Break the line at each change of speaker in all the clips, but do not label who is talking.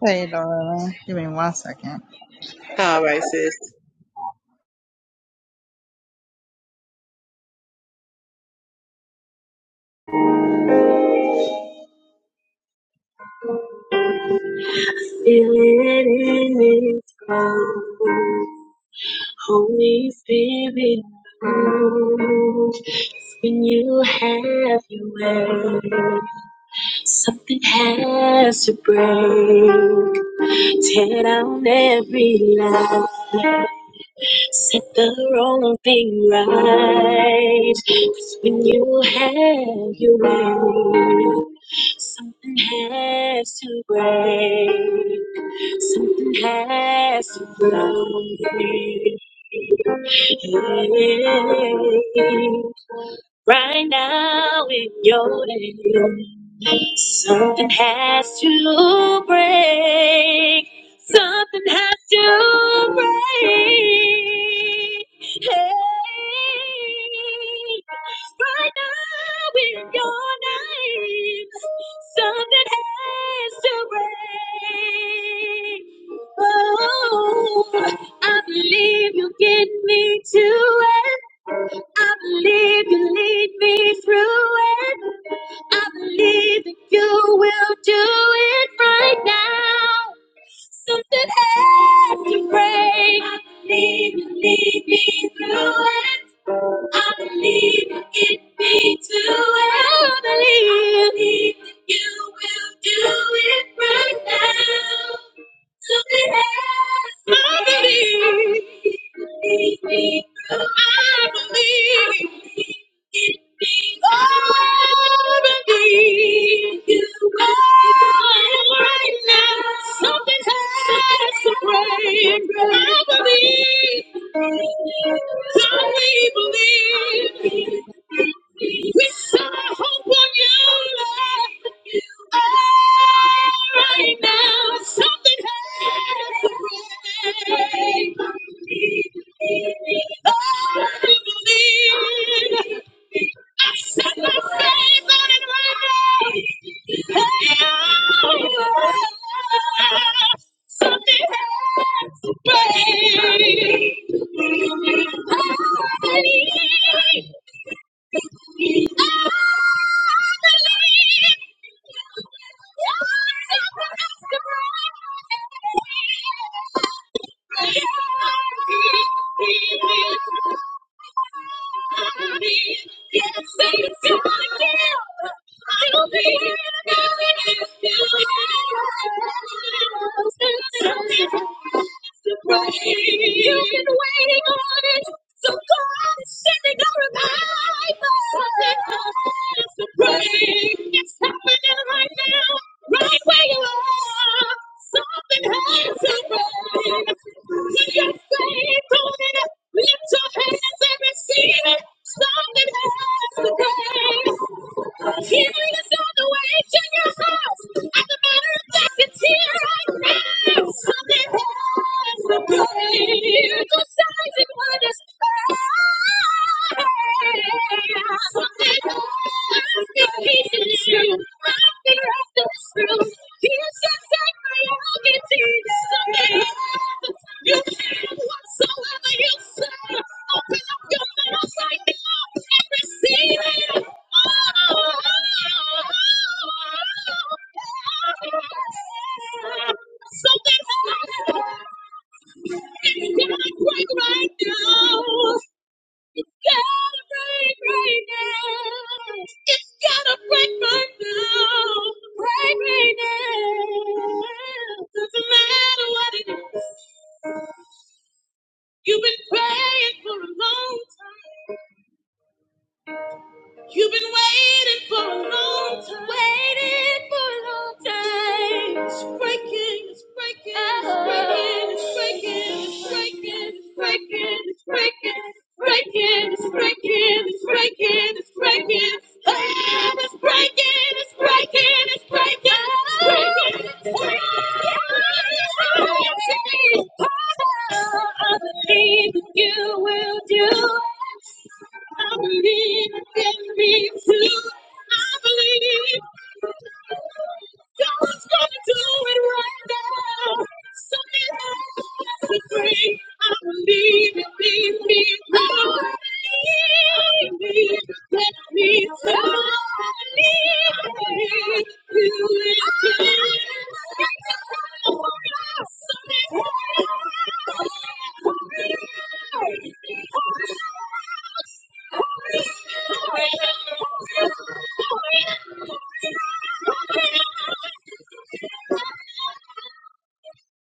Hey, darling. Give me one second.
All right, sis.
Feel it in its cold. Holy Spirit, come. when you have your way, something has to break. Tear down every lie, set the wrong thing right. 'Cause when you have your way. Something has to break. Something has to break. Right now in your day, something has to break. Something has to break. Hey, right now in your name. Something has to break. Oh, I believe you get me to it. I believe you lead me through it. I believe that you will do it right now. Something has to break. I believe you lead me through it. I believe in me too, and I believe that you will do it right now. So yes, I believe. Believe me through. I believe in me. Oh, I believe you. will right now. Something's happening. to pray and pray. I believe. Don't we believe? We set our hope on you, Lord. Oh, right now, something has to break. Oh, I believe. I set my faith on it right. now. Oh, something has to break. I need yeah. I need to get this over with. I don't need another minute to wait. Something has to break. You've been waiting on it, so come on, say you're gonna break. Something has to break. It's happening right now, right where you are. so Something has to break. Can you say it? Lift your hands and receive it. Something has to break. Hearing is not the way to your heart. At the matter of fact, it's here I rest. Something has to break. Just as it was planned. Something has to be true. Something has to be true. Here's the truth, reality. Something you care whatsoever you say. Open up your mouth right now and receive it. Something has to break right now. It's gotta break right now. It's gotta break right now. Break right now. Doesn't matter what it is. You've been praying for a long time. You've been waiting for a long time. Waiting for a long time. It's breaking, it's breaking, it's breaking, it's breaking, it's breaking, it's breaking, it's breaking, it's breaking, it's breaking, it's breaking, Hey, it's breaking. Ah, It's breaking, it's breaking, it's breaking, it's breaking. I believe you will do it. I believe it can be true. I believe God's gonna do it right now. Something happens to me. I believe it, believe me.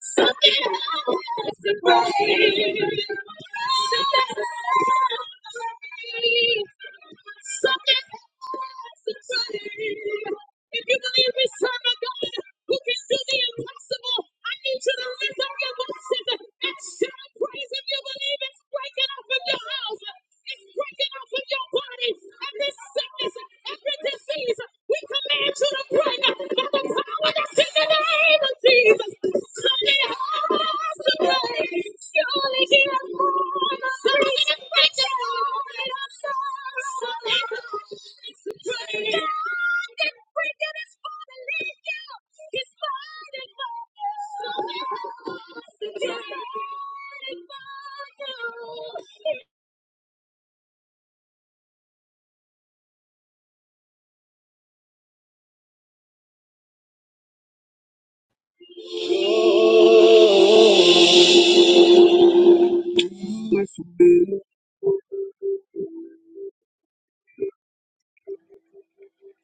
If you believe we serve a God who can do the impossible, I need you to lift up your voices and shout praise if you believe it's breaking off your house. It's breaking off your body. Every sickness, every disease, we command you to pray now. By the power that's in the name of Jesus. Sunday hearts to pray. Surely he has born us. Surely he has breaking us. Sunday hearts to pray. God is breaking his father. Leave you. His father. Sunday hearts to pray. God is for you. Listen, baby.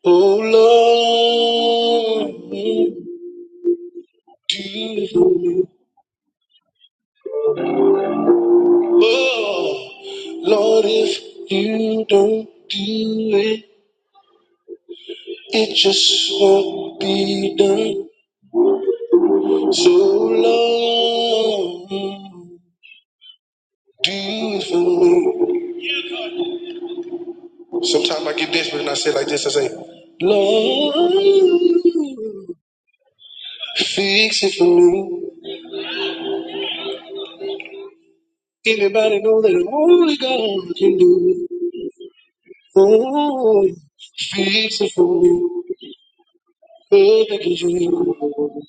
Oh Lord, do you- oh, Lord, if you don't do it, it just won't be done. So Lord, do it for me. Sometimes I get desperate and I say like this, I say, Lord, fix it for me. Anybody know that only God can do it? Oh, beautiful, perfect you.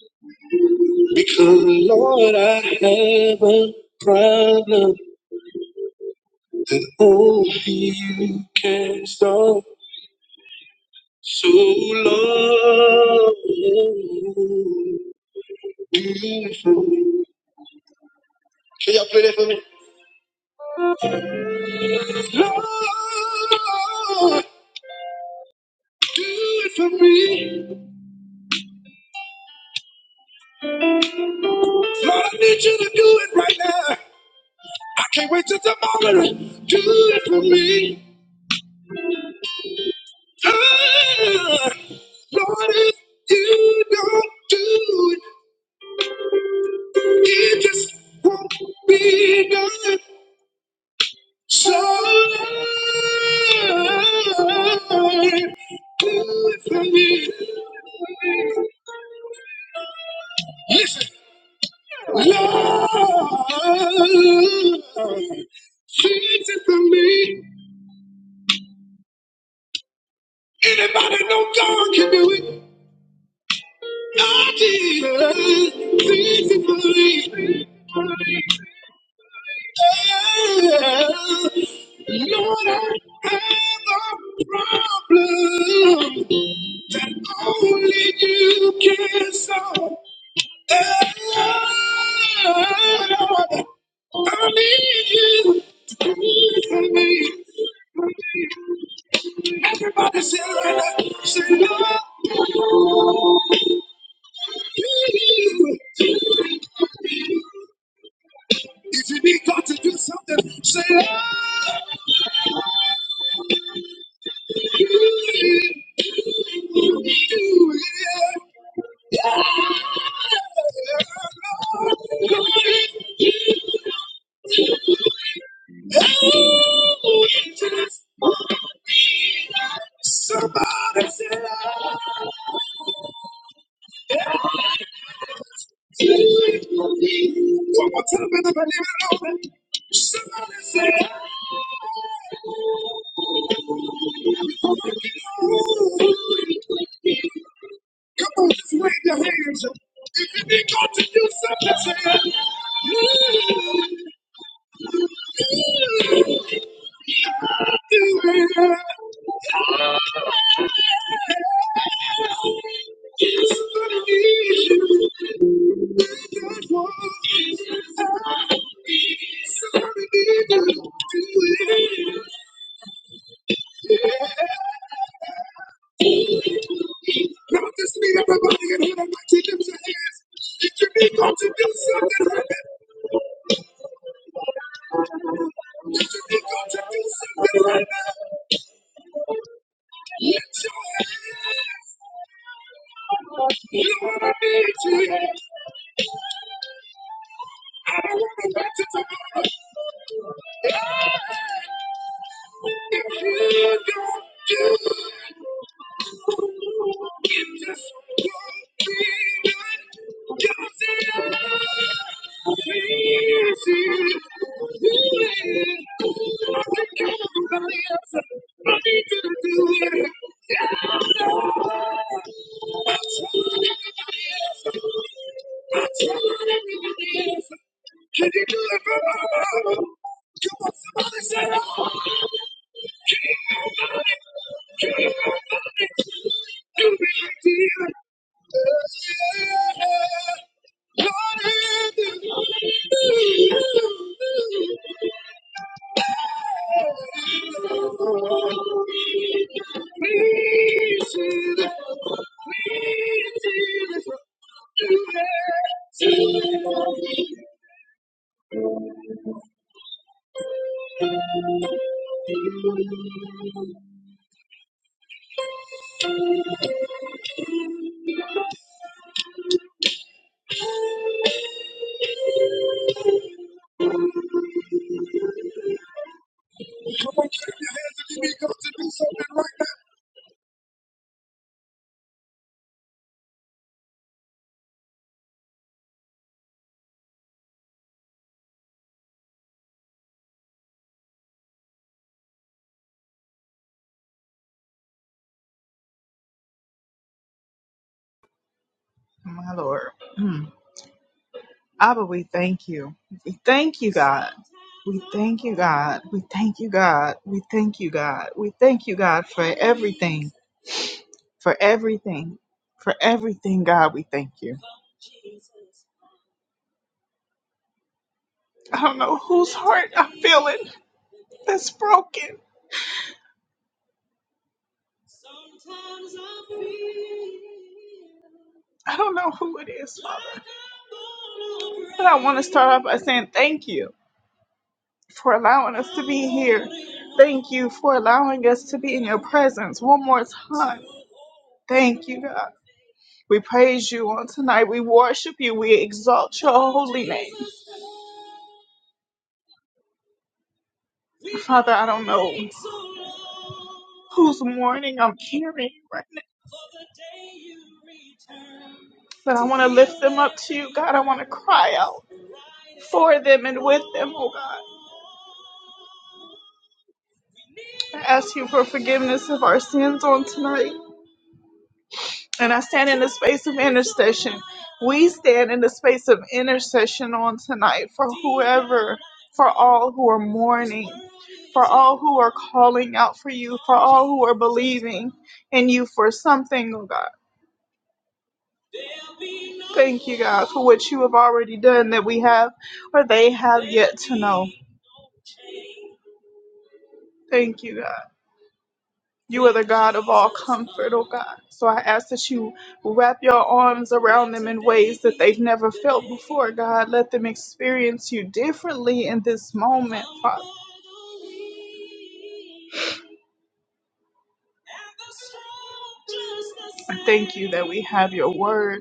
Because Lord, I have a problem that only you can solve. So Lord, beautiful. Can y'all play that for me? Lord, do it for me. Lord, I need you to do it right now. I can't wait till tomorrow. Do it for me. Ah, Lord, if you don't do it, it just won't be done. So, Lord, do it for me. Listen, Lord, change it for me. Anybody know God can do it? I did. Change it for me. Lord, I have a problem. Only you can solve. Oh, Lord, I need you to do it for me. Everybody say it right Say Lord. If you need God to do something, say Hallelujah. Somebody say Lord. One more time, everybody. open. Say it. Come on, just wave your hands. Won't you do something? Say it. Lord, I said, yeah, somebody need you. That's what somebody need you. Now I just need everybody in here tonight to lift your hands. Did you need God to do something right now? Did you need God to do something right now? Lift your hands. You wanna be Jesus. I don't wanna wait till tomorrow. If you don't do it. I need you to do it. Can you do deliver my mama? Come on, somebody say, oh, can you do it? Can you do it? Do me like Jesus? Yeah, Lord, have you. My Lord. Mm. Abba, we thank you. We thank you, God. We thank you, God. We thank you, God. We thank you, God. We thank you, God, for everything, for everything, for everything, God. We thank you. I don't know whose heart I feel it. that's broken. Sometimes I feel I don't know who it is, Father. But I want to start off by saying thank you for allowing us to be here. Thank you for allowing us to be in your presence one more time. Thank you, God. We praise you on tonight. We worship you. We exalt your holy name. Father, I don't know whose mourning I'm carrying right now, but I want to lift them up to you, God. I want to cry out for them and with them, oh God. I ask you for forgiveness of our sins on tonight. And I stand in the space of intercession. We stand in the space of intercession on tonight for whoever, for all who are mourning, for all who are calling out for you, for all who are believing in you for something, oh God. Thank you, God, for what you have already done that we have or they have yet to know. Thank you, God. You are the God of all comfort, oh God. So I ask that you wrap your arms around them in ways that they've never felt before, God. Let them experience you differently in this moment, Father. I thank you that we have your word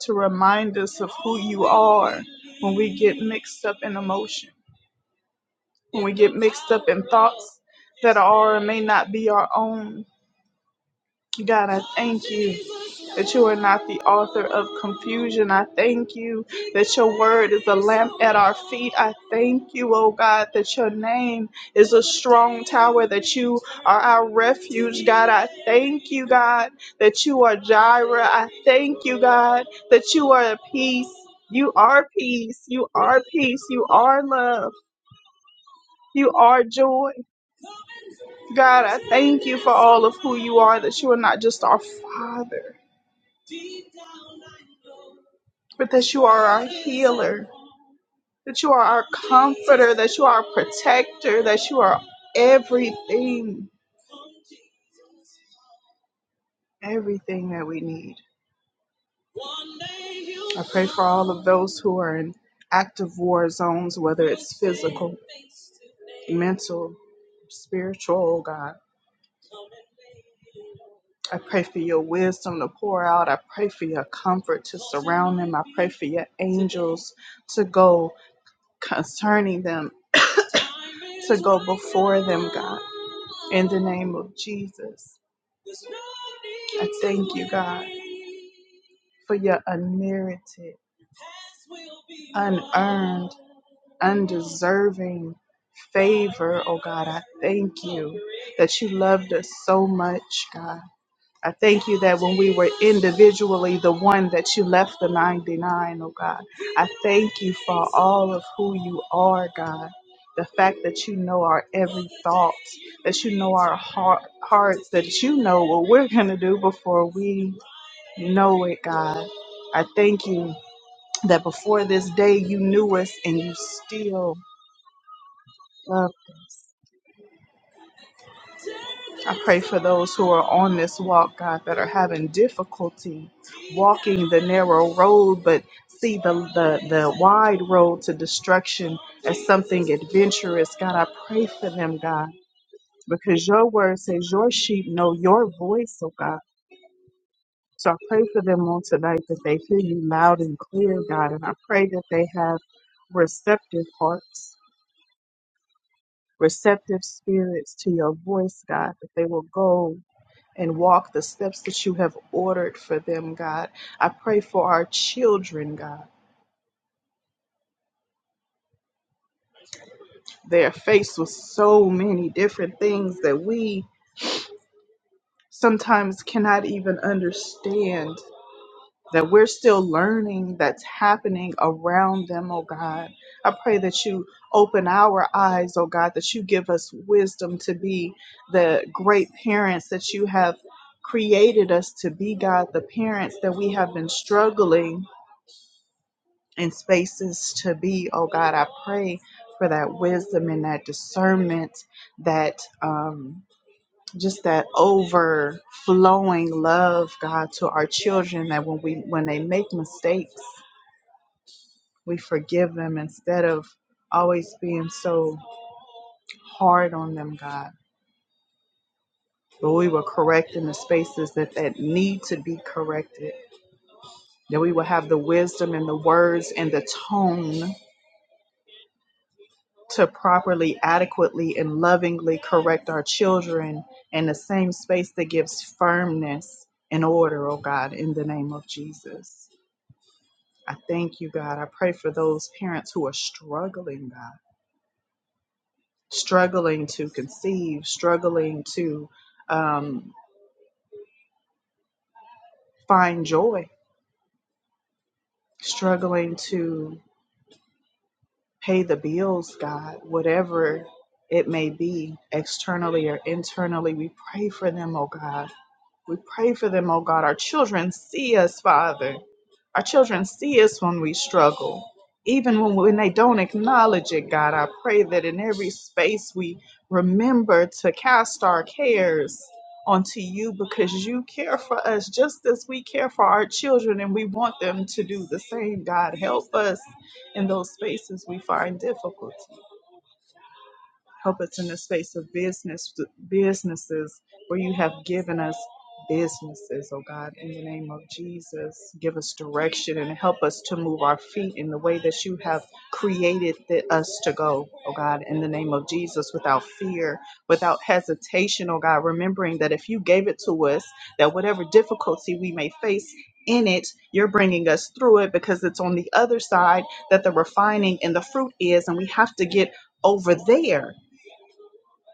to remind us of who you are when we get mixed up in emotion, when we get mixed up in thoughts that are or may not be our own. God, I thank you that you are not the author of confusion. I thank you that your word is a lamp at our feet. I thank you, oh God, that your name is a strong tower, that you are our refuge, God. I thank you, God, that you are Jireh. I thank you, God, that you are peace. You are peace. You are peace. You are love. You are joy. God, I thank you for all of who you are, that you are not just our Father, but that you are our healer that you are our comforter, that you are our protector, that you are everything, everything that we need. I pray for all of those who are in active war zones, whether it's physical, mental, spiritual, oh God. I pray for your wisdom to pour out. I pray for your comfort to surround them. I pray for your angels to go concerning them, to go before them, God. In the name of Jesus, I thank you, God, for your unmerited, unearned, undeserving favor. Oh, God, I thank you that you loved us so much, God. I thank you that when we were individually the one that you left the 99, oh God. I thank you for all of who you are, God. The fact that you know our every thought, that you know our heart, hearts, that you know what we're going to do before we know it, God. I thank you that before this day you knew us and you still loved us. I pray for those who are on this walk, God, that are having difficulty walking the narrow road, but see the, the, the wide road to destruction as something adventurous. God, I pray for them, God, because your word says your sheep know your voice, oh God. So I pray for them on tonight that they hear you loud and clear, God, and I pray that they have receptive hearts, receptive spirits to your voice, God, that they will go and walk the steps that you have ordered for them, God. I pray for our children, God. They're faced with so many different things that we sometimes cannot even understand, that we're still learning that's happening around them, oh God. I pray that you open our eyes, oh God, that you give us wisdom to be the great parents that you have created us to be, God, the parents that we have been struggling and spaces to be. Oh God, I pray for that wisdom and that discernment, that um, just that overflowing love, God, to our children. That when we when they make mistakes, we forgive them instead of always being so hard on them, God. But we will correct in the spaces that that need to be corrected. That we will have the wisdom and the words and the tone to properly, adequately, and lovingly correct our children in the same space that gives firmness and order, oh God, in the name of Jesus. I thank you, God. I pray for those parents who are struggling, God, struggling to conceive, struggling to um, find joy, struggling to pay the bills, God, whatever it may be, externally or internally. We pray for them, oh God We pray for them, oh God. Our children see us, Father. Our children see us when we struggle. Even when, when they don't acknowledge it, God, I pray that in every space we remember to cast our cares onto you because you care for us just as we care for our children and we want them to do the same. God, help us in those spaces we find difficulty. Help us in the space of business, businesses where you have given us businesses, oh God, in the name of Jesus. Give us direction and help us to move our feet in the way that you have created the, us to go, oh God, in the name of Jesus, without fear, without hesitation, oh God, remembering that if you gave it to us, that whatever difficulty we may face, in it, you're bringing us through it because it's on the other side that the refining and the fruit is, and we have to get over there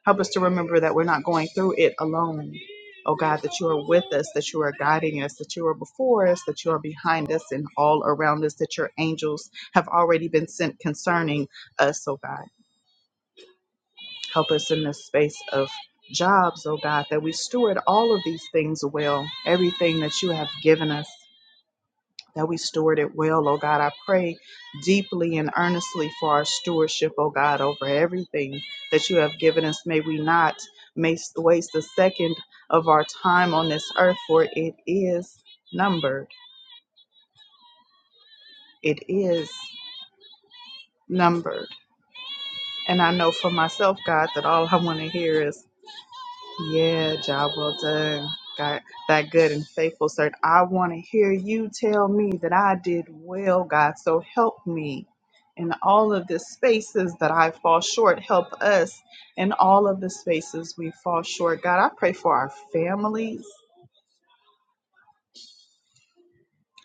Help us to remember that we're not going through it alone. Oh God, that you are with us, that you are guiding us, that you are before us, that you are behind us and all around us, that your angels have already been sent concerning us, oh God. Help us in this space of jobs, oh God, that we steward all of these things well, everything that you have given us that we steward it well, oh God. I pray deeply and earnestly for our stewardship, oh God, over everything that you have given us. May we not mas- waste a second of our time on this earth, for it is numbered. It is numbered. And I know for myself, God, that all I want to hear is Yeah, job well done. Got that good and faithful servant. I want to hear you tell me that I did well, God. So help me in all of the spaces that I fall short. Help us in all of the spaces we fall short. God, I pray for our families.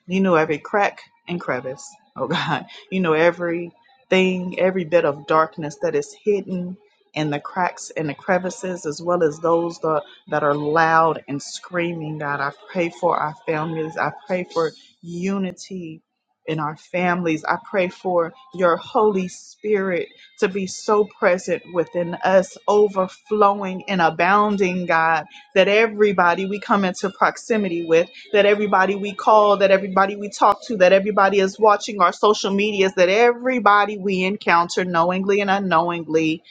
You know every crack and crevice, oh God. You know everything, every bit of darkness that is hidden in the cracks and the crevices, as well as those that, that are loud and screaming, God. I pray for our families. I pray for unity in our families. I pray for your Holy Spirit to be so present within us, overflowing and abounding, God, that everybody we come into proximity with that everybody we call, that everybody we talk to, that everybody is watching our social medias, that everybody we encounter knowingly and unknowingly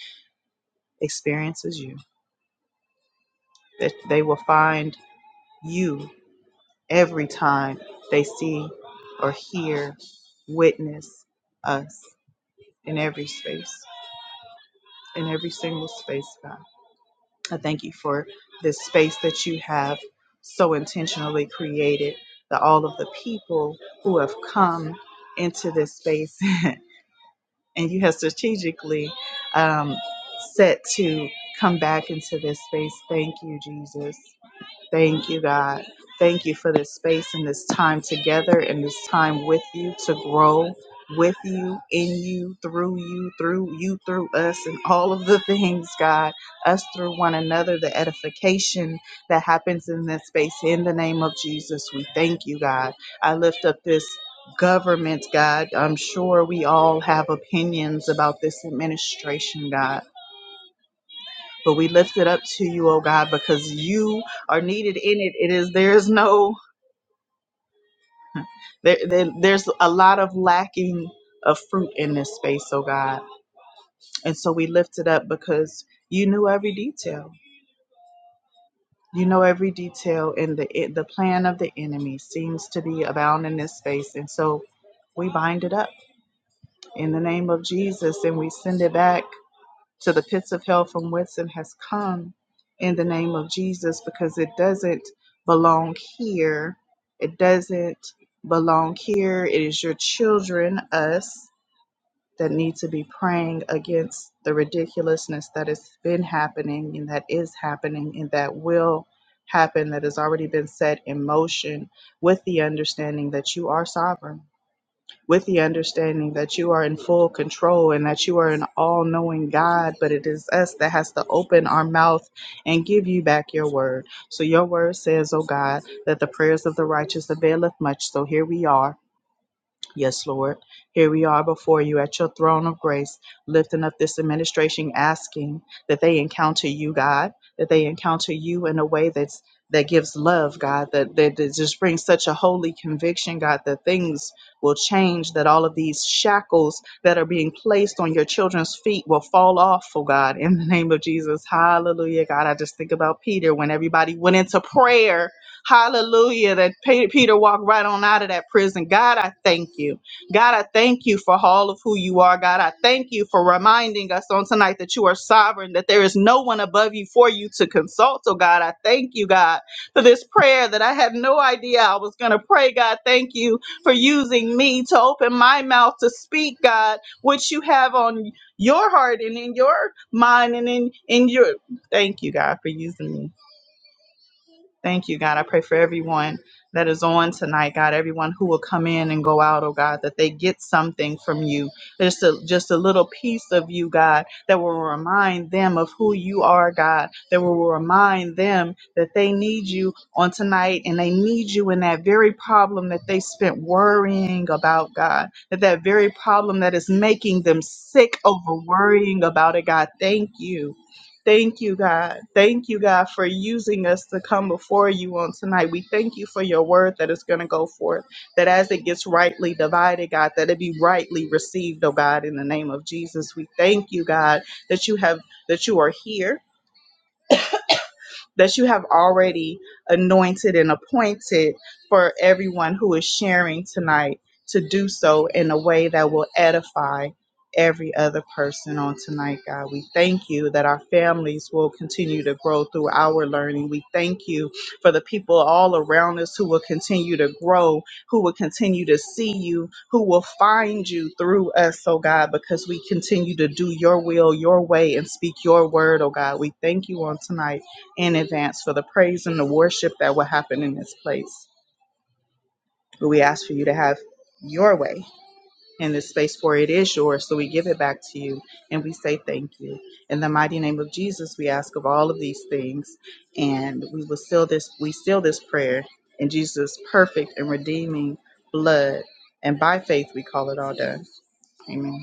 experiences you. That they will find you every time they see or hear, witness us in every space, in every single space, God. I thank you for this space that you have so intentionally created, that all of the people who have come into this space and you have strategically um, set to come back into this space. Thank you, Jesus. Thank you, God. Thank you for this space and this time together and this time with you to grow with you, in you, through you, through you, through us, and all of the things, God, us through one another, the edification that happens in this space. In the name of Jesus, we thank you, God. I lift up this. Government, God. I'm sure we all have opinions about this administration, God but we lift it up to you, oh God, because you are needed in it. It is there is no there, there there's a lot of lacking of fruit in this space, oh God. And so we lift it up because you knew every detail. You know every detail, and the it, the plan of the enemy seems to be abound in this space. And so we bind it up in the name of Jesus, and we send it back to the pits of hell from Weston has come in the name of Jesus because it doesn't belong here. It doesn't belong here. It is your children, us, that need to be praying against the ridiculousness that has been happening and that is happening and that will happen, that has already been set in motion with the understanding that you are sovereign with the understanding that you are in full control and that you are an all knowing God, but it is us that has to open our mouth and give you back your word. So your word says, oh God, that the prayers of the righteous availeth much. So here we are Yes, Lord. Here we are before you at your throne of grace, lifting up this administration, asking that they encounter you, God, that they encounter you in a way that's that gives love, God, that, that that just brings such a holy conviction, God, that things will change, that all of these shackles that are being placed on your children's feet will fall off, oh God, in the name of Jesus. Hallelujah, God. I just think about Peter when everybody went into prayer Hallelujah. That Pe- Peter walked right on out of that prison. God, I thank you. God, I thank you for all of who you are. God, I thank you for reminding us on tonight that you are sovereign, that there is no one above you for you to consult. Oh, God, I thank you, God, for this prayer that I had no idea I was going to pray. God, thank you for using me to open my mouth to speak, God, what you have on your heart and in your mind and in, in your. Thank you, God, for using me. Thank you, God. I pray for everyone that is on tonight, God. Everyone who will come in and go out, oh God, that they get something from you. Just a just a little piece of you, God, that will remind them of who you are, God. That will remind them that they need you on tonight and they need you in that very problem that they spent worrying about, God. That that very problem that is making them sick over worrying about it, God. Thank you. Thank you, God. Thank you, God, for using us to come before you on tonight. We thank you for your word that is going to go forth, that as it gets rightly divided, God, that it be rightly received, oh God, in the name of Jesus. We thank you, God, that you have that you are here that you have already anointed and appointed for everyone who is sharing tonight to do so in a way that will edify every other person on tonight, God. We thank you that our families will continue to grow through our learning. We thank you for the people all around us who will continue to grow, who will continue to see you, who will find you through us, oh God, because we continue to do your will, your way, and speak your word, oh God. We thank you on tonight in advance for the praise and the worship that will happen in this place. But we ask for you to have your way in this space, for it is yours. So we give it back to you and we say thank you. In the mighty name of Jesus, we ask of all of these things. And we will seal this, we seal this prayer in Jesus' perfect and redeeming blood. And by faith, we call it all done. Amen.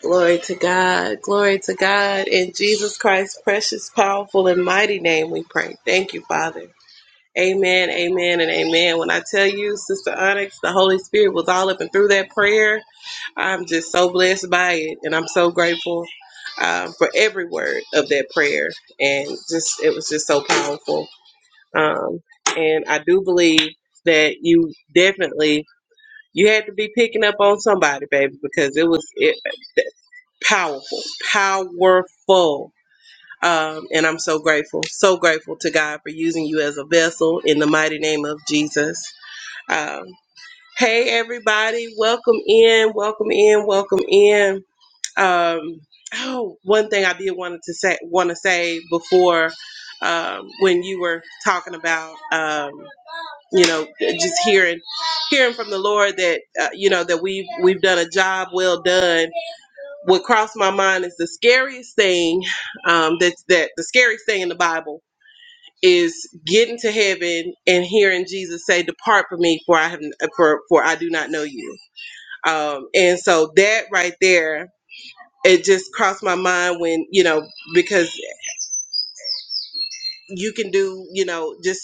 Glory to God. Glory to God. In Jesus Christ's precious, powerful, and mighty name we pray. Thank you, Father. Amen, amen, and amen. When I tell you, Sister Onyx, the Holy Spirit was all up and through that prayer. I'm just so blessed by it, and I'm so grateful um, for every word of that prayer. And just, it was just so powerful. Um, and I do believe that you definitely, you had to be picking up on somebody, baby, because it was, it, powerful, powerful. Um, and I'm so grateful, so grateful to God for using you as a vessel in the mighty name of Jesus. Um, hey, everybody, welcome in, welcome in, welcome in. Um, oh, one thing I did wanted to say, want to say before um, when you were talking about, um, you know, just hearing, hearing from the Lord that uh, you know that we have we've done a job well done what crossed my mind is the scariest thing um, that that the scariest thing in the Bible is getting to heaven and hearing Jesus say, "Depart from me, for I have for for I do not know you." Um, and so that right there, it just crossed my mind when you know because you can do you know just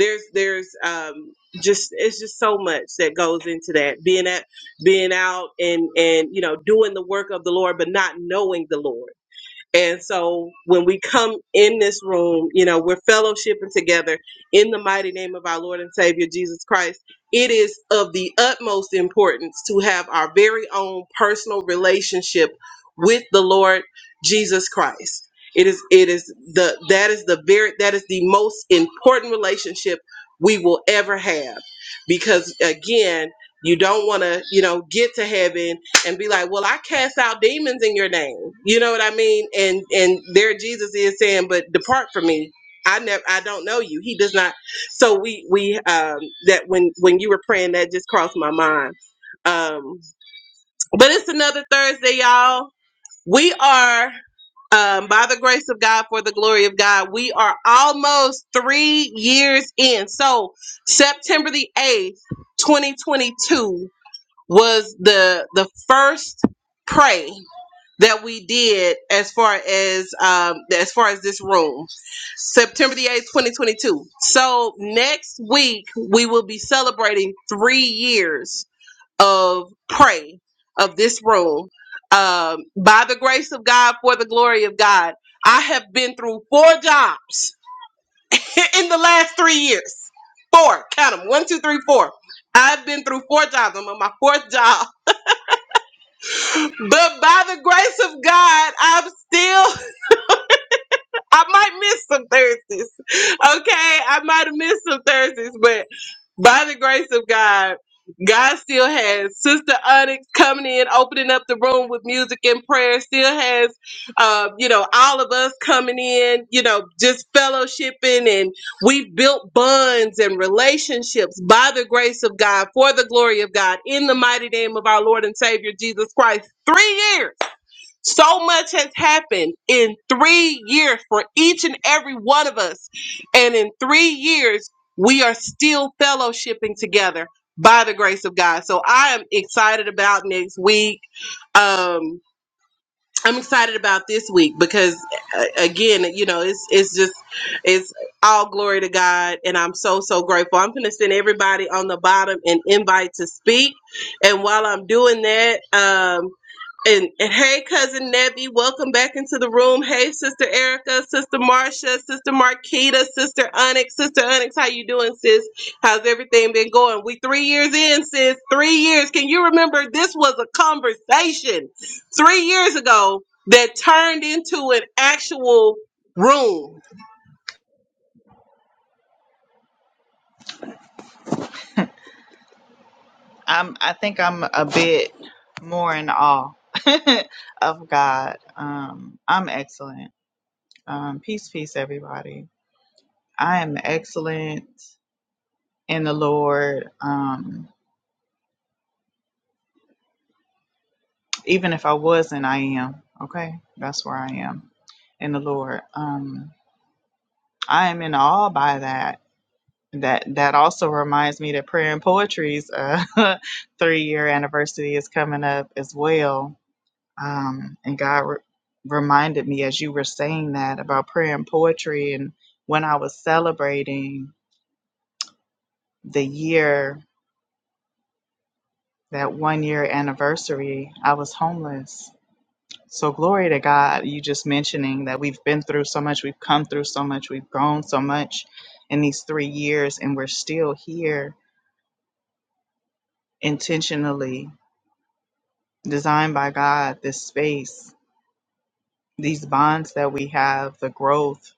there's there's um, just it's just so much that goes into that being at being out and and you know doing the work of the Lord but not knowing the Lord And so when we come in this room, you know, we're fellowshipping together in the mighty name of our Lord and Savior Jesus Christ. It is of the utmost importance to have our very own personal relationship with the Lord Jesus Christ. It is it is the that is the very that is the most important relationship we will ever have because again, you don't want to, you know, get to heaven and be like, "Well, I cast out demons in your name." You know what I mean? And and there Jesus is saying, "But depart from me. I never I don't know you." He does not. So we we um that when when you were praying that just crossed my mind. Um but it's another Thursday, y'all. We are um, by the grace of God, for the glory of God, we are almost three years in. So, September the 8th, 2022, was the the first pray that we did as far as um as far as this room september the 8th 2022 so next week we will be celebrating three years of pray of this room um by the grace of god for the glory of god i have been through four jobs in the last three years four count them one two three four i've been through four jobs i'm on my fourth job But by the grace of God, I'm still, I might miss some Thursdays. Okay. I might have missed some Thursdays, but by the grace of God, God still has Sister Onyx coming in, opening up the room with music and prayer. Still has, uh, you know, all of us coming in, you know, just fellowshipping. And we built bonds and relationships by the grace of God, for the glory of God, in the mighty name of our Lord and Savior Jesus Christ. Three years. So much has happened in three years for each and every one of us. And in three years, we are still fellowshipping together by the grace of God. So I am excited about next week. Um, I'm excited about this week because uh, again, you know, it's it's just it's all glory to God and I'm so so grateful. I'm going to send everybody on the bottom an invite to speak. And while I'm doing that, um and, and hey cousin Nebby, welcome back into the room. Hey sister Erica, sister Marcia, sister Marquita, sister Onyx, sister Onyx, how you doing sis? How's everything been going? We 3 years in sis, 3 years. Can you remember this was a conversation? three years ago that turned into an actual room.
I'm, I think I'm a bit more in awe of God. Um, I'm excellent Um, peace, peace, everybody. I am excellent in the Lord. Um, even if I wasn't, I am. Okay, that's where I am in the Lord. Um, I am in awe by that. That that also reminds me that prayer and poetry's uh, three year anniversary is coming up as well. Um, and God re- reminded me as you were saying that about prayer and poetry, and when I was celebrating the year that one year anniversary, I was homeless. So, glory to God, you just mentioning that we've been through so much, we've come through so much, we've grown so much in these three years, and we're still here intentionally, designed by God, this space, these bonds that we have, the growth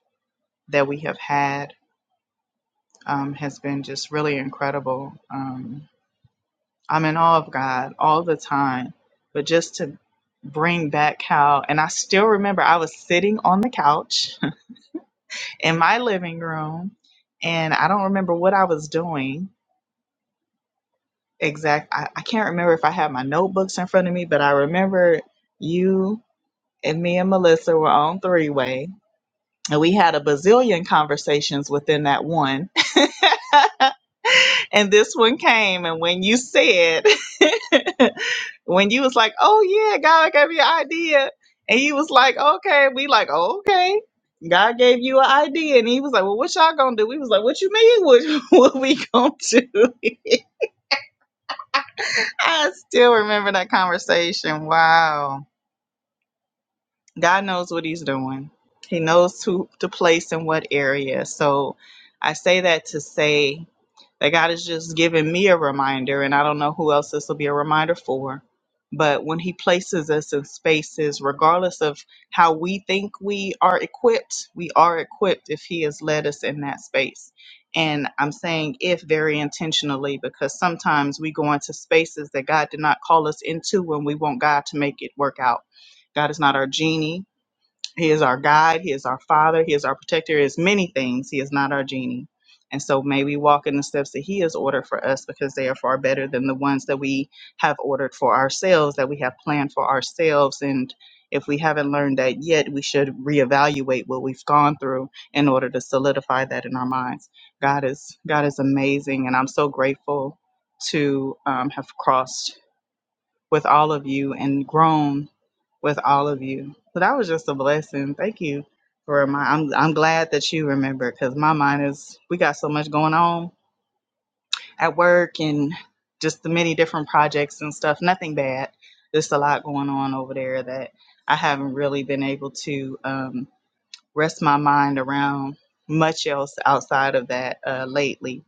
that we have had um, has been just really incredible. Um, I'm in awe of God all the time. But just to bring back how, and I still remember I was sitting on the couch in my living room, and I don't remember what I was doing exact. I, I can't remember if I had my notebooks in front of me, but I remember you and me and Melissa were on three way, and we had a bazillion conversations within that one. And this one came, and when you said, when you was like, "Oh yeah, God gave me an idea," and he was like, "Okay," we like, "Oh, "Okay." God gave you an idea, and he was like, "Well, what y'all gonna do?" We was like, "What you mean? What what we gonna do?" I still remember that conversation. Wow, God knows what He's doing. He knows who to place in what area. So I say that to say that God is just giving me a reminder, and I don't know who else this will be a reminder for. But when He places us in spaces, regardless of how we think we are equipped, we are equipped if He has led us in that space. And I'm saying if very intentionally, because sometimes we go into spaces that God did not call us into when we want God to make it work out. God is not our genie. He is our guide. He is our father. He is our protector. He is many things. He is not our genie. And so may we walk in the steps that he has ordered for us because they are far better than the ones that we have ordered for ourselves, that we have planned for ourselves. And if we haven't learned that yet, we should reevaluate what we've gone through in order to solidify that in our minds. God is God is amazing, and I'm so grateful to um, have crossed with all of you and grown with all of you. So that was just a blessing. Thank you for remind. I'm I'm glad that you remember because my mind is we got so much going on at work and just the many different projects and stuff. Nothing bad. Just a lot going on over there that I haven't really been able to. Um, rest my mind around much else outside of that uh, lately.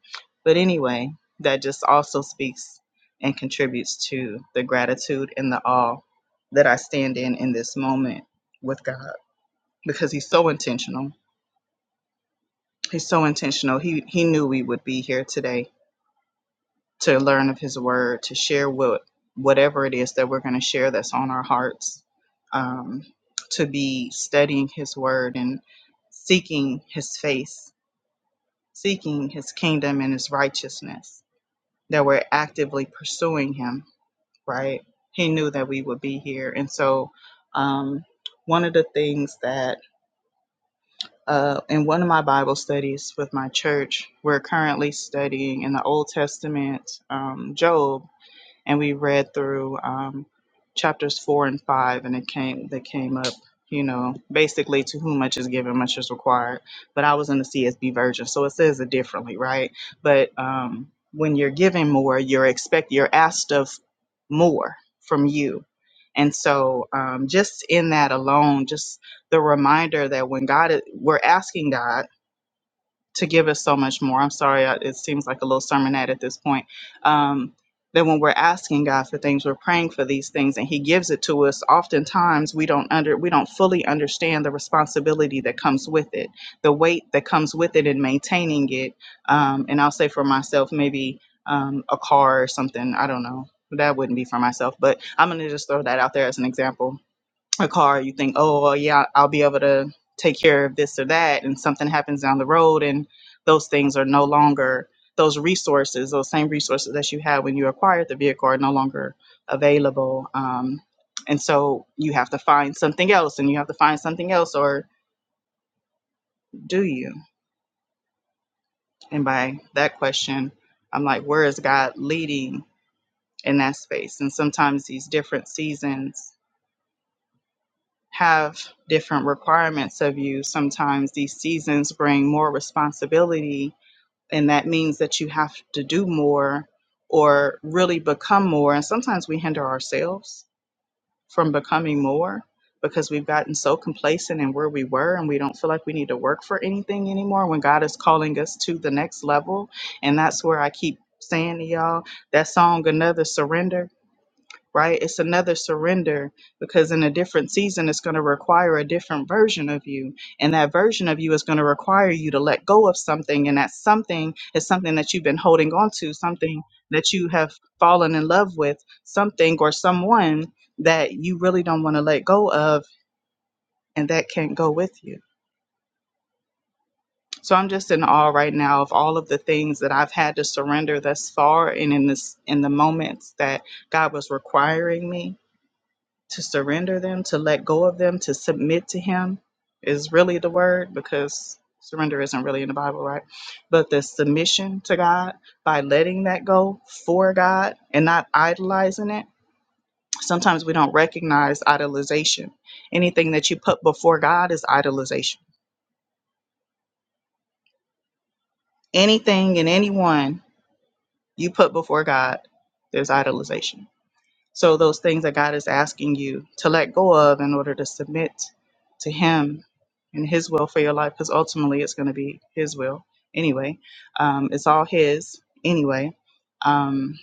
But anyway, that just also speaks and contributes to the gratitude and the awe that I stand in in this moment with God because He's so intentional. He's so intentional. He He knew we would be here today to learn of His Word, to share what whatever it is that we're going to share that's on our hearts, um, to be studying His Word and seeking His face seeking his kingdom and his righteousness, that we're actively pursuing him, right? He knew that we would be here. And so, um, one of the things that, uh, in one of my Bible studies with my church, we're currently studying in the Old Testament, um, Job and we read through um, chapters four and five, and it came they came up, you know, basically to whom much is given, much is required. But I was in the CSB version, so it says it differently, right? But um, when you're given more, you're expect you're asked of more from you. And so, um, just in that alone, just the reminder that when God, is, we're asking God to give us so much more. I'm sorry, I, it seems like a little sermonette at this point. Um, that when we're asking God for things, we're praying for these things, and He gives it to us. Oftentimes, we don't under we don't fully understand the responsibility that comes with it, the weight that comes with it, in maintaining it. Um, and I'll say for myself, maybe um, a car or something. I don't know. That wouldn't be for myself, but I'm gonna just throw that out there as an example a car, you think, oh, well, yeah, I'll be able to take care of this or that, and something happens down the road, and those things are no longer those resources, those same resources that you had when you acquired the vehicle, are no longer available. Um, and so you have to find something else, and you have to find something else, or do you? And by that question, I'm like, where is God leading in that space? And sometimes these different seasons have different requirements of you. Sometimes these seasons bring more responsibility, and that means that you have to do more or really become more. And sometimes we hinder ourselves from becoming more because we've gotten so complacent in where we were and we don't feel like we need to work for anything anymore when God is calling us to the next level. And that's where I keep saying to y'all that song, Another Surrender right? It's another surrender because in a different season, it's going to require a different version of you. And that version of you is going to require you to let go of something. And that something is something that you've been holding on to, something that you have fallen in love with, something or someone that you really don't want to let go of and that can't go with you. So I'm just in awe right now of all of the things that I've had to surrender thus far and in this in the moments that God was requiring me to surrender them, to let go of them, to submit to Him is really the word because surrender isn't really in the Bible, right? But the submission to God by letting that go for God and not idolizing it. Sometimes we don't recognize idolization. Anything that you put before God is idolization. Anything and anyone you put before God, there's idolization So, those things that God is asking you to let go of in order to submit to Him and His will for your life, because ultimately it's going to be His will anyway. Um, it's all His anyway. Um,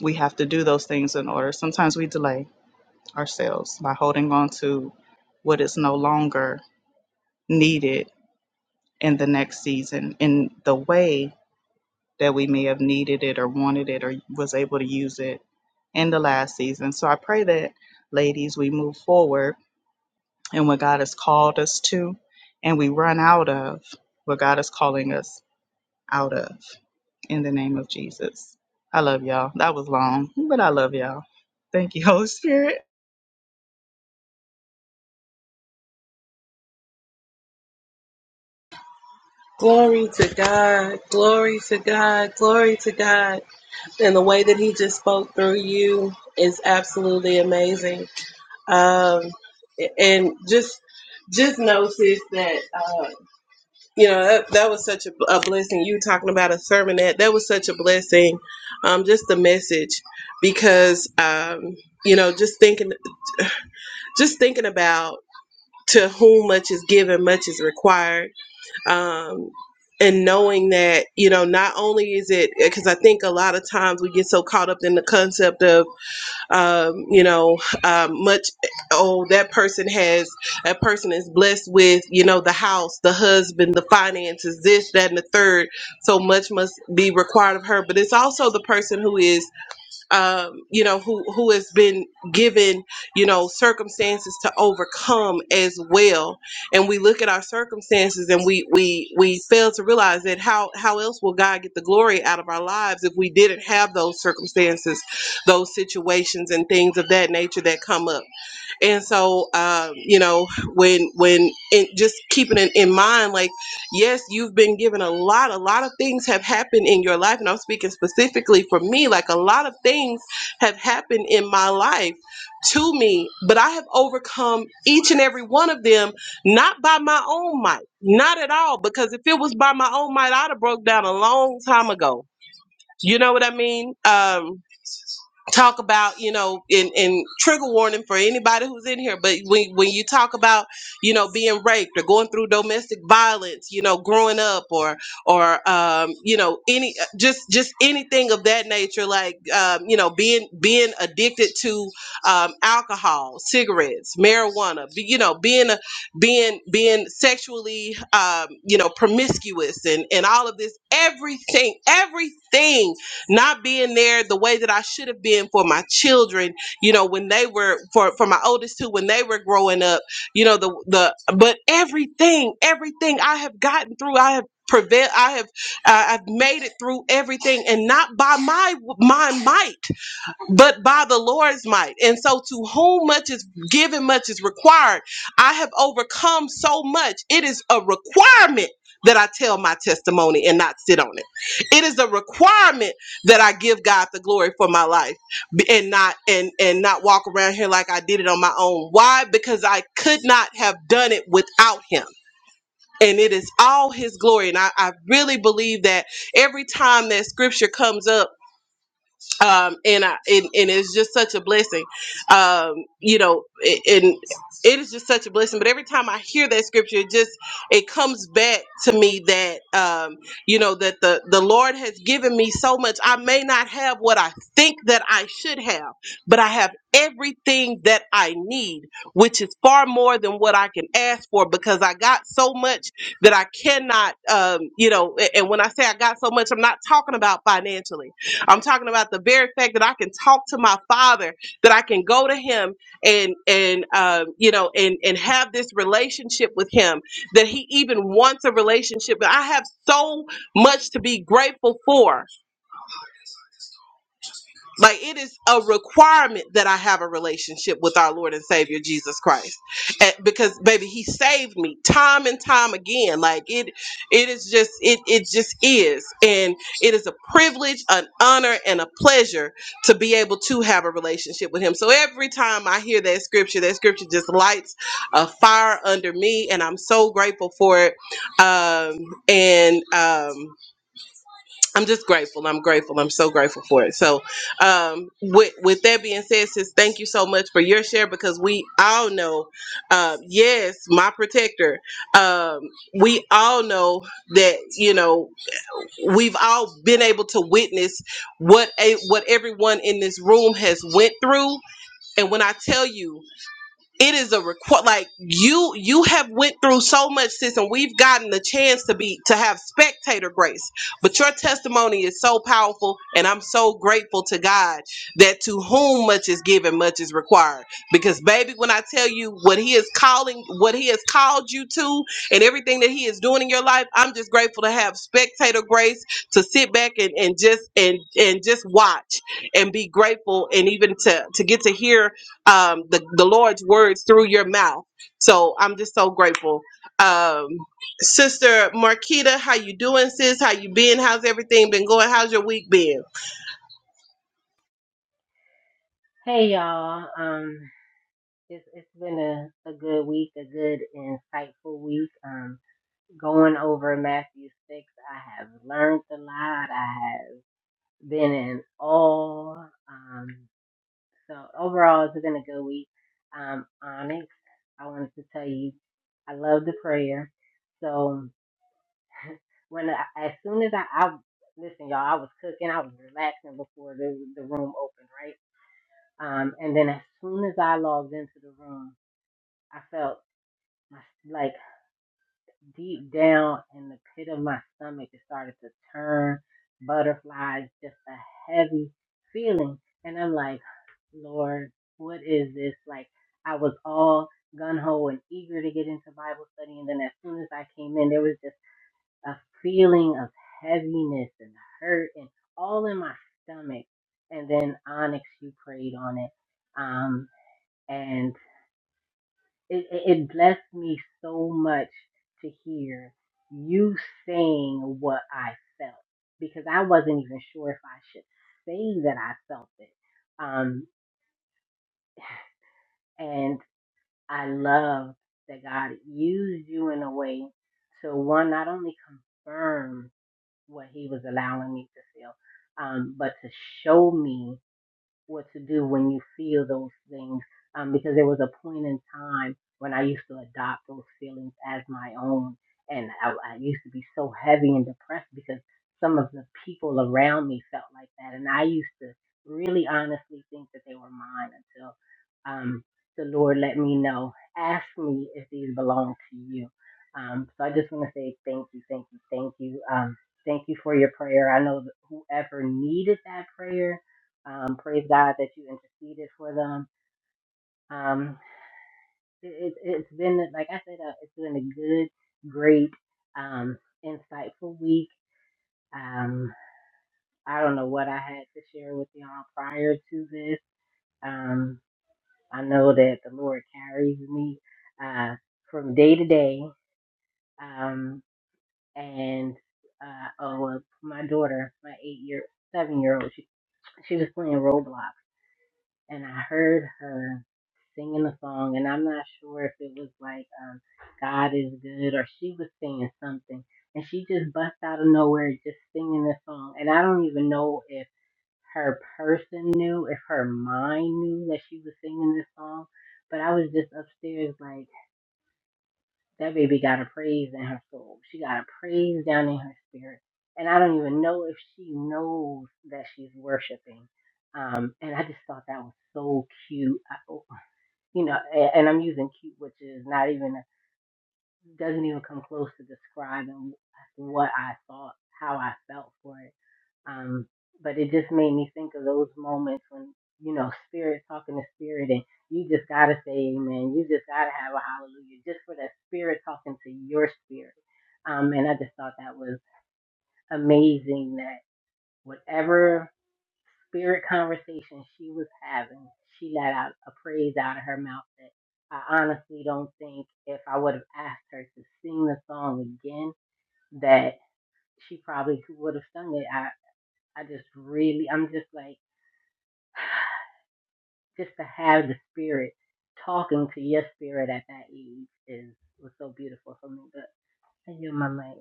we have to do those things in order. Sometimes we delay ourselves by holding on to what is no longer needed in the next season in the way that we may have needed it or wanted it or was able to use it in the last season. So I pray that, ladies, we move forward in what God has called us to and we run out of what God is calling us out of in the name of Jesus. I love y'all. That was long, but I love y'all. Thank you, Holy Spirit.
Glory to God, glory to God, glory to God. And the way that He just spoke through you is absolutely amazing. Um, and just just notice that uh, you know that, that was such a, a blessing. You talking about a sermonette, that was such a blessing. Um, just the message, because um, you know, just thinking, just thinking about. to whom much is given, much is required. Um, and knowing that, you know, not only is it because I think a lot of times we get so caught up in the concept of, um, you know, um, much, oh, that person has, that person is blessed with, you know, the house, the husband, the finances, this, that, and the third. So much must be required of her. But it's also the person who is um, you know, who who has been given, you know, circumstances to overcome as well. And we look at our circumstances and we we we fail to realize that how how else will God get the glory out of our lives if we didn't have those circumstances, those situations and things of that nature that come up and so um, you know when when and just keeping it in mind like yes you've been given a lot a lot of things have happened in your life and i'm speaking specifically for me like a lot of things have happened in my life to me but i have overcome each and every one of them not by my own might not at all because if it was by my own might i'd have broke down a long time ago you know what i mean um talk about you know and in trigger warning for anybody who's in here but when when you talk about you know being raped or going through domestic violence you know growing up or or um you know any just just anything of that nature like um you know being being addicted to um alcohol cigarettes marijuana be- you know being a being being sexually um you know promiscuous and and all of this everything everything not being there the way that I should have been for my children, you know, when they were for for my oldest two when they were growing up, you know, the the but everything, everything I have gotten through, I have prevailed, I have uh, I've made it through everything and not by my my might but by the Lord's might. And so, to whom much is given, much is required. I have overcome so much. It is a requirement that I tell my testimony and not sit on it. It is a requirement that I give God the glory for my life and not and and not walk around here like I did it on my own. Why? Because I could not have done it without him. And it is all his glory. And I, I really believe that every time that scripture comes up um, and I and, and it's just such a blessing, um, you know, a- and it is just such a blessing. But every time I hear that scripture, it just it comes back to me that um, you know that the the Lord has given me so much. I may not have what I think that I should have, but I have everything that I need, which is far more than what I can ask for because I got so much that I cannot, um, you know. a- And when I say I got so much, I'm not talking about financially. I'm talking about the very fact that I can talk to my father, that I can go to him and and um, you know and and have this relationship with him, that he even wants a relationship. But I have so much to be grateful for like it is a requirement that I have a relationship with our Lord and Savior Jesus Christ, And- because baby, He saved me time and time again. Like it, it is just it it just is, and it is a privilege, an honor, and a pleasure to be able to have a relationship with Him. So every time I hear that scripture, that scripture just lights a fire under me, and I'm so grateful for it. Um, and um, I'm just grateful. I'm grateful. I'm so grateful for it. So, um, with with that being said, sis, thank you so much for your share because we all know, uh, yes, my protector. Um, we all know that you know we've all been able to witness what a what everyone in this room has went through, and when I tell you it is a require like you you have went through so much sis and we've gotten the chance to be to have spectator grace but your testimony is so powerful and i'm so grateful to god that to whom much is given much is required because baby when i tell you what he is calling what he has called you to and everything that he is doing in your life i'm just grateful to have spectator grace to sit back and, and just and and just watch and be grateful and even to to get to hear um, the, the Lord's words through your mouth. So I'm just so grateful. Um, Sister Marquita, how you doing, sis? How you been? How's everything been going? How's your week been?
Hey y'all. Um it's it's been a, a good week, a good insightful week. Um going over Matthew six, I have learned a lot. I have been in awe. Um so overall it's been a good week. Um Onyx, I wanted to tell you I love the prayer. So when I, as soon as I, I listen, y'all, I was cooking, I was relaxing before the the room opened, right? Um, and then as soon as I logged into the room, I felt like deep down in the pit of my stomach, it started to turn butterflies, just a heavy feeling. And I'm like, Lord, what is this? Like, I was all gun ho and eager to get into Bible study. And then as soon as I came in, there was just a feeling of heaviness and hurt and all in my stomach. And then Onyx, you prayed on it. Um, and it, it it blessed me so much to hear you saying what I felt because I wasn't even sure if I should say that I felt it. Um, and I love that God used you in a way to one, not only confirm what He was allowing me to feel, um, but to show me. what to do when you feel those things. Um, because there was a point in time when I used to adopt those feelings as my own. And I, I used to be so heavy and depressed because some of the people around me felt like that. And I used to really honestly think that they were mine until um, the Lord let me know, ask me if these belong to you. Um, so I just want to say thank you, thank you, thank you. Um, thank you for your prayer. I know that whoever needed that prayer um, praise God that you interceded for them. Um, it, it, it's been, like I said, uh, it's been a good, great, um, insightful week. Um, I don't know what I had to share with y'all prior to this. Um, I know that the Lord carries me uh, from day to day. Um, and uh, oh, uh, my daughter, my eight year, seven year old, she, she was playing Roblox and I heard her singing the song, and I'm not sure if it was like um, "God is Good" or she was singing something, and she just bust out of nowhere just singing this song, and I don't even know if her person knew, if her mind knew that she was singing this song, but I was just upstairs like. That baby got a praise in her soul. She got a praise down in her spirit. And I don't even know if she knows that she's worshiping. Um, and I just thought that was so cute. I, oh, you know, and, and I'm using cute, which is not even, doesn't even come close to describing what I thought, how I felt for it. Um, but it just made me think of those moments when, you know, spirit talking to spirit and you just gotta say amen. You just gotta have a hallelujah just for that spirit talking to your spirit. Um, and I just thought that was amazing that whatever spirit conversation she was having, she let out a praise out of her mouth that I honestly don't think if I would have asked her to sing the song again that she probably would have sung it. I, I just really, I'm just like, Just to have the spirit talking to your spirit at that age is was so beautiful for me. But I knew my mind.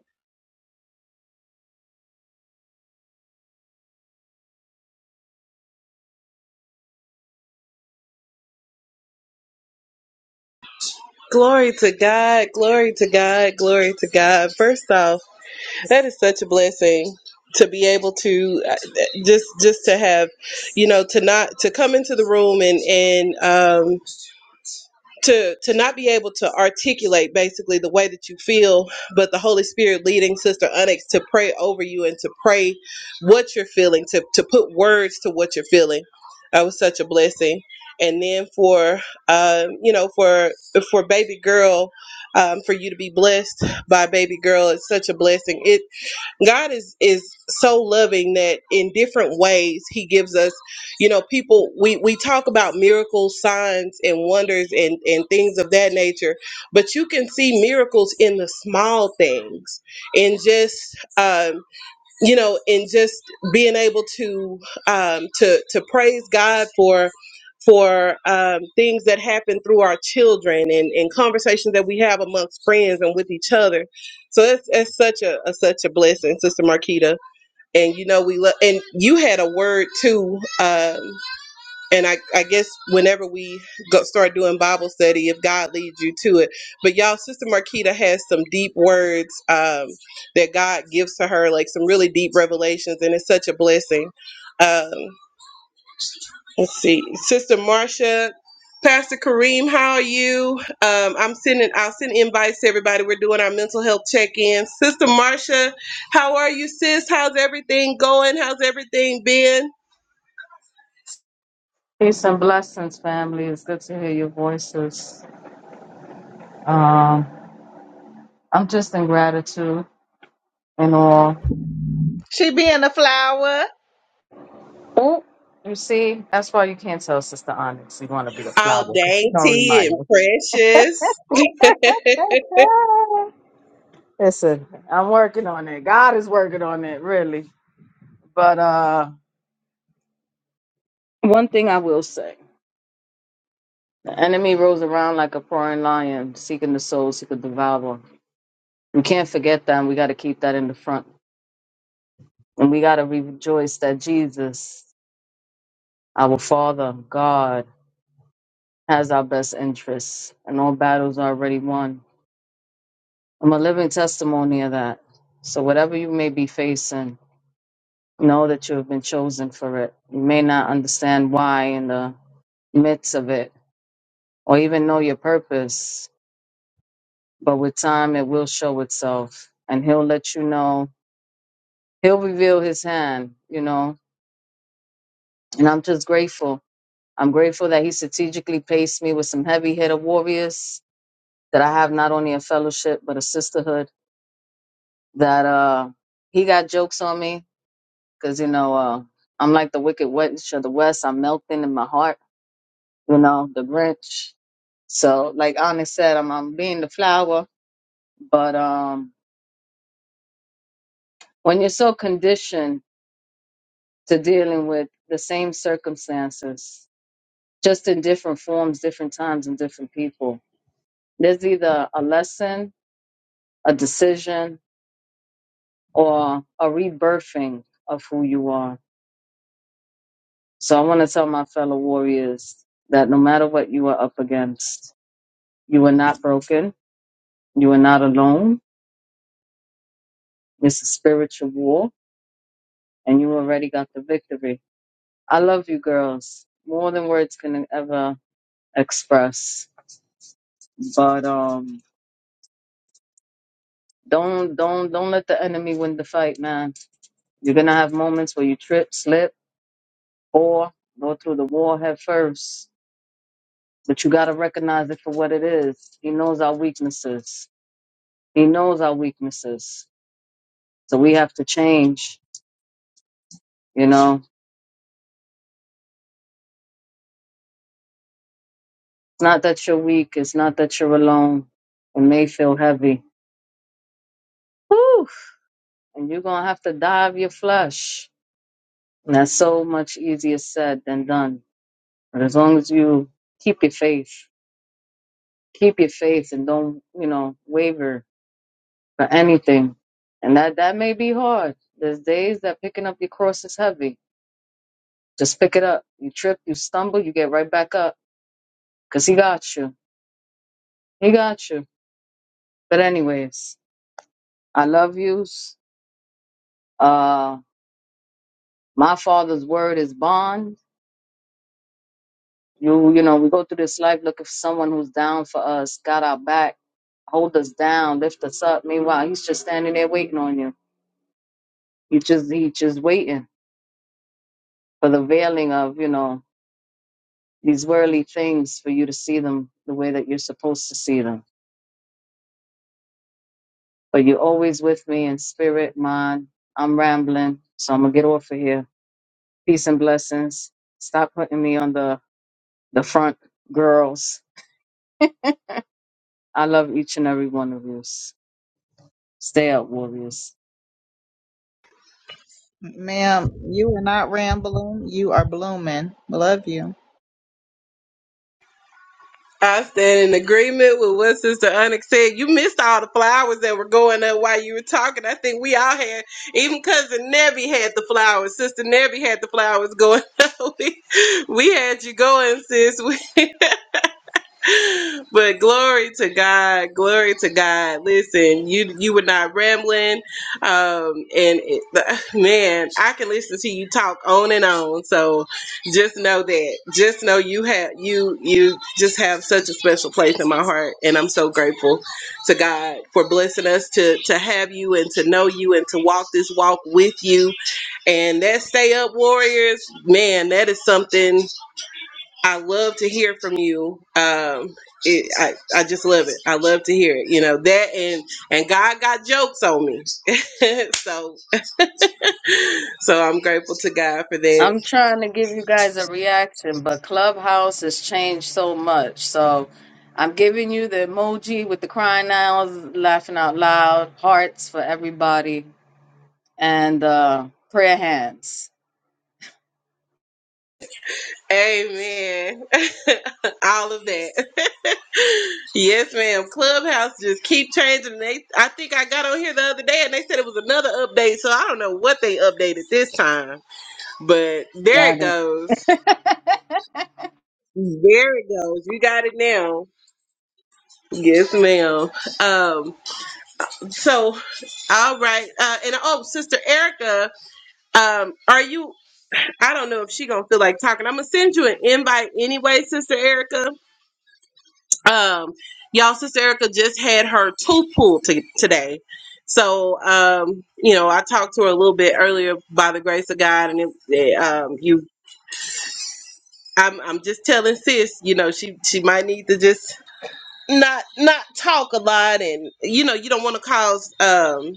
Glory to God, glory to God, glory to God. First off, That is such a blessing to be able to uh, just just to have you know to not to come into the room and and um to to not be able to articulate basically the way that you feel but the holy spirit leading sister onyx to pray over you and to pray what you're feeling to to put words to what you're feeling that was such a blessing and then for um you know for for baby girl um for you to be blessed by baby girl it's such a blessing It. God is is so loving that in different ways he gives us, you know, people we we talk about miracles, signs and wonders and and things of that nature, but you can see miracles in the small things and just um you know, and just being able to um, to to praise God for for um, things that happen through our children and, and conversations that we have amongst friends and with each other. So it's it's such a, a such a blessing, Sister Marquita. And you know we love and you had a word too. Um, and I, I guess whenever we go, start doing Bible study, if God leads you to it. But y'all, Sister Marquita has some deep words um, that God gives to her, like some really deep revelations, and it's such a blessing. Um, let's see, Sister Marcia, Pastor Kareem, how are you? Um, I'm sending, I'll send invites to everybody. We're doing our mental health check-in. Sister Marcia, how are you, sis? How's everything going? How's everything been?
Peace and blessings, family. It's good to hear your voices. Um, I'm just in gratitude and all.
She being a flower.
Oh, you see, that's why you can't tell Sister Onyx you want to be the flower
all
because she don't
dainty
remind
and
you.
precious.
Listen, I'm working on it. God is working on it, really. But uh, one thing I will say: the enemy rolls around like a roaring lion, seeking the souls he could devour. We can't forget that. And we got to keep that in the front, and we got to rejoice that Jesus. Our Father, God, has our best interests, and all battles are already won. I'm a living testimony of that. So, whatever you may be facing, know that you have been chosen for it. You may not understand why in the midst of it, or even know your purpose, but with time it will show itself, and He'll let you know. He'll reveal His hand, you know. And I'm just grateful. I'm grateful that He strategically placed me with some heavy hitter warriors that I have not only a fellowship but a sisterhood. That uh, he got jokes on me because you know uh, I'm like the wicked witch of the west. I'm melting in my heart, you know, the Grinch. So like Onyx said, I'm I'm being the flower, but um, when you're so conditioned to dealing with the same circumstances, just in different forms, different times, and different people, there's either a lesson, a decision, or a rebirthing of who you are So I want to tell my fellow warriors that no matter what you are up against, you are not broken. You are not alone. It's a spiritual war, and you already got the victory. I love you, girls, more than words can ever express. But um, don't don't don't let the enemy win the fight, man. You're gonna have moments where you trip, slip, or go through the wall head first. But you gotta recognize it for what it is. He knows our weaknesses. He knows our weaknesses So we have to change, you know. It's not that you're weak, it's not that you're alone. It may feel heavy. Whew. And you're gonna have to dive your flesh. And that's so much easier said than done. But as long as you keep your faith, keep your faith and don't, you know, waver for anything. And that that may be hard. There's days that picking up your cross is heavy. Just pick it up. You trip, you stumble, you get right back up. Cause he got you. He got you. But anyways. I love yous. Uh, my father's word is bond. You, you know, we go through this life looking for someone who's down for us, got our back, hold us down, lift us up. Meanwhile, he's just standing there waiting on you. He just, he just waiting for the veiling of, you know, these worldly things for you to see them the way that you're supposed to see them. But you're always with me in spirit, mind. I'm rambling, so I'm gonna get off of here. Peace and blessings. Stop putting me on the the front, girls. I love each and every one of you. Stay up, warriors.
Ma'am, you are not rambling. You are blooming. Love you.
I stand in agreement with what Sister Onyx said. You missed all the flowers that were going up while you were talking. I think we all had, even cousin Nebby had the flowers. Sister Nebby had the flowers going up. we, we had you going, sis. but glory to God, glory to God. Listen, you you were not rambling, um, and it, the, man, I can listen to you talk on and on. So just know that, just know you have you you just have such a special place in my heart, and I'm so grateful to God for blessing us to to have you and to know you and to walk this walk with you. And that stay up warriors, man, that is something. I love to hear from you. Um, it, I, I just love it. I love to hear it. You know that, and and God got jokes on me, so so I'm grateful to God for that.
I'm trying to give you guys a reaction, but Clubhouse has changed so much. So I'm giving you the emoji with the crying owls, laughing out loud, hearts for everybody, and uh, prayer hands.
Amen. All of that. yes, ma'am. Clubhouse just keep changing. They, I think I got on here the other day, and they said it was another update. So I don't know what they updated this time, but there it
Got it.
goes. There it goes. You got it now. Yes, ma'am. Um, so, all right. Uh, and oh, Sister Erica, um, are you? I don't know if she gonna feel like talking. I'm gonna send you an invite anyway, Sister Erica. Um, y'all, Sister Erica just had her tooth pulled to today. So, um, you know, I talked to her a little bit earlier by the grace of God, and it, it, um, you, I'm, I'm just telling sis, you know, she, she might need to just not, not talk a lot, and you know, you don't want to cause, um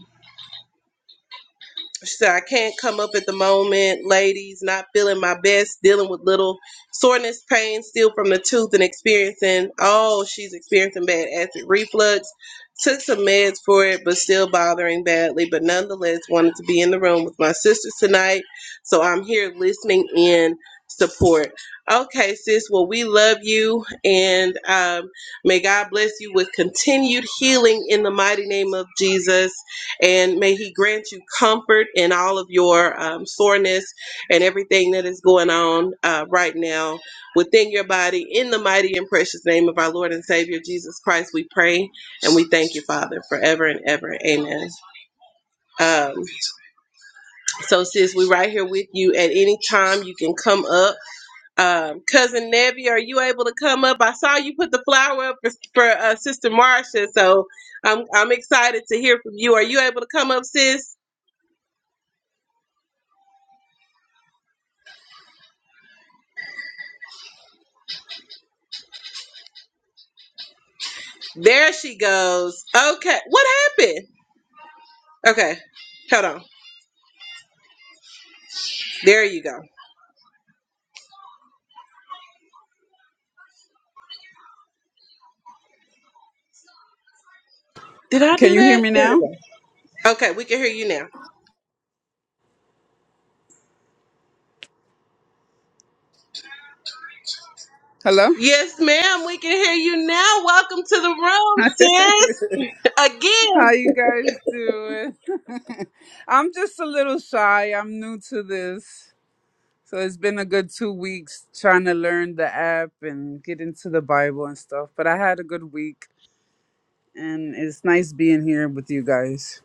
She said, I can't come up at the moment, ladies, not feeling my best, dealing with little soreness, pain still from the tooth, and experiencing, oh, she's experiencing bad acid reflux. Took some meds for it, but still bothering badly. But nonetheless, wanted to be in the room with my sisters tonight. So I'm here listening in support. Okay, sis, well, we love you, and um, may God bless you with continued healing in the mighty name of Jesus and may he grant you comfort in all of your um, soreness and everything that is going on uh, right now within your body in the mighty and precious name of our lord and savior jesus christ we pray and we thank you father forever and ever amen um, so sis we are right here with you at any time you can come up um, cousin Nevi, are you able to come up i saw you put the flower up for, for uh, sister marcia so I'm, I'm excited to hear from you are you able to come up sis There she goes. Okay. What happened? Okay. Hold on. There you go. Did I
Can
do
you hear
that?
me
There
now?
we go. Okay, we can hear you now.
Hello?
Yes, ma'am. We can hear you now. Welcome to the room, sis. Again.
How you guys doing? I'm just a little shy. I'm new to this. So it's been a good two weeks trying to learn the app and get into the Bible and stuff. But I had a good week and it's nice being here with you guys.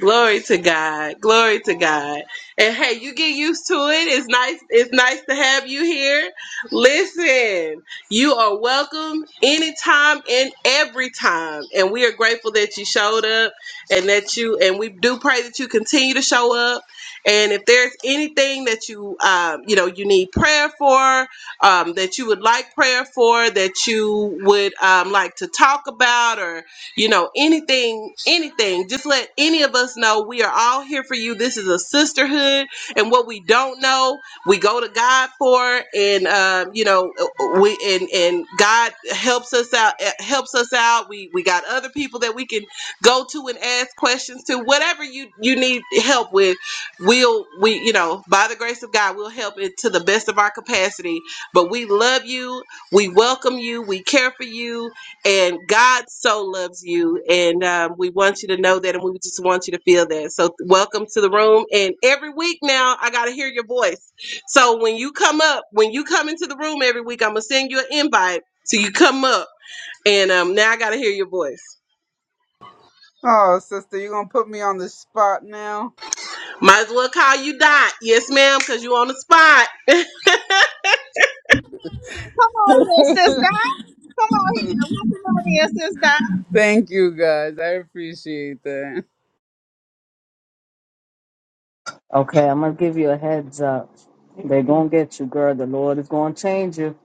Glory to God. Glory to God. And hey, you get used to it. It's nice. It's nice to have you here. Listen, you are welcome anytime and every time. And we are grateful that you showed up and that you and we do pray that you continue to show up. And if there's anything that you um, you know you need prayer for, um, that you would like prayer for, that you would um, like to talk about, or you know anything anything just let any of us know we are all here for you this is a sisterhood and what we don't know we go to god for and um, you know we and and god helps us out eh, helps us out we we got other people that we can go to and ask questions to whatever you you need help with we'll we you know by the grace of god we'll help it to the best of our capacity but we love you we welcome you we care for you and God so loves you, and um, we want you to know that, and we just want you to feel that. So, welcome to the room. And every week now, I gotta hear your voice. So when you come up, when you come into the room every week, I'm gonna send you an invite. So you come up, and um, now I gotta hear your voice.
Oh, sister, you're going to put me on the spot now.
Might as well call you Dot, yes, ma'am, because you on the spot.
Come on here, sis. Di. Come on here. Come on here, sis. Di.
Thank you guys. I appreciate that.
Okay, I'm going to give you a heads up. They're going to get you, girl. The Lord is going to change you.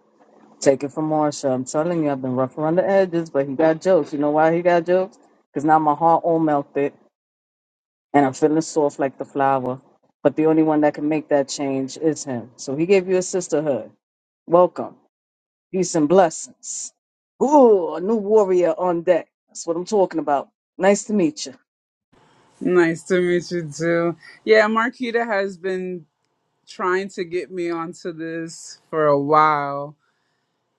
Take it from Marsha. I'm telling you, I've been rough around the edges, but he got jokes. You know why he got jokes? Because now my heart all melted and I'm feeling soft like the flower. But the only one that can make that change is him. So he gave you a sisterhood. Welcome. Peace and blessings. Ooh, a new warrior on deck. That's what I'm talking about. Nice to meet you.
Nice to meet you too. Yeah, Marquita has been trying to get me onto this for a while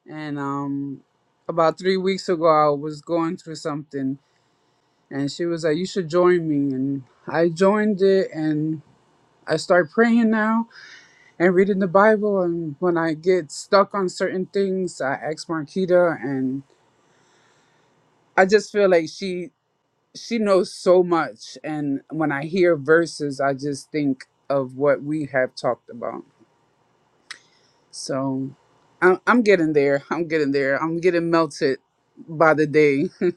and um about three weeks ago i was going through something and she was like you should join me and i joined it and i start praying now and reading the bible and when i get stuck on certain things i ask marquita and i just feel like she she knows so much and when i hear verses i just think of what we have talked about So I'm, I'm getting there. I'm getting there. I'm getting melted by the day.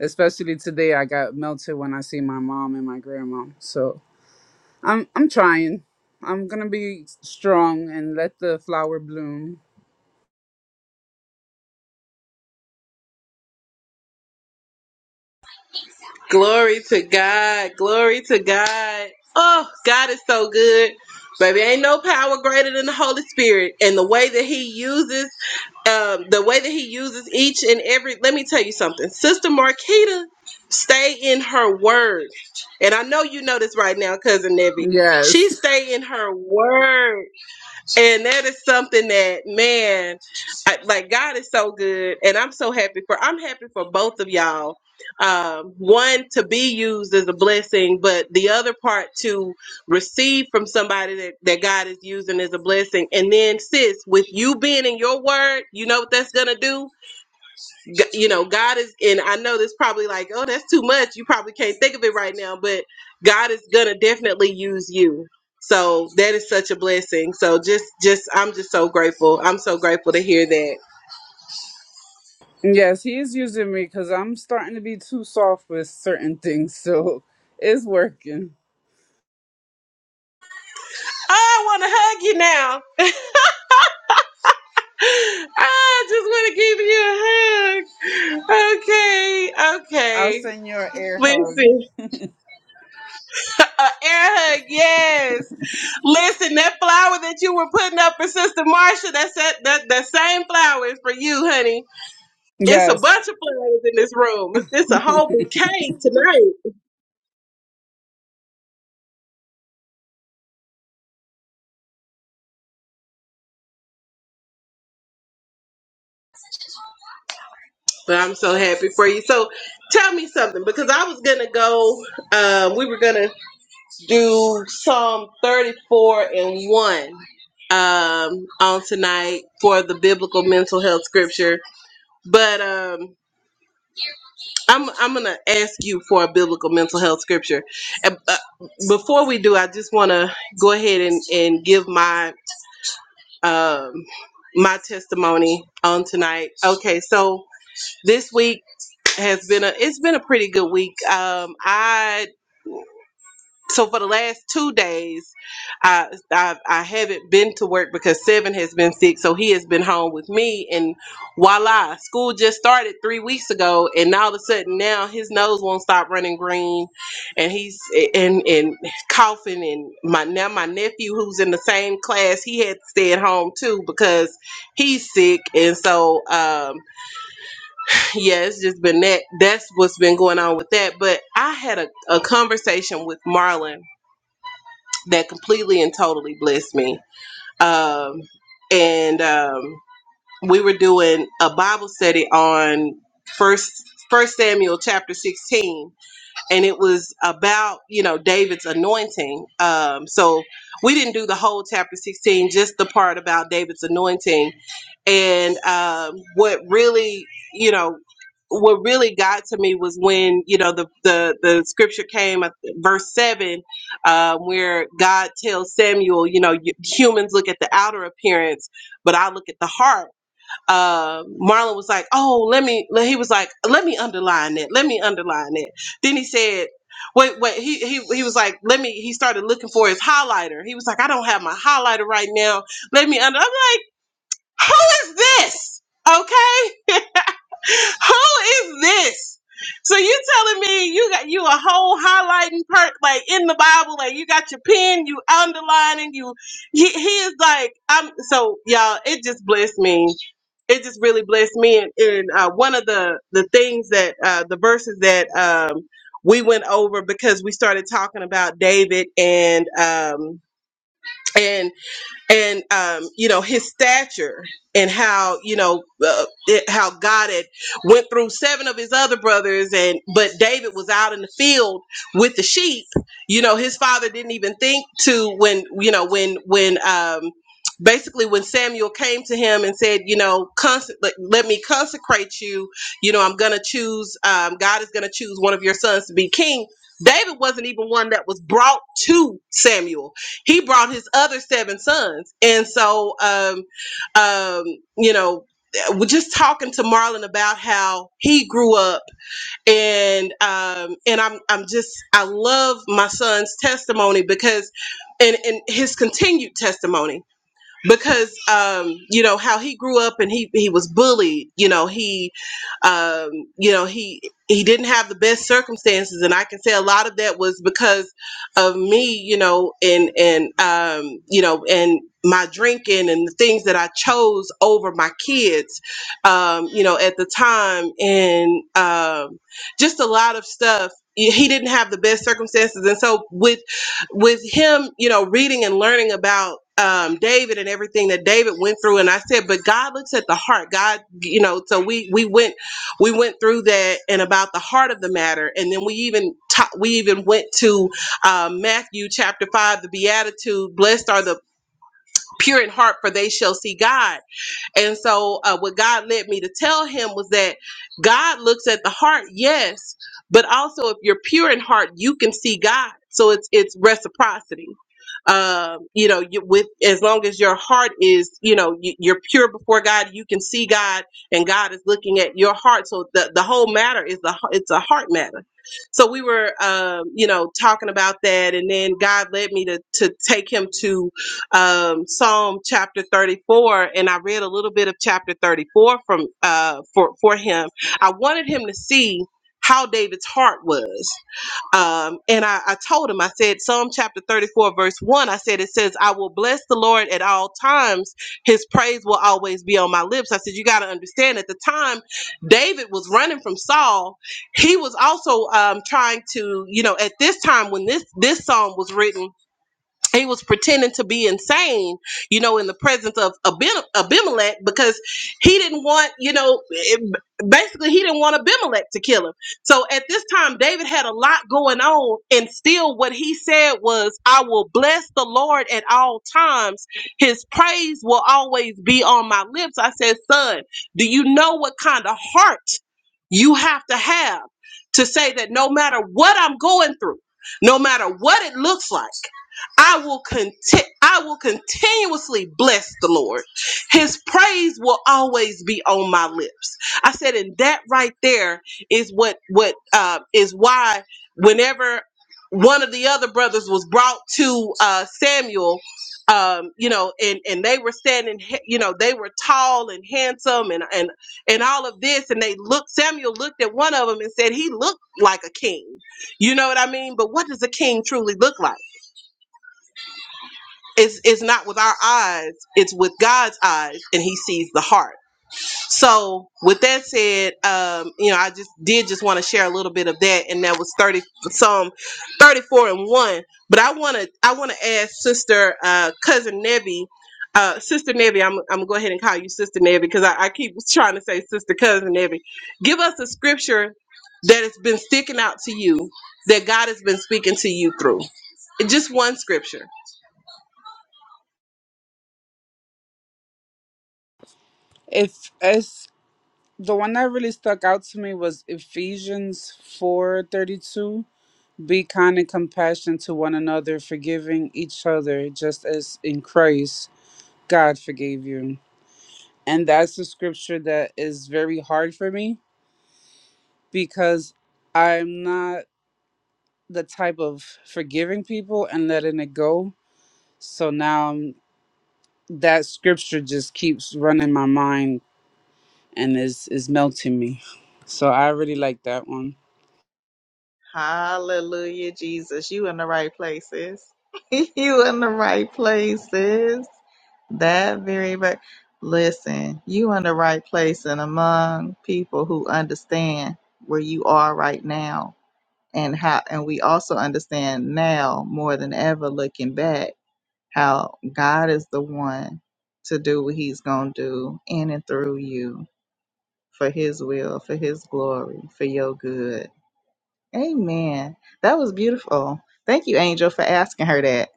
Especially today, I got melted when I see my mom and my grandma. So I'm I'm trying. I'm gonna be strong and let the flower bloom.
Glory to God. Glory to God. Oh, God is so good. Baby, ain't no power greater than the Holy Spirit. And the way that He uses, um, the way that He uses each and every, let me tell you something. Sister Marquita, stay in her word. And I know you know this right now, Cousin Nebby. She
Yes,
stay in her word. And that is something that, man, I, like God is so good, and I'm so happy for. I'm happy for both of y'all. Um, one to be used as a blessing, but the other part to receive from somebody that that God is using as a blessing. And then, sis, with you being in your word, you know what that's gonna do G- you know god is and i know this probably like oh that's too much you probably can't think of it right now but god is gonna definitely use you so that is such a blessing so just just i'm just so grateful i'm so grateful to hear that
yes, he is using me because I'm starting to be too soft with certain things. So it's working.
Oh, i want to hug you now i just want to give you a hug okay
I'll
okay
send you an air hug.
listen a air hug yes Listen, that flower that you were putting up for Sister Marsha, that's that, that the same flower is for you, honey. It's a
Yes.
bunch of flowers in this room. It's it's a whole bouquet tonight. But I'm so happy for you. So tell me something because I was gonna go. Um, we were gonna do Psalm 34 and one um, on tonight for the biblical mental health scripture. But um, I'm I'm gonna ask you for a biblical mental health scripture. And, uh, before we do, I just want to go ahead and and give my um, my testimony on tonight. Okay, so this week has been a it's been a pretty good week. Um, I so for the last two days, I, I I haven't been to work because Seven has been sick, so he has been home with me. And voila, school just started three weeks ago, and all of a sudden now his nose won't stop running green, and he's and and coughing. And my now my nephew who's in the same class, he had to stay at home too because he's sick, and so um, yeah, it's just been that. That's what's been going on with that. But I had a, a conversation with Marlon that completely and totally blessed me. Um, and um, we were doing a Bible study on first First Samuel chapter sixteen, and it was about you know David's anointing. Um, so we didn't do the whole chapter 16, just the part about David's anointing, and um, what really you know what really got to me was when you know the the, the scripture came at verse 7 uh, where god tells samuel you know "You- humans look at the outer appearance but i look at the heart uh, Marlon was like, "Oh, let me." le- He was like, "Let me underline it. Let me underline it." Then he said, "Wait, wait." He he he was like, "Let me." He started looking for his highlighter. He was like, "I don't have my highlighter right now. Let me under." I'm like, "Who is this? Okay, who is this?" So you telling me you got you a whole highlighting part like in the Bible, like you got your pen, you underlining, you he, he is like I'm so y'all. It just blessed me it just really blessed me. And, and uh, one of the the things that uh, the verses that um, we went over because we started talking about David and um, and and um, you know his stature and how you know uh, it, how God had went through seven of his other brothers and but David was out in the field with the sheep. You know his father didn't even think to when you know when when um, basically when Samuel came to him and said you know cons- let, let me consecrate you. You know I'm gonna choose um, God is gonna choose one of your sons to be king. David wasn't even one that was brought to Samuel he brought his other seven sons and so um um you know we're just talking to Marlon about how he grew up and um and I'm I'm just I love my son's testimony because and and his continued testimony because um you know how he grew up and he he was bullied you know he um you know he he didn't have the best circumstances and i can say a lot of that was because of me you know and and um you know and my drinking and the things that i chose over my kids um you know at the time and um just a lot of stuff he he didn't have the best circumstances and so with with him, you know, reading and learning about um, David and everything that David went through, and I said, but God looks at the heart. God, you know, so we we went we went through that and about the heart of the matter, and then we even ta- we even went to uh, Matthew chapter five, the Beatitude, blessed are the pure in heart, for they shall see God and so, uh, what God led me to tell him was that God looks at the heart, yes, but also if you're pure in heart, you can see God. So it's it's reciprocity. Um, you know, you, with as long as your heart is, you know, you, you're pure before God, you can see God, and God is looking at your heart. So the the whole matter is the heart- it's a heart matter. So we were, um, you know, talking about that, and then God led me to to take him to um, Psalm chapter 34, and I read a little bit of chapter 34 from uh, for for him. I wanted him to see how David's heart was, um, and I, I told him. I said Psalm chapter 34, verse one. I said it says, "I will bless the Lord at all times; His praise will always be on my lips." I said, "You got to understand." At the time, David was running from Saul. He was also um, trying to, you know, at this time when this this psalm was written he was pretending to be insane, you know, in the presence of Abim- Abimelech because he didn't want, you know, it- basically he didn't want Abimelech to kill him. So at this time, David had a lot going on, and still what he said was, I will bless the Lord at all times. His praise will always be on my lips. I said, Son, do you know what kind of heart you have to have to say that no matter what I'm going through, no matter what it looks like? I will conti- I will continuously bless the Lord. His praise will always be on my lips. I said, and that right there is what what uh, is why whenever one of the other brothers was brought to uh, Samuel. Um, you know, and and they were standing, he- you know, they were tall and handsome, and and and all of this, and they looked. Samuel looked at one of them and said, "He looked like a king." You know what I mean? But what does a king truly look like? it's it's not with our eyes it's with god's eyes and he sees the heart so with that said um you know i just did just want to share a little bit of that and that was 30 psalm 34 and 1 but i want to i want to ask sister uh cousin Nebby, uh, Sister Nebby, I'm, I'm gonna go ahead and call you Sister Nebby because I, I keep trying to say Sister Cousin Nebby. Give us a scripture that has been sticking out to you, that God has been speaking to you through. Just one scripture.
If it's The one that really stuck out to me was Ephesians 4:32. Be kind and compassionate to one another, forgiving each other, just as in Christ God forgave you. And that's a scripture that is very hard for me because I'm not the type of forgiving people and letting it go. So now I'm- that scripture just keeps running my mind and is is melting me. So I really like that one.
Hallelujah, Jesus. You in the right places. you in the right places. That very but listen, you in the right place and among people who understand where you are right now and how and we also understand now more than ever looking back how God is the one to do what he's going to do in and through you for his will, for his glory, for your good. Amen. That was beautiful. Thank you, Angel, for asking her that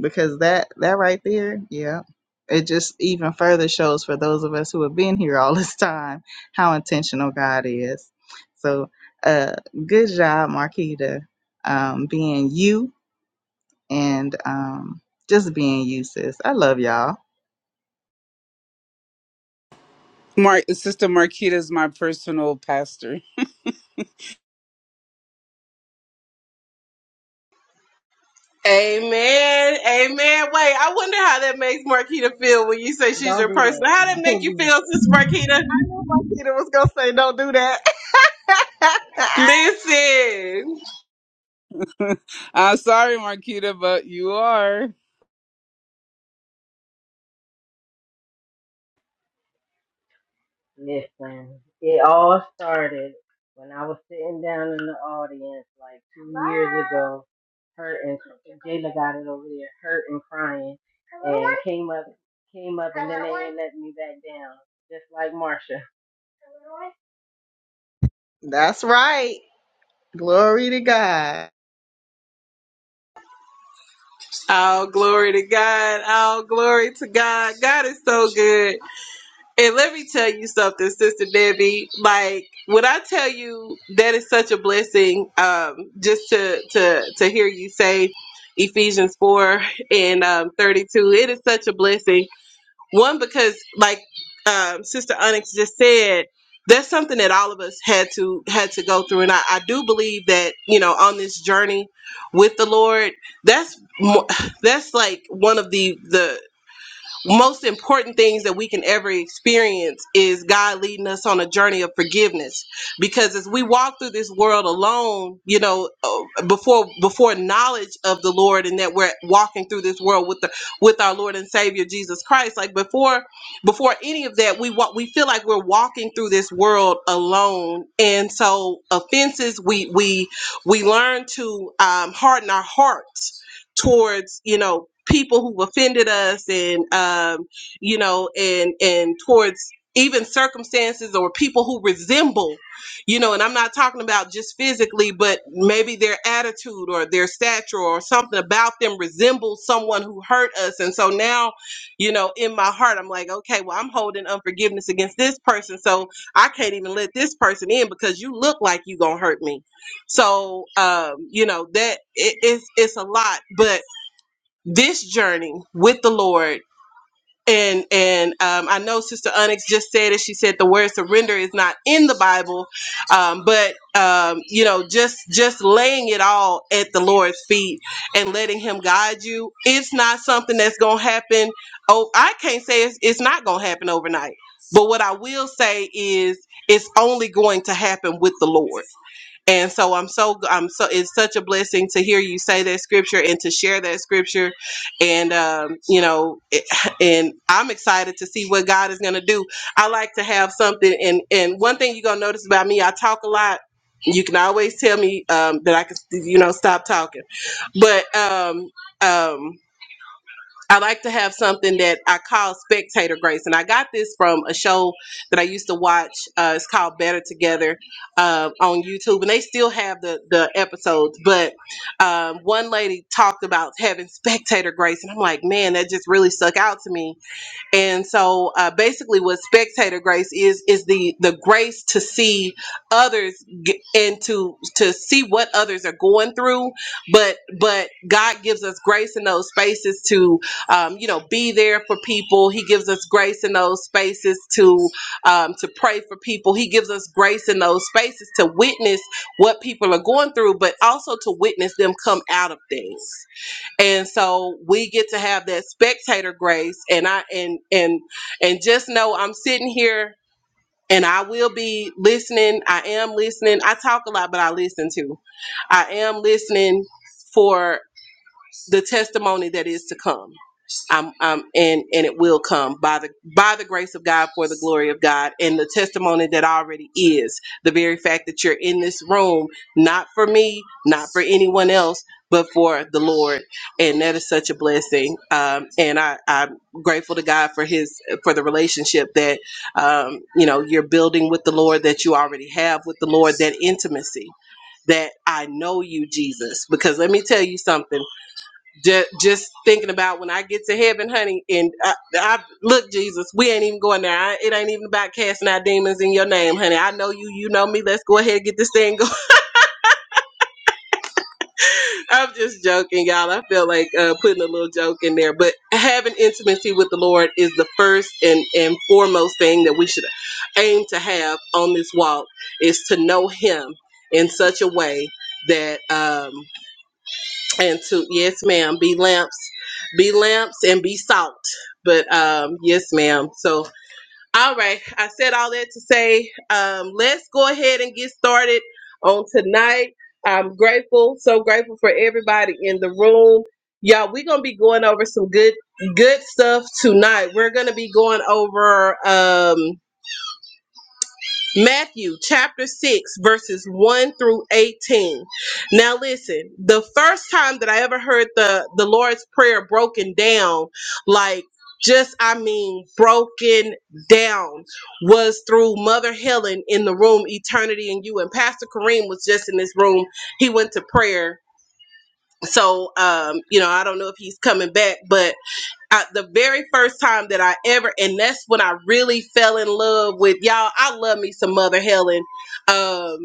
because that that right there, yeah, it just even further shows for those of us who have been here all this time how intentional God is. So, uh, good job, Marquita, um, being you and um, just being you, sis. I love y'all.
Mark, Sister Marquita is my personal pastor.
Amen. Amen. Wait, I wonder how that makes Marquita feel when you say she's
Don't
your
do
person.
that.
How that make
Don't
you
do that.
feel, Sister Marquita?
Marquita was gonna say, "Don't do that."
Listen.
I'm sorry, Marquita, but you are.
Listen, it all started when I was sitting down in the audience like two Bye. years ago, hurt and Jayla got it over there, hurt and crying, and came up, came up, and then they ain't let me back down, just like Marsha.
That's right. Glory to God.
All glory to God. All glory to God. God is so good. And let me tell you something, Sister Debbie. Like when I tell you that is such a blessing, um, just to to to hear you say Ephesians four and um, thirty two. It is such a blessing One, because like um, Sister Onyx just said, that's something that all of us had to had to go through, and I, I do believe that you know on this journey with the Lord, that's mo- that's like one of the the most important things that we can ever experience is God leading us on a journey of forgiveness. Because as we walk through this world alone, you know, uh, before before knowledge of the Lord and that we're walking through this world with the with our Lord and Savior Jesus Christ, like before before any of that, we walk we feel like we're walking through this world alone, and so offenses we we we learn to um, harden our hearts towards you know people who offended us and um, you know and and towards even circumstances or people who resemble you know and i'm not talking about just physically but maybe their attitude or their stature or something about them resembles someone who hurt us and so now you know in my heart i'm like okay well i'm holding unforgiveness against this person so i can't even let this person in because you look like you gonna hurt me so um, you know that it, it's it's a lot, but this journey with the Lord. And and um, I know Sister Onyx just said it. She said the word surrender is not in the Bible, um, but um, you know, just just laying it all at the Lord's feet and letting Him guide you. It's not something that's gonna happen. Oh, I can't say it's, it's not gonna happen overnight. But what I will say is, it's only going to happen with the Lord. And so I'm so I'm so it's such a blessing to hear you say that scripture and to share that scripture, and um, you know, it, and I'm excited to see what God is going to do. I like to have something, and and one thing you're gonna notice about me, I talk a lot. You can always tell me um, that I can, you know, stop talking. But um, um, I like to have something that I call spectator grace, and I got this from a show that I used to watch. Uh, it's called Better Together uh, on YouTube, and they still have the the episodes. But um, one lady talked about having spectator grace, and I'm like, man, that just really stuck out to me and so uh, basically what spectator grace is is the the grace to see others get, and to to see what others are going through but but god gives us grace in those spaces to um, you know be there for people he gives us grace in those spaces to um, to pray for people he gives us grace in those spaces to witness what people are going through but also to witness them come out of things and so we get to have that spectator grace and i and and and just know i'm sitting here and i will be listening i am listening i talk a lot but i listen too i am listening for the testimony that is to come I'm, I'm, and and it will come by the by the grace of God for the glory of God and the testimony that already is the very fact that you're in this room not for me not for anyone else but for the Lord and that is such a blessing um, and I, I'm grateful to God for his for the relationship that um, you know you're building with the Lord that you already have with the Lord that intimacy that I know you Jesus because let me tell you something just, just thinking about when I get to heaven, honey, and I, I look, Jesus, we ain't even going there. I, it ain't even about casting out demons in your name, honey. I know you, you know me. Let's go ahead and get this thing going. I'm just joking, y'all. I feel like uh, putting a little joke in there, but having intimacy with the Lord is the first and and foremost thing that we should aim to have on this walk is to know Him in such a way that. um and to yes ma'am be lamps be lamps and be salt but um yes ma'am so all right i said all that to say um let's go ahead and get started on tonight i'm grateful so grateful for everybody in the room y'all we're gonna be going over some good good stuff tonight we're gonna be going over um Matthew chapter 6, verses 1 through 18. Now, listen, the first time that I ever heard the, the Lord's Prayer broken down, like just, I mean, broken down, was through Mother Helen in the room, Eternity and You. And Pastor Kareem was just in this room. He went to prayer. So, um, you know, I don't know if he's coming back, but I, the very first time that I ever, and that's when I really fell in love with y'all. I love me some Mother Helen, um,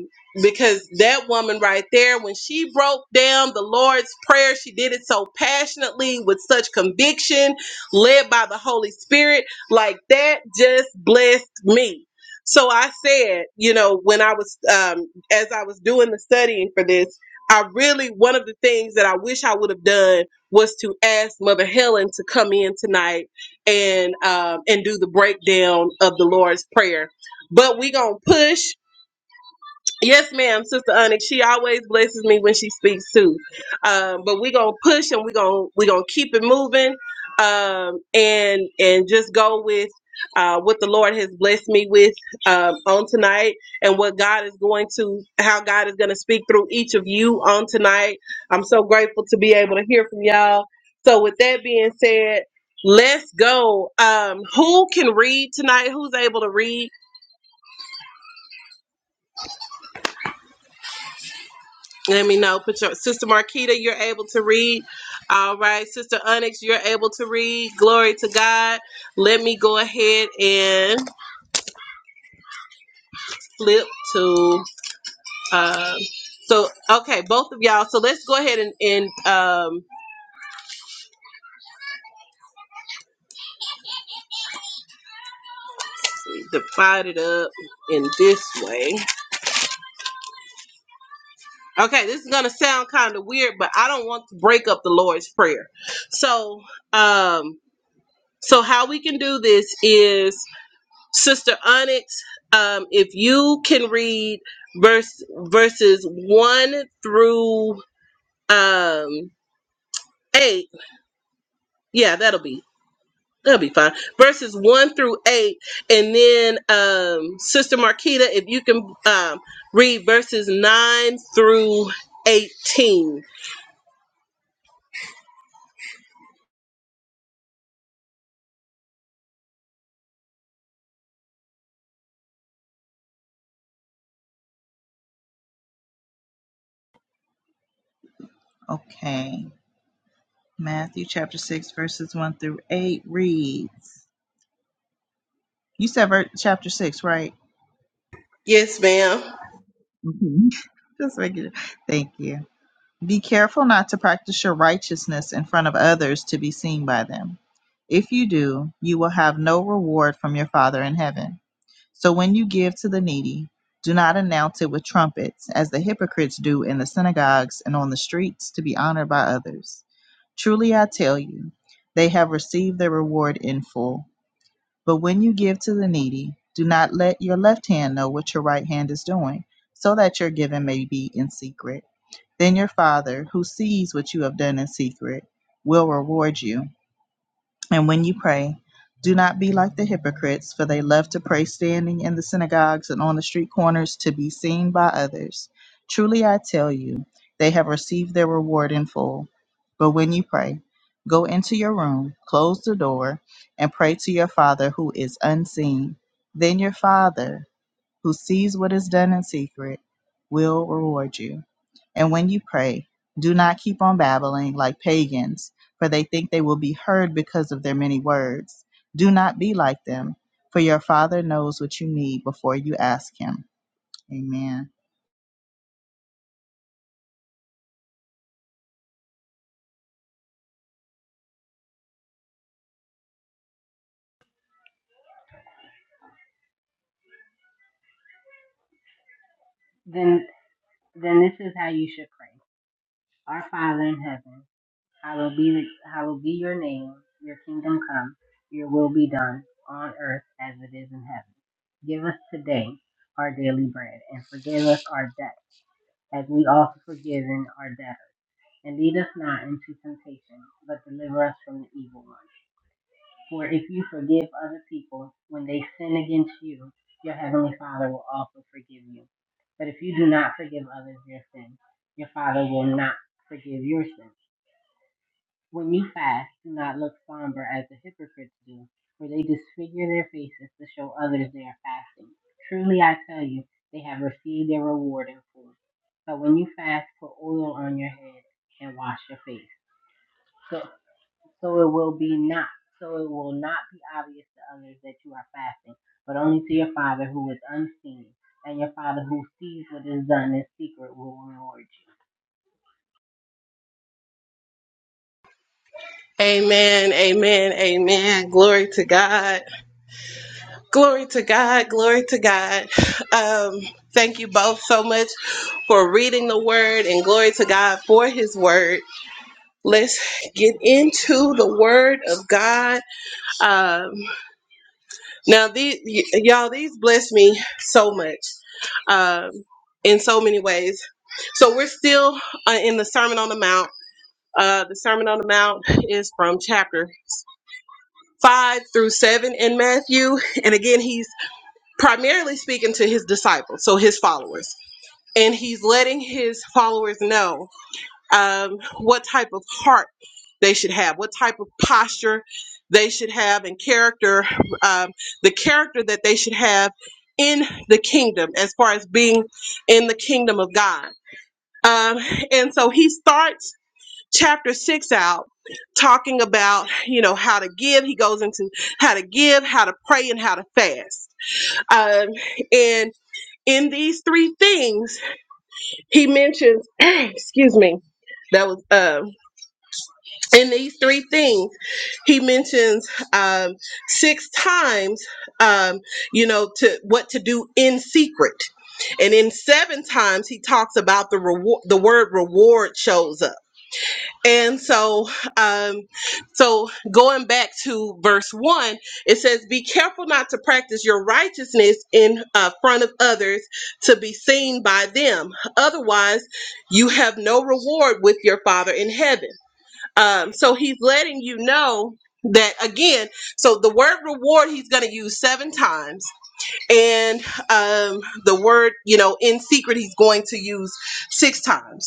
because that woman right there, when she broke down the Lord's prayer, she did it so passionately with such conviction, led by the Holy Spirit. Like that just blessed me. So I said, you know, when I was um, as I was doing the studying for this, I really one of the things that I wish I would have done was to ask Mother Helen to come in tonight and um, and do the breakdown of the Lord's Prayer. But we gonna push. Yes, ma'am, Sister Onyx. She always blesses me when she speaks too. Um, but we're gonna push and we're gonna we're gonna keep it moving. Um, and and just go with uh, what the Lord has blessed me with um, on tonight, and what God is going to, how God is going to speak through each of you on tonight. I'm so grateful to be able to hear from y'all. So, with that being said, let's go. Um, who can read tonight? Who's able to read? Let me know. Put your sister Marquita, you're able to read. All right, sister Onyx, you're able to read. Glory to God. Let me go ahead and flip to. Um, so okay, both of y'all. So let's go ahead and, and um, divide it up in this way. Okay, this is gonna sound kind of weird, but I don't want to break up the Lord's prayer. So um, so how we can do this is Sister Onyx, um, if you can read verse verses one through um eight, yeah, that'll be that'll be fine. Verses one through eight, and then um, Sister Marquita, if you can um, read verses nine through eighteen.
Okay. Matthew chapter 6, verses 1 through 8 reads, You said ver- chapter 6, right?
Yes, ma'am.
Mhm. Just making it. Thank you. Be careful not to practice your righteousness in front of others to be seen by them. If you do, you will have no reward from your Father in heaven. So when you give to the needy, do not announce it with trumpets, as the hypocrites do in the synagogues and on the streets to be honored by others. Truly I tell you, they have received their reward in full. But when you give to the needy, do not let your left hand know what your right hand is doing, so that your giving may be in secret. Then your Father, who sees what you have done in secret, will reward you. And when you pray, do not be like the hypocrites, for they love to pray standing in the synagogues and on the street corners to be seen by others. Truly I tell you, they have received their reward in full. But when you pray, go into your room, close the door, and pray to your Father who is unseen. Then your Father, who sees what is done in secret, will reward you. And when you pray, do not keep on babbling like pagans, for they think they will be heard because of their many words. Do not be like them, for your Father knows what you need before you ask Him. Amen.
Then, then this is how you should pray. Our Father in heaven Hallowed be, hallowed be your name, your kingdom come, your will be done on earth as it is in heaven. Give us today our daily bread and forgive us our debt as we also forgiven our debtors. And lead us not into temptation, but deliver us from the evil one. For if you forgive other people when they sin against you, your heavenly Father will also forgive you. But if you do not forgive others their sins, your Father will not forgive your sins. When you fast, do not look somber as the hypocrites do, for they disfigure their faces to show others they are fasting. Truly I tell you, they have received their reward in full. But when you fast, put oil on your head and wash your face. So, so it will be not so it will not be obvious to others that you are fasting, but only to your father who is unseen, and your father who sees what is done in secret will reward you.
Amen. Amen. Amen. Glory to God. Glory to God, glory to God. Um, thank you both so much for reading the word and glory to God for his word. Let's get into the word of God. Um, now, these, y- y'all, these bless me so much um, in so many ways. So, we're still uh, in the Sermon on the Mount. Uh, the Sermon on the Mount is from chapter 5 through 7 in Matthew. And again, he's primarily speaking to his disciples, so his followers. And he's letting his followers know um, what type of heart they should have, what type of posture they should have, and character, um, the character that they should have in the kingdom as far as being in the kingdom of God. Um, and so he starts chapter six out talking about you know how to give he goes into how to give how to pray and how to fast um, and in these three things he mentions excuse me that was um in these three things he mentions um six times um you know to what to do in secret and in seven times he talks about the reward the word reward shows up and so, um, so going back to verse one, it says, "Be careful not to practice your righteousness in uh, front of others to be seen by them. Otherwise, you have no reward with your Father in heaven." Um, so he's letting you know that again. So the word reward he's going to use seven times, and um, the word you know in secret he's going to use six times.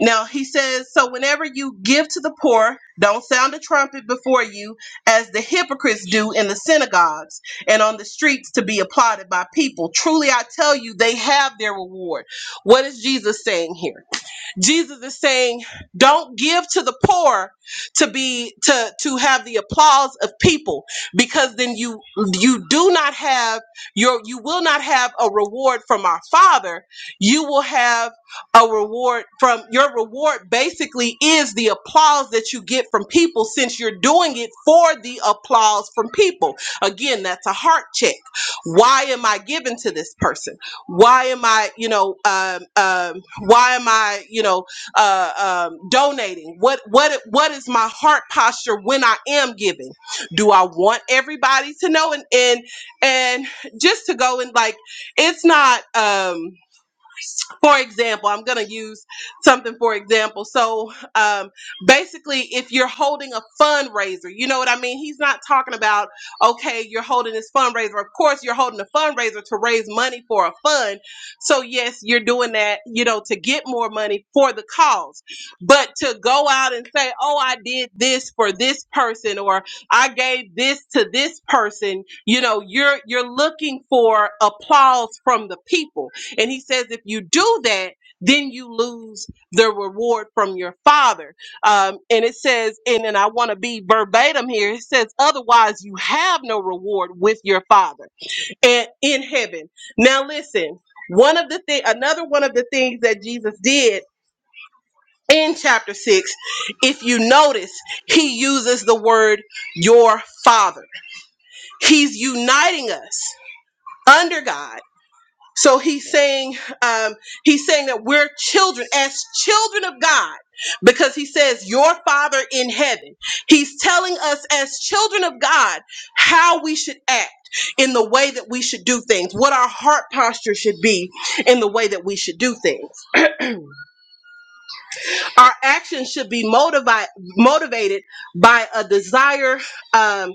Now he says, So whenever you give to the poor, don't sound a trumpet before you, as the hypocrites do in the synagogues and on the streets to be applauded by people. Truly I tell you, they have their reward. What is Jesus saying here? Jesus is saying, don't give to the poor to be to to have the applause of people because then you you do not have your you will not have a reward from our Father. You will have a reward from your reward basically is the applause that you get from people since you're doing it for the applause from people. Again, that's a heart check. Why am I giving to this person? Why am I, you know, um, um why am i you know uh, um, donating what what what is my heart posture when i am giving do i want everybody to know and and and just to go and like it's not um for example, I'm going to use something for example. So um, basically, if you're holding a fundraiser, you know what I mean? He's not talking about, okay, you're holding this fundraiser. Of course, you're holding a fundraiser to raise money for a fund. So, yes, you're doing that, you know, to get more money for the cause. But to go out and say, oh, I did this for this person or I gave this to this person, you know, you're you're looking for applause from the people and he says, if you do that, then you lose the reward from your father. Um, and it says, and, and I want to be verbatim here. It says, otherwise you have no reward with your father and in heaven. Now listen, one of the thing, another one of the things that Jesus did in chapter six, if you notice, he uses the word your father. He's uniting us under God so he's saying, um, he's saying that we're children, as children of God, because he says, Your Father in heaven. He's telling us, as children of God, how we should act in the way that we should do things, what our heart posture should be in the way that we should do things our actions should be motivi- motivated by a desire um,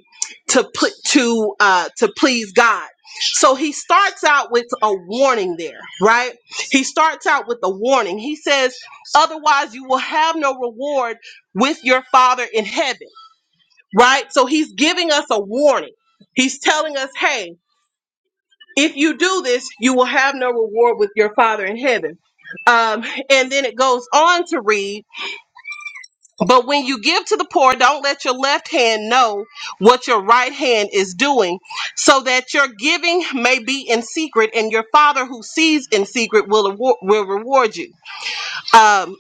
to put to uh, to please God. So he starts out with a warning there, right? He starts out with a warning. He says, "Otherwise, you will have no reward with your Father in heaven." Right? So he's giving us a warning. He's telling us, "Hey, if you do this, you will have no reward with your Father in heaven." Um, and then it goes on to read but when you give to the poor, don't let your left hand know what your right hand is doing, so that your giving may be in secret, and your Father who sees in secret will award, will reward you. Um,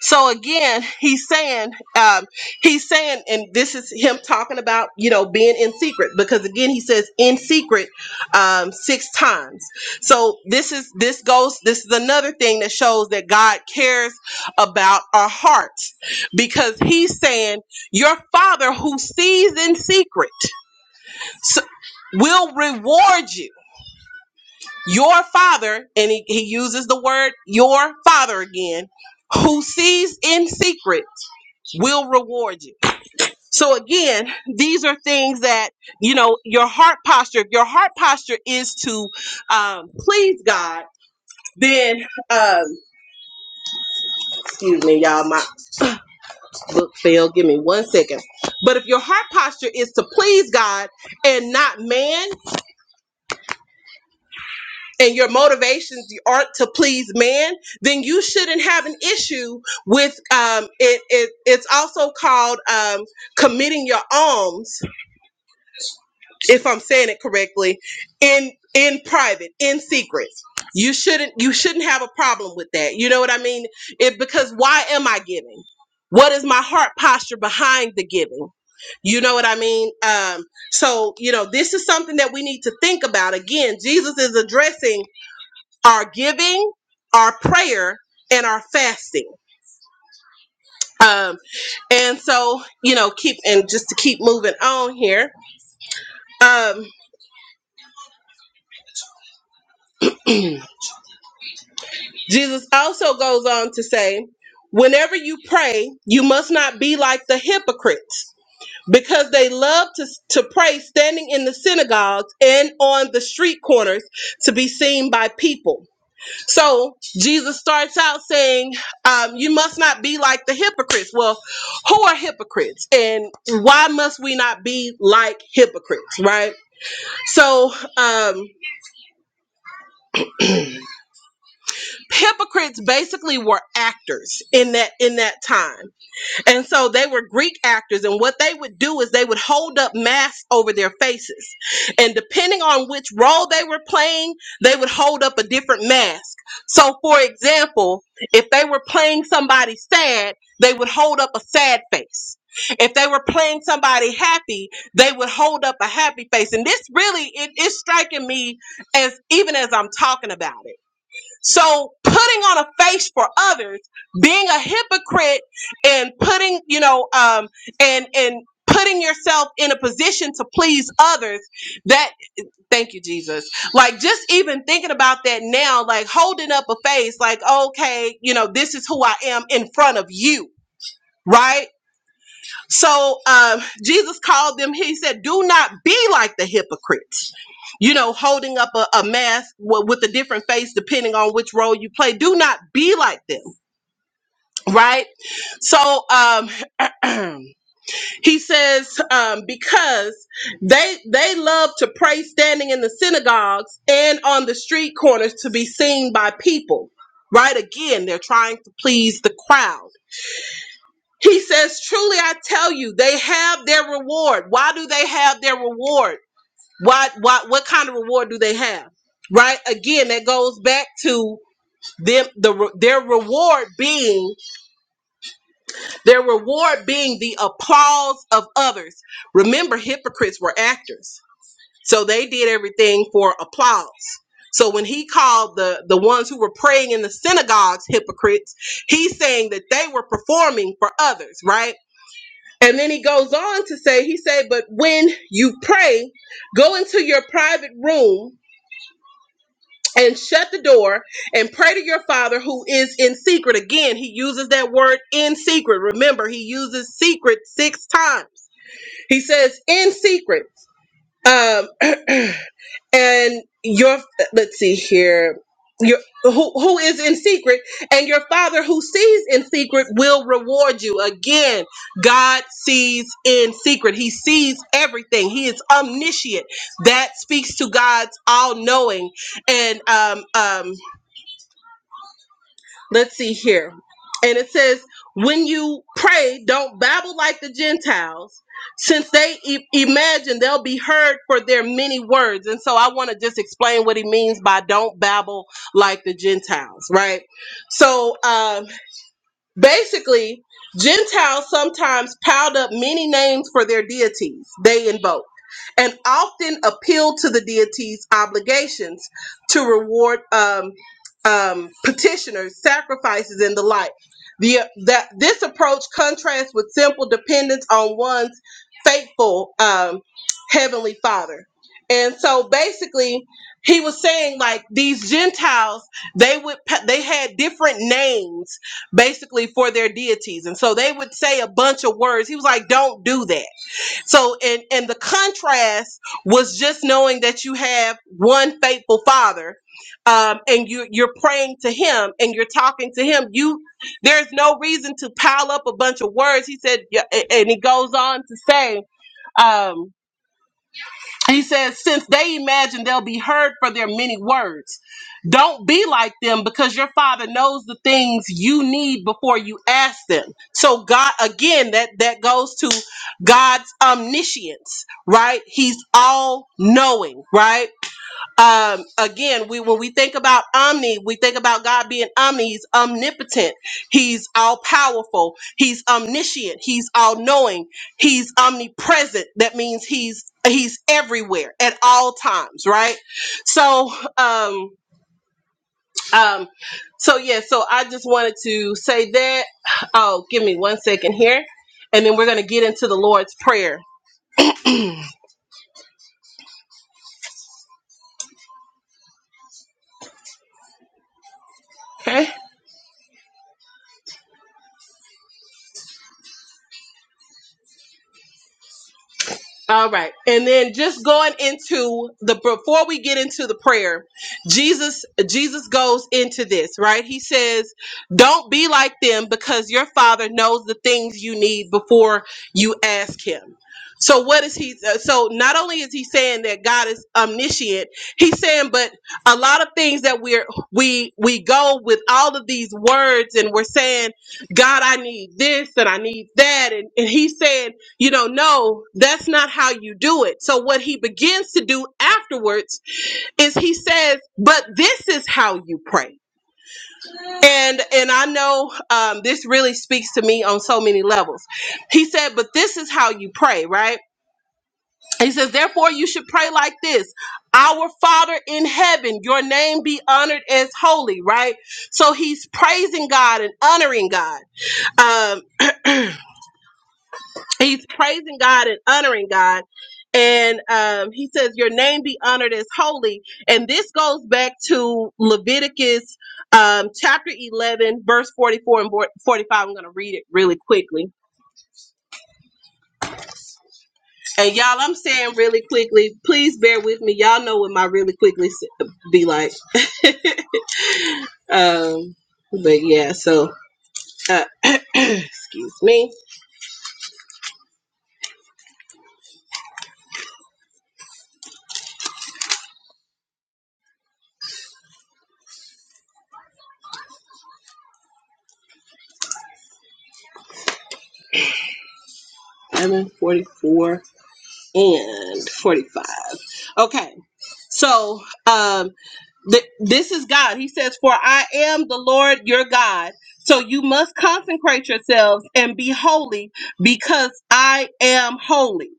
So again, he's saying, um, he's saying, and this is him talking about, you know, being in secret, because again, he says in secret um, six times. So this is this goes. This is another thing that shows that God cares about our hearts, because he's saying, your Father who sees in secret so, will reward you your father and he, he uses the word your father again who sees in secret will reward you so again these are things that you know your heart posture if your heart posture is to um, please god then um, excuse me y'all my book failed give me one second but if your heart posture is to please god and not man and your motivations aren't to please man, then you shouldn't have an issue with um, it, it. It's also called um, committing your alms, if I'm saying it correctly, in in private, in secret. You shouldn't you shouldn't have a problem with that. You know what I mean? It because why am I giving? What is my heart posture behind the giving? You know what I mean? Um, so you know this is something that we need to think about. Again, Jesus is addressing our giving, our prayer, and our fasting. Um, and so, you know, keep and just to keep moving on here. Um, Jesus also goes on to say, whenever you pray, you must not be like the hypocrites because they love to, to pray standing in the synagogues and on the street corners to be seen by people So Jesus starts out saying, um, "You must not be like the hypocrites." Well, who are hypocrites, and why must we not be like hypocrites? Right. So um, hypocrites basically were actors in that in that time. And so they were Greek actors, and what they would do is they would hold up masks over their faces. And depending on which role they were playing, they would hold up a different mask. So, for example, if they were playing somebody sad, they would hold up a sad face. If they were playing somebody happy, they would hold up a happy face. And this really it is striking me as even as I'm talking about it so putting on a face for others, being a hypocrite and putting, you know, um, and, and, putting yourself in a position to please others that thank you jesus like just even thinking about that now like holding up a face like okay you know this is who i am in front of you right so uh, Jesus called them, he said, Do not be like the hypocrites. You know, holding up a, a mask w- with a different face depending on which role you play. Do not be like them, right? So um, he says, um, because they they love to pray standing in the synagogues and on the street corners to be seen by people. Right? Again, they're trying to please the crowd he says, Truly I tell you, they have their reward. Why do they have their reward? Why, why, what kind of reward do they have? Right? Again, that goes back to them, the, re- their reward being, their reward being the applause of others. Remember, hypocrites were actors. So they did everything for applause. So when he called the, the ones who were praying in the synagogues hypocrites, he's saying that they were performing for others, right? And then he goes on to say, he said, but when you pray, go into your private room and shut the door and pray to your father who is in secret. Again, he uses that word in secret. Remember, he uses secret six times. He says in secret. Um, and your let's see here your who who is in secret and your father who sees in secret will reward you again god sees in secret he sees everything he is omniscient that speaks to god's all-knowing and um um Let's see here. And it says, when you pray, don't babble like the Gentiles, since they e- imagine they'll be heard for their many words. And so I want to just explain what he means by don't babble like the Gentiles, right? So, um, Basically, Gentiles sometimes piled up many names for their deities they invoked and often appealed to the deity's obligations to reward um, um, petitioners, sacrifices, and the like. The, that this approach contrasts with simple dependence on one's faithful um, heavenly Father. And so basically, he was saying like these Gentiles, they would pa- they had different names basically for their deities. And so they would say a bunch of words. He was like, don't do that. So and and the contrast was just knowing that you have one faithful father um, and you you're praying to him and you're talking to him. You there's no reason to pile up a bunch of words. He said yeah, a- and he goes on to say, um, he says, since they imagine they'll be heard for their many words, don't be like them because your father knows the things you need before you ask them. So God, again, that, that goes to God's omniscience, right? He's all knowing, right? um, again, we when we think about omni, we think about God being omni. He's omnipotent. He's all powerful. He's omniscient. He's all knowing. He's omnipresent. That means he's he's everywhere at all times, right? So, um, um, so yeah. So I just wanted to say that. Oh, give me one second here, and then we're gonna get into the Lord's prayer. Okay. All right. And then just going into the before we get into the prayer, Jesus Jesus goes into this, right? He says, "Don't be like them because your Father knows the things you need before you ask him." So what is he uh, so not only is he saying that God is omniscient, he's saying but a lot of things that we're we we go with all of these words and we're saying, "God, I need this and I need that." And and he's saying you know, no, that's not how you do it. So what he begins to do afterwards is he says, but this is how you pray. And and I know um, this really speaks to me on so many levels. He said, but this is how you pray, right? He says, therefore you should pray like this. Our Father in heaven, your name be honored as holy, right? So he's praising God and honoring God. Um, he's praising God and honoring God. And um, he says, Your name be honored as holy. And this goes back to Leviticus um, chapter 11, verse 44 and vor- 45. I'm going to read it really quickly. And y'all, I'm saying really quickly, please bear with me. Y'all know what my really quickly s- be like. um, but yeah, so uh, excuse me. 11 44 and 45. Okay, so um, Th- this is God. He says, For I am the Lord your God. So you must consecrate yourselves and be holy because I am holy.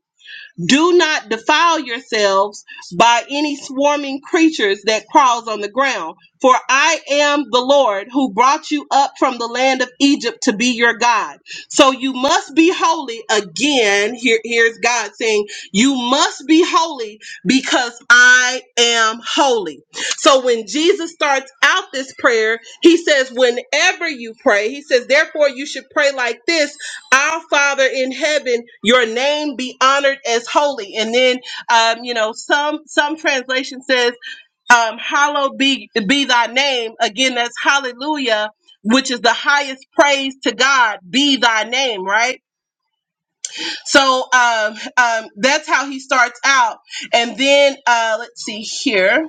Do not defile yourselves by any swarming creatures that crawls on the ground, for I am the Lord who brought you up from the land of Egypt to be your God. So you must be holy again. Here, here's God saying, You must be holy because I am holy. So when Jesus starts out this prayer, he says, Whenever you pray, he says, Therefore, you should pray like this our father in heaven your name be honored as holy and then um, you know some some translation says um, hallowed be be thy name again that's hallelujah which is the highest praise to god be thy name right so um, um, that's how he starts out and then uh, let's see here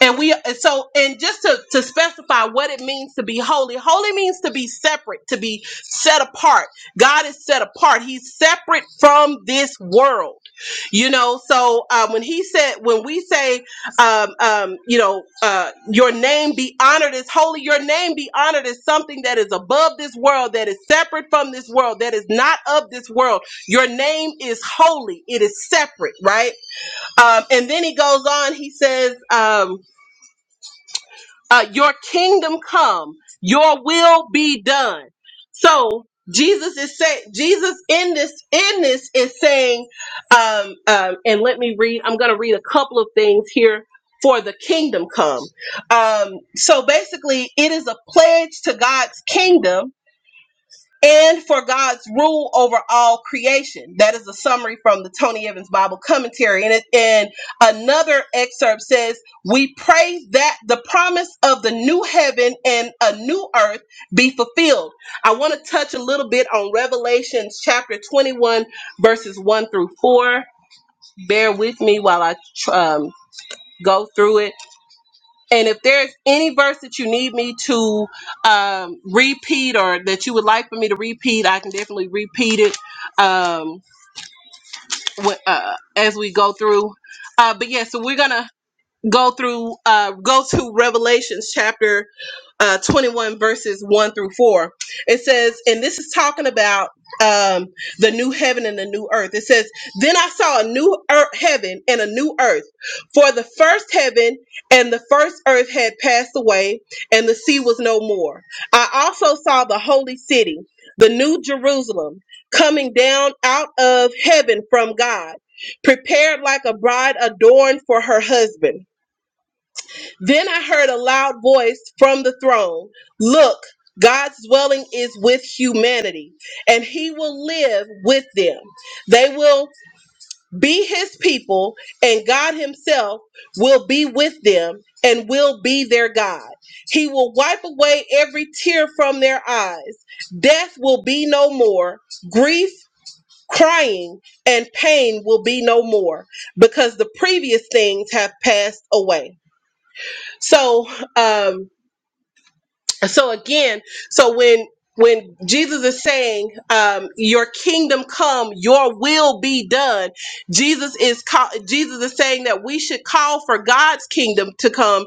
And we and so and just to to specify what it means to be holy. Holy means to be separate, to be set apart. God is set apart. He's separate from this world. You know, so uh, when he said, when we say, um, um, you know, uh, your name be honored as holy, your name be honored as something that is above this world, that is separate from this world, that is not of this world. Your name is holy. It is separate, right? Um, and then he goes on. He says. Um, uh, your kingdom come, your will be done. So Jesus is saying, Jesus in this in this is saying, um, um, and let me read. I'm going to read a couple of things here for the kingdom come. Um, so basically, it is a pledge to God's kingdom and for God's rule over all creation. That is a summary from the Tony Evans Bible commentary. And, it, and another excerpt says, We pray that the promise of the new heaven and a new earth be fulfilled. I want to touch a little bit on Revelations chapter 21, verses 1 through 4. Bear with me while I um, go through it. And if there's any verse that you need me to um, repeat or that you would like for me to repeat, I can definitely repeat it um, wh- uh, as we go through. Uh, but yeah, so we're gonna go through uh go to revelations chapter uh 21 verses 1 through 4 it says and this is talking about um the new heaven and the new earth it says then i saw a new earth, heaven and a new earth for the first heaven and the first earth had passed away and the sea was no more i also saw the holy city the new jerusalem coming down out of heaven from god prepared like a bride adorned for her husband then I heard a loud voice from the throne Look, God's dwelling is with humanity, and he will live with them. They will be his people, and God himself will be with them and will be their God. He will wipe away every tear from their eyes. Death will be no more. Grief, crying, and pain will be no more because the previous things have passed away. So, um, so again so when when jesus is saying um your kingdom come your will be done jesus is call, jesus is saying that we should call for god's kingdom to come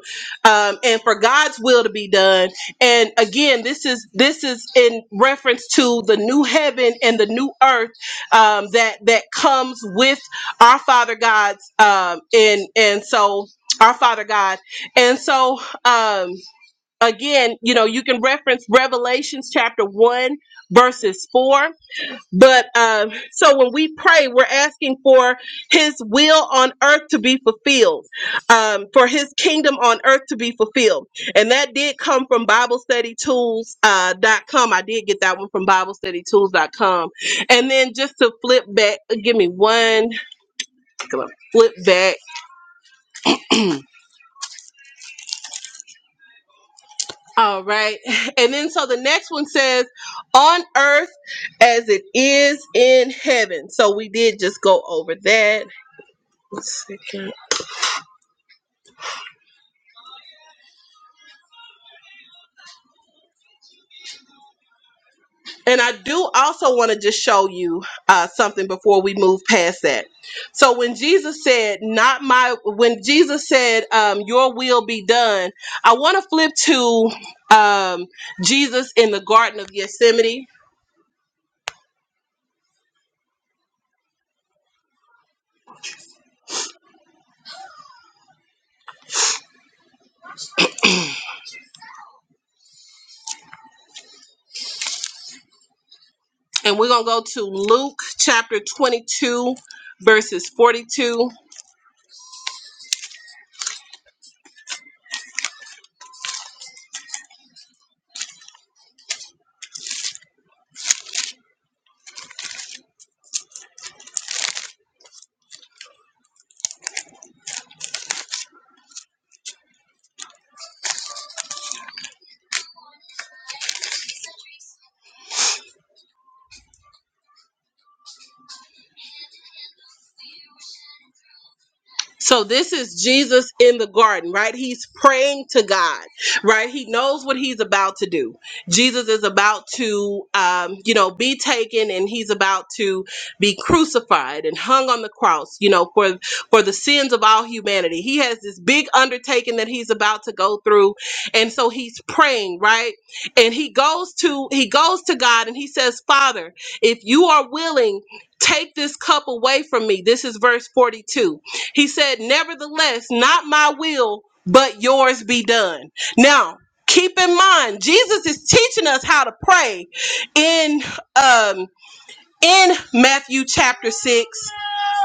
um and for god's will to be done and again this is this is in reference to the new heaven and the new earth um that that comes with our father god's um and and so our father god and so um again, you know, you can reference Revelations chapter 1, verses 4. But um, so when we pray, we're asking for his will on earth to be fulfilled, um, for his kingdom on earth to be fulfilled. And that did come from BibleStudyTools.com. I did get that one from BibleStudyTools.com. And then just to flip back, give me one, come on, flip back. All right. And then so the next one says, on earth as it is in heaven. So we did just go over that. One second. And I do also want to just show you uh, something before we move past that. So when Jesus said, not my, when Jesus said, um, your will be done, I want to flip to um, Jesus in the Garden of Gethsemane. And we're going to go to Luke chapter 22, verses 42 So this is Jesus in the garden, right? He's praying to God, right? He knows what he's about to do. Jesus is about to, um, you know, be taken, and he's about to be crucified and hung on the cross, you know, for for the sins of all humanity. He has this big undertaking that he's about to go through, and so he's praying, right? And he goes to he goes to God, and he says, "Father, if you are willing." Take this cup away from me. This is verse 42 he said, Nevertheless, not my will, but yours be done. Now, keep in mind, Jesus is teaching us how to pray in um in Matthew chapter six.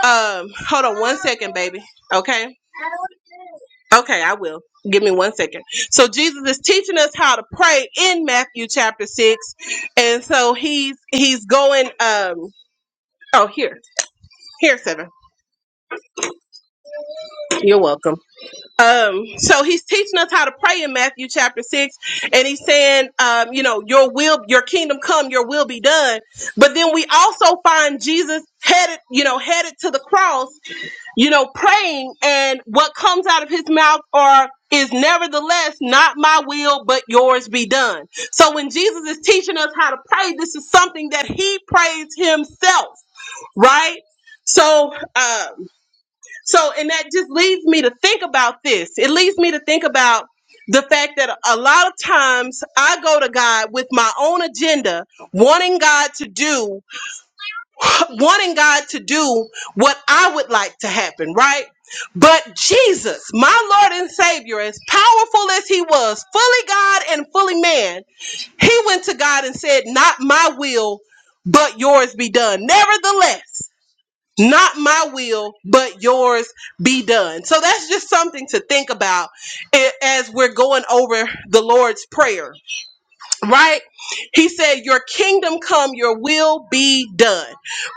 Um, hold on one second, baby. Okay. Okay, I will. Give me one second. So Jesus is teaching us how to pray in Matthew chapter six. And so he's he's going um oh here. Here, seven. You're welcome. Um, so he's teaching us how to pray in Matthew chapter six, and he's saying, um, you know, your will, your kingdom come, your will be done. But then we also find Jesus headed, you know, headed to the cross, you know, praying, and what comes out of his mouth are is nevertheless not my will, but yours be done. So when Jesus is teaching us how to pray, this is something that he prays himself, right? So, uh, so, and that just leads me to think about this. It leads me to think about the fact that a lot of times I go to God with my own agenda, wanting God to do, wanting God to do what I would like to happen, right? But Jesus, my Lord and Savior, as powerful as he was, fully God and fully man, he went to God and said, Not my will, but yours be done. Nevertheless, not my will but yours be done so that's just something to think about a- as we're going over the lord's prayer right he said your kingdom come your will be done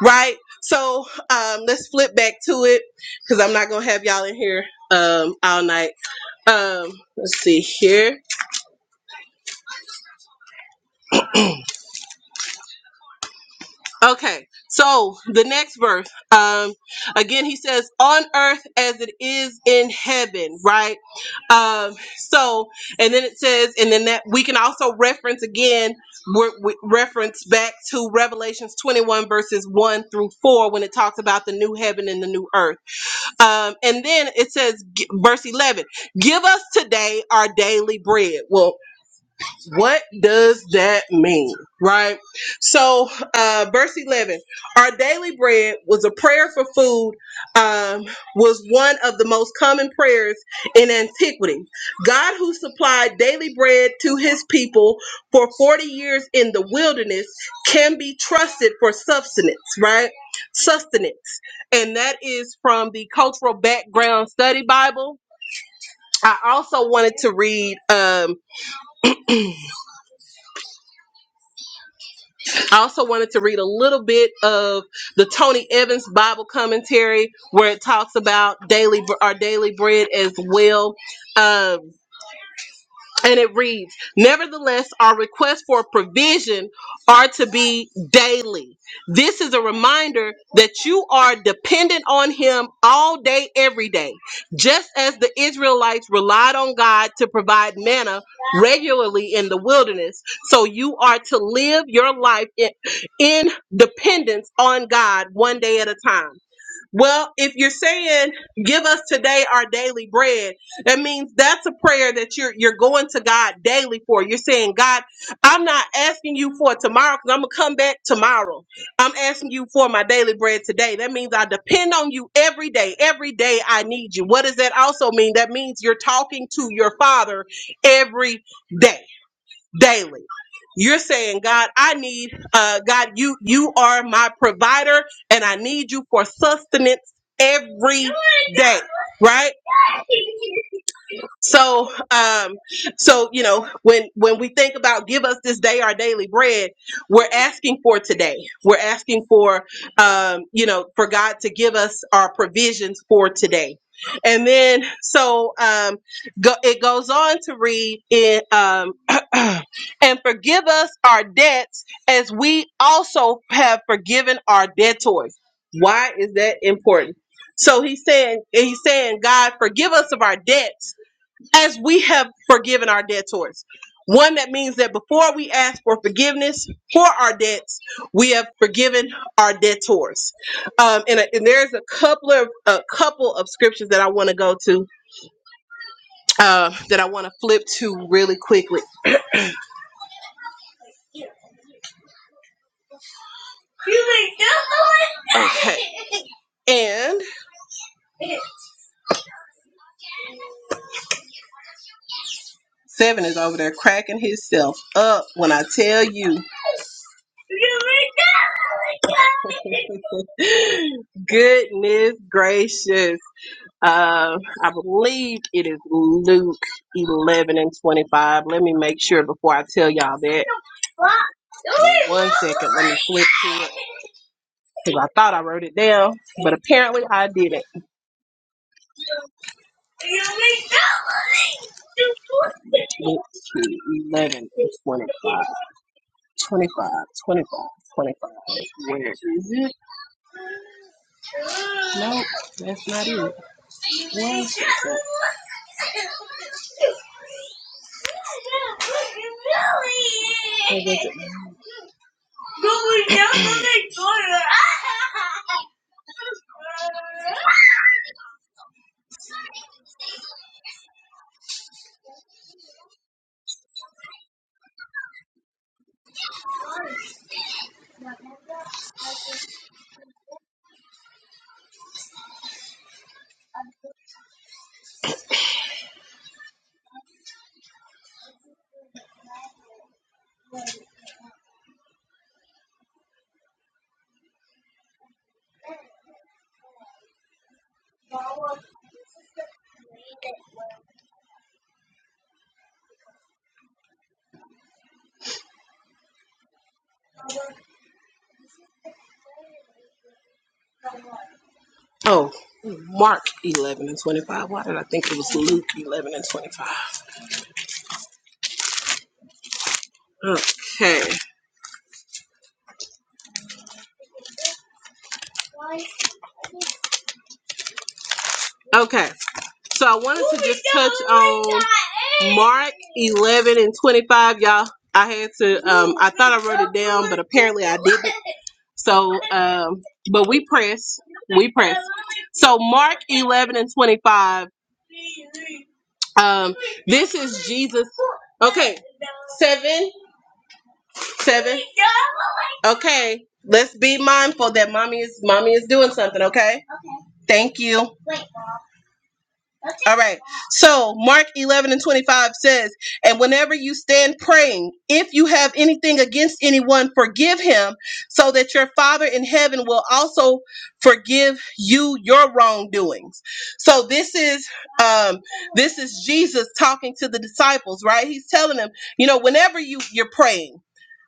right so um let's flip back to it because i'm not gonna have y'all in here um all night um let's see here Okay, so the next verse, um, again, he says, "On earth as it is in heaven," right? Um, so, and then it says, and then that we can also reference again, we we reference back to Revelations twenty-one verses one through four when it talks about the new heaven and the new earth. Um, and then it says, g- verse eleven, "Give us today our daily bread." Well, what does that mean? Right? So, uh, verse 11 Our daily bread was a prayer for food, um, was one of the most common prayers in antiquity. God, who supplied daily bread to his people for 40 years in the wilderness, can be trusted for sustenance, right? Sustenance. And that is from the Cultural Background Study Bible. I also wanted to read. Um, I also wanted to read a little bit of the Tony Evans Bible commentary where it talks about daily our daily bread as well. Um, and it reads, Nevertheless, our requests for provision are to be daily. This is a reminder that you are dependent on Him all day, every day. Just as the Israelites relied on God to provide manna regularly in the wilderness, so you are to live your life in, in dependence on God one day at a time. Well, if you're saying give us today our daily bread, that means that's a prayer that you're you're going to God daily for. You're saying, God, I'm not asking you for tomorrow because I'm gonna come back tomorrow. I'm asking you for my daily bread today. That means I depend on you every day. Every day I need you. What does that also mean? That means you're talking to your father every day daily. You're saying, God, I need, uh, God, you you are my provider, and I need you for sustenance every day, right? So, um, so you know, when when we think about give us this day our daily bread, we're asking for today. We're asking for, um, you know, for God to give us our provisions for today. And then, so um, go, it goes on to read in, um, and forgive us our debts as we also have forgiven our debtors. Why is that important? So he's saying, he's saying, God, forgive us of our debts as we have forgiven our debtors. One that means that before we ask for forgiveness for our debts, we have forgiven our debtors. Um, and, uh, and there's a couple of a couple of scriptures that I want to go to uh, that I want to flip to really quickly. Okay, and seven is over there cracking himself up when I tell you, goodness gracious. Uh, I believe it is Luke 11 and 25. Let me make sure before I tell y'all that. Give me One second, let me flip to it. Because I thought I wrote it down, but apparently I didn't. Luke 11 and 25. 25, 25, 25. Where is it? Nope, that's not it. One second. Where was it? Oh, Mark 11 and 25. Why did I think it was Luke 11 and 25? Okay. Okay. So I wanted to just touch on Mark 11 and 25, y'all. I had to, um, I thought I wrote it down, but apparently I didn't. So, um, but we press, we press. So Mark 11 and 25, um, this is Jesus. Okay. Seven. Seven. Okay. Let's be mindful that mommy is mommy is doing something, okay? Thank you. All right. So Mark 11 and 25 says, And whenever you stand praying, if you have anything against anyone, forgive him, so that your Father in heaven will also forgive you your wrongdoings. So this is um this is Jesus talking to the disciples, right? He's telling them, you know, whenever you you're praying.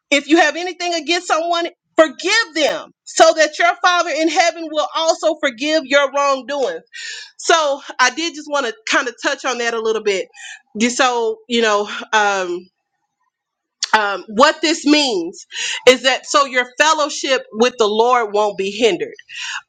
If you have anything against someone, forgive them so that your Father in heaven will also forgive your wrongdoings. So I did just want to kind of touch on that a little bit. Just So, you know, um, um, what this means is that so your fellowship with the Lord won't be hindered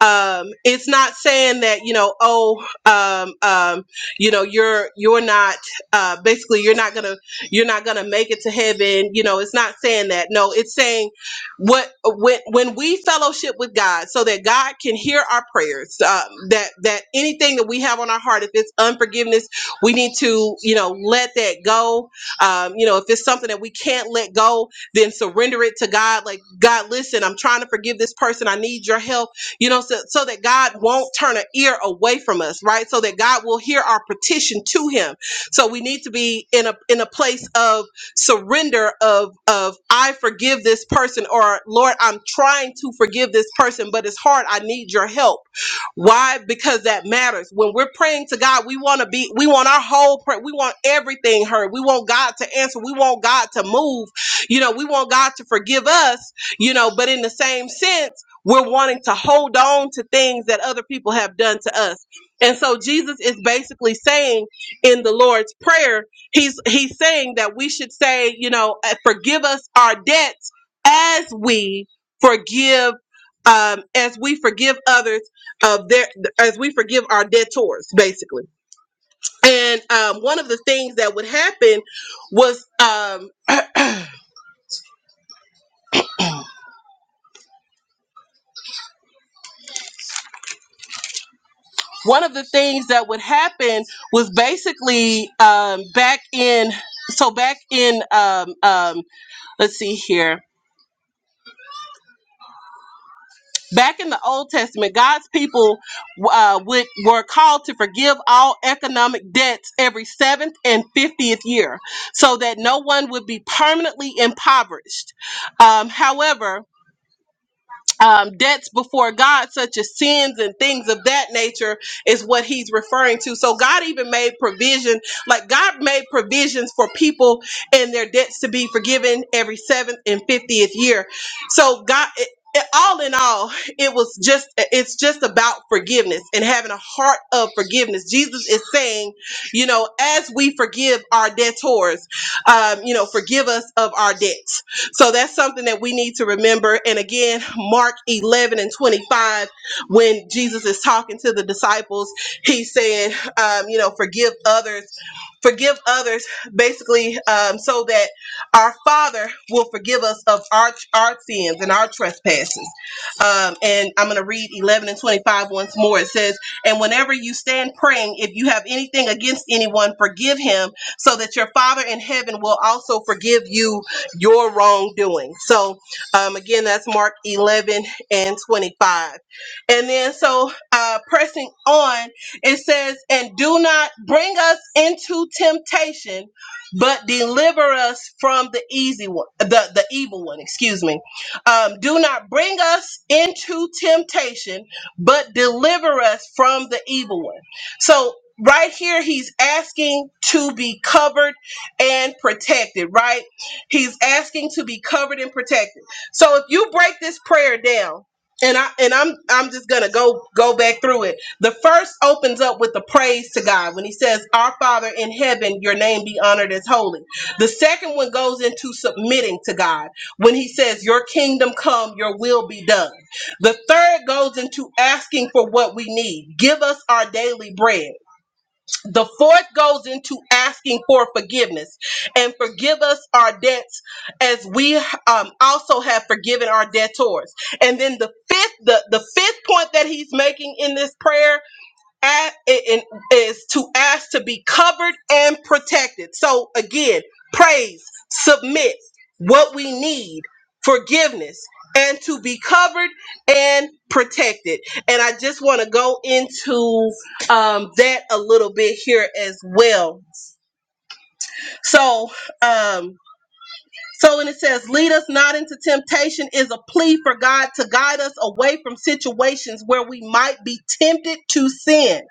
um, it's not saying that you know oh um, um, you know you're you're not uh, basically you're not gonna you're not gonna make it to heaven you know it's not saying that no it's saying what when when we fellowship with god so that god can hear our prayers um, that that anything that we have on our heart if it's unforgiveness we need to you know let that go um, you know if it's something that we can't let go then surrender it to god like god listen i'm trying to forgive this person i need your help you know, so, so that God won't turn an ear away from us, right? So that God will hear our petition to Him. So we need to be in a in a place of surrender of of I forgive this person, or Lord, I'm trying to forgive this person, but it's hard. I need Your help why? Because that matters. When we're praying to God, we want to be, we want our whole prayer, we want everything heard. We want God to answer. We want God to move. You know, we want God to forgive us, you know, but in the same sense, we're wanting to hold on to things that other people have done to us. And so Jesus is basically saying in the Lord's Prayer, he's he's saying that we should say, you know, uh, forgive us our debts as we forgive um, as we forgive others of their as we forgive our debtors basically and um, one of the things that would happen was um, one of the things that would happen was basically um, back in so back in um, um, let's see here back in the old testament god's people uh, would were called to forgive all economic debts every seventh and 50th year so that no one would be permanently impoverished um, however um, debts before God, such as sins and things of that nature, is what he's referring to. So God even made provision, like God made provisions for people and their debts to be forgiven every seventh and fiftieth year. So God. It, it- all in all, it was just, it's just about forgiveness and having a heart of forgiveness. Jesus is saying, you know, as we forgive our debtors, um, you know, forgive us of our debts so that's something that we need to remember. And again, Mark 11 and 25, when Jesus is talking to the disciples, he's saying, um, you know, forgive others, forgive others, basically, um, so that our Father will forgive us of our, our sins and our trespasses. Um, and I'm going to read 11 and 25 once more. It says, And whenever you stand praying, if you have anything against anyone, forgive him, so that your Father in heaven will also forgive you your wrongdoing. So, um, again, that's Mark 11 and 25. And then, so uh, pressing on, it says, And do not bring us into temptation, but deliver us from the easy one, the, the evil one, excuse me. Um, do not bring us into temptation, but deliver us from the evil one. So, right here, he's asking to be covered and protected, right? He's asking to be covered and protected. So if you break this prayer down, and I and I'm I'm just gonna go go back through it. The first opens up with the praise to God when he says, "Our Father in heaven, your name be honored as holy." The second one goes into submitting to God when he says, "Your kingdom come, your will be done." The third goes into asking for what we need. Give us our daily bread. The fourth goes into asking for forgiveness and forgive us our debts as we um, also have forgiven our debtors. And then the fifth, the, the fifth point that he's making in this prayer a- it- it is to ask to be covered and protected. So again, praise, submit what we need, forgiveness, and to be covered and protected. And I just want to go into um, that a little bit here as well. So um, so when it says, lead us not into temptation, is a plea for God to guide us away from situations where we might be tempted to sin.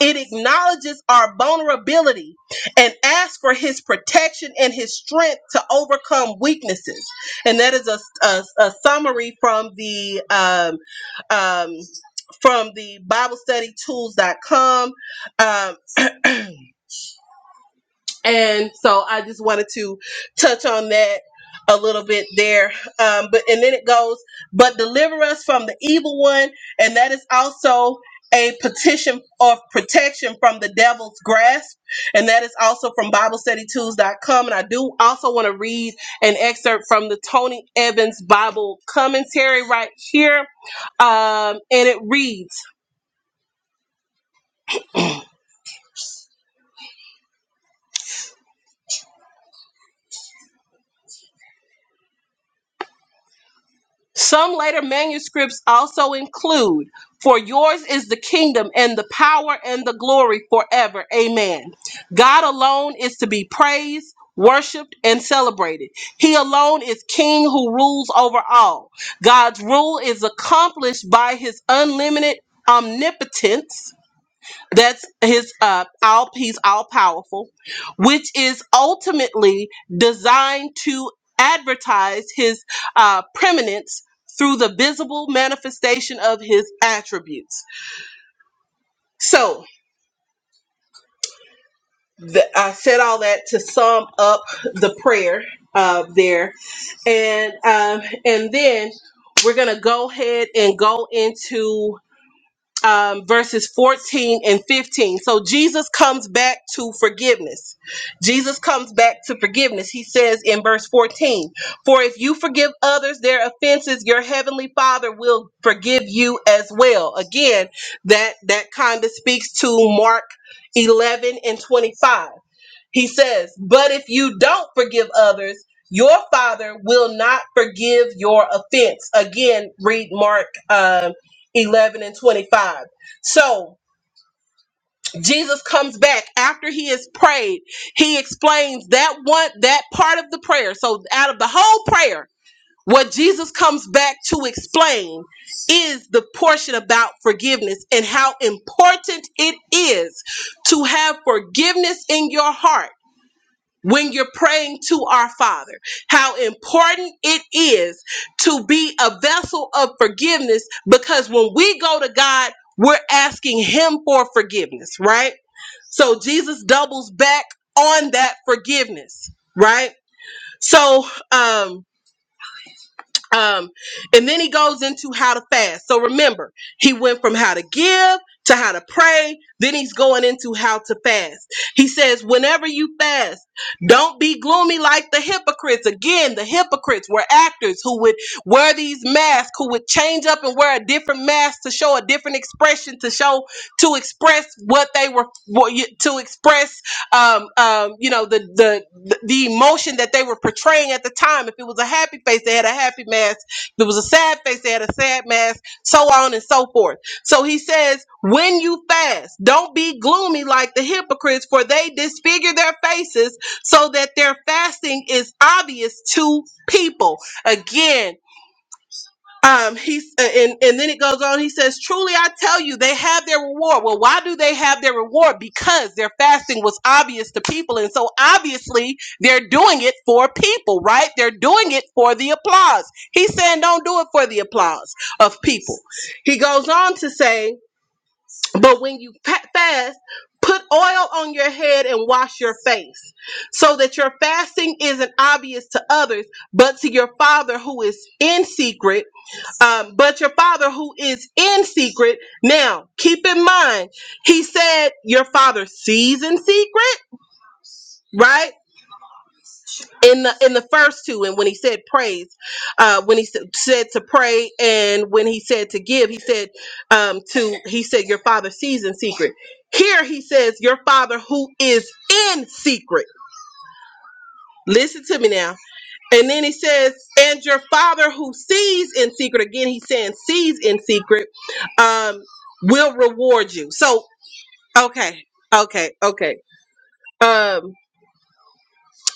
It acknowledges our vulnerability and asks for his protection and his strength to overcome weaknesses. And that is a, a, a summary from the um, um, from the BibleStudyTools.com. Um, and so I just wanted to touch on that a little bit there. Um, but and then it goes, but deliver us from the evil one, and that is also a petition of protection from the devil's grasp, and that is also from BibleStudyTools.com. And I do also want to read an excerpt from the Tony Evans Bible commentary right here, um, and it reads. Some later manuscripts also include, For yours is the kingdom and the power and the glory forever. Amen. God alone is to be praised, worshiped, and celebrated. He alone is king who rules over all. God's rule is accomplished by his unlimited omnipotence that's his uh all he's all powerful, which is ultimately designed to advertise his uh preeminence through the visible manifestation of his attributes. So the, I said all that to sum up the prayer uh, there, and um, and then we're gonna go ahead and go into um, verses 14 and 15. So Jesus comes back to forgiveness. Jesus comes back to forgiveness. He says in verse 14, For if you forgive others their offenses, your heavenly Father will forgive you as well. Again, that, that kind of speaks to Mark 11 and 25. He says, But if you don't forgive others, your father will not forgive your offense. Again, read Mark um, 11 and 25. So Jesus comes back after he has prayed. He explains that one, that part of the prayer. So out of the whole prayer, what Jesus comes back to explain is the portion about forgiveness and how important it is to have forgiveness in your heart when you're praying to our Father, how important it is to be a vessel of forgiveness because when we go to God, we're asking Him for forgiveness, right? So Jesus doubles back on that forgiveness, right? So, um, um, and then he goes into how to fast. So remember, he went from how to give to how to pray. Then he's going into how to fast. He says, whenever you fast, don't be gloomy like the hypocrites. Again, the hypocrites were actors who would wear these masks, who would change up and wear a different mask to show a different expression, to show, to express what they were, what you- to express um, um, you know, the, the the the emotion that they were portraying at the time. If it was a happy face, they had a happy mask. If it was a sad face, they had a sad mask. So on and so forth. So he says, when you fast, don't be gloomy like the hypocrites, for they disfigure their faces so that their fasting is obvious to people. Again, um he's uh, and and then it goes on he says truly i tell you they have their reward well why do they have their reward because their fasting was obvious to people and so obviously they're doing it for people right they're doing it for the applause he's saying don't do it for the applause of people he goes on to say but when you fa- fast put oil on your head and wash your face so that your fasting isn't obvious to others but to your father who is in secret um, but your father who is in secret. Now, keep in mind, he said your father sees in secret, right? In the in the first two, and when he said praise, uh, when he s- said to pray, and when he said to give, he said um, to he said your father sees in secret. Here he says your father who is in secret. Listen to me now And then he says, and your father who sees in secret, again, he's saying sees in secret, um, will reward you. So, okay, okay, okay. Um,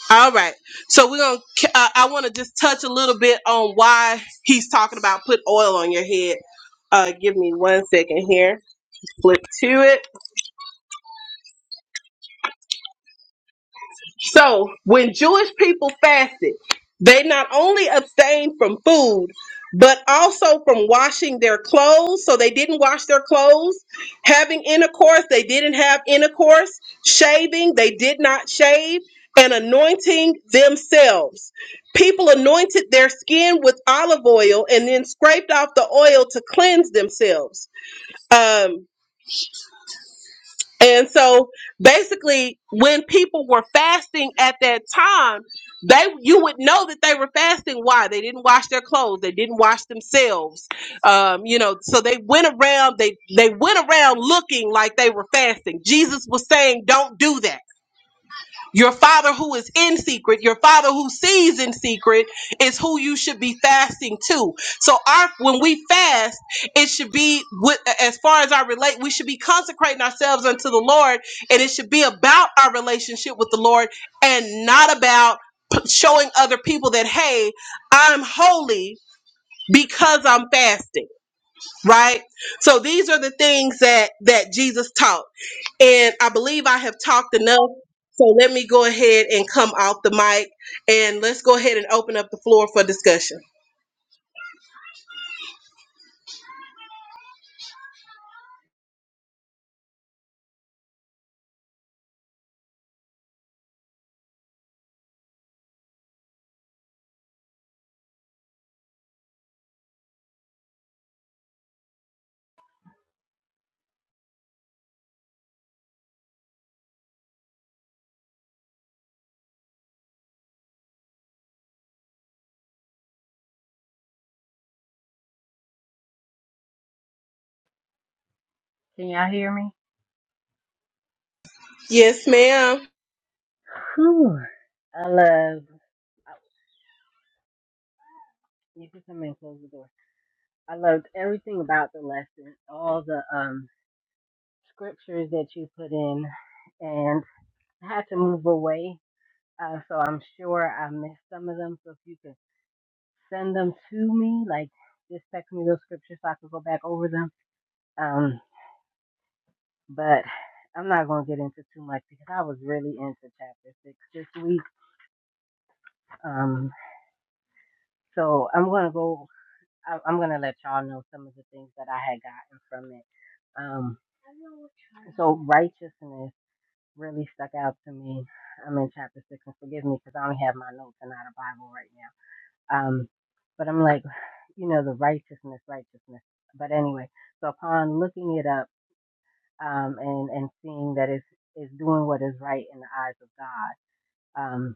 all right. So we're going to, uh, I want to just touch a little bit on why he's talking about put oil on your head. Uh, give me one second here. Flip to it. So when Jewish people fasted, they not only abstained from food, but also from washing their clothes. So they didn't wash their clothes. Having intercourse, they didn't have intercourse. Shaving, they did not shave. And anointing themselves. People anointed their skin with olive oil and then scraped off the oil to cleanse themselves. Um, and so basically when people were fasting at that time, they you would know that they were fasting. Why? They didn't wash their clothes, they didn't wash themselves. Um, you know, so they went around, they they went around looking like they were fasting. Jesus was saying, Don't do that your father who is in secret, your father who sees in secret is who you should be fasting to. So our when we fast, it should be with as far as I relate, we should be consecrating ourselves unto the Lord and it should be about our relationship with the Lord and not about p- showing other people that hey, I'm holy because I'm fasting, right? So these are the things that that Jesus taught. And I believe I have talked enough. So let me go ahead and come off the mic and let's go ahead and open up the floor for discussion.
Can y'all hear me?
Yes, ma'am.
Whew. I love. You can come in and close the door. I loved everything about the lesson, all the um, scriptures that you put in, and I had to move away. Uh, so I'm sure I missed some of them. So if you could send them to me, like just text me those scriptures so I could go back over them. Um, but I'm not going to get into too much because I was really into chapter six this week. Um, so I'm going to go, I, I'm going to let y'all know some of the things that I had gotten from it. Um, So righteousness really stuck out to me. I'm in chapter six, and forgive me because I only have my notes and not a Bible right now. Um, but I'm like, you know, the righteousness, righteousness. But anyway, so upon looking it up um, and and seeing that it's it's doing what is right in the eyes of God, um,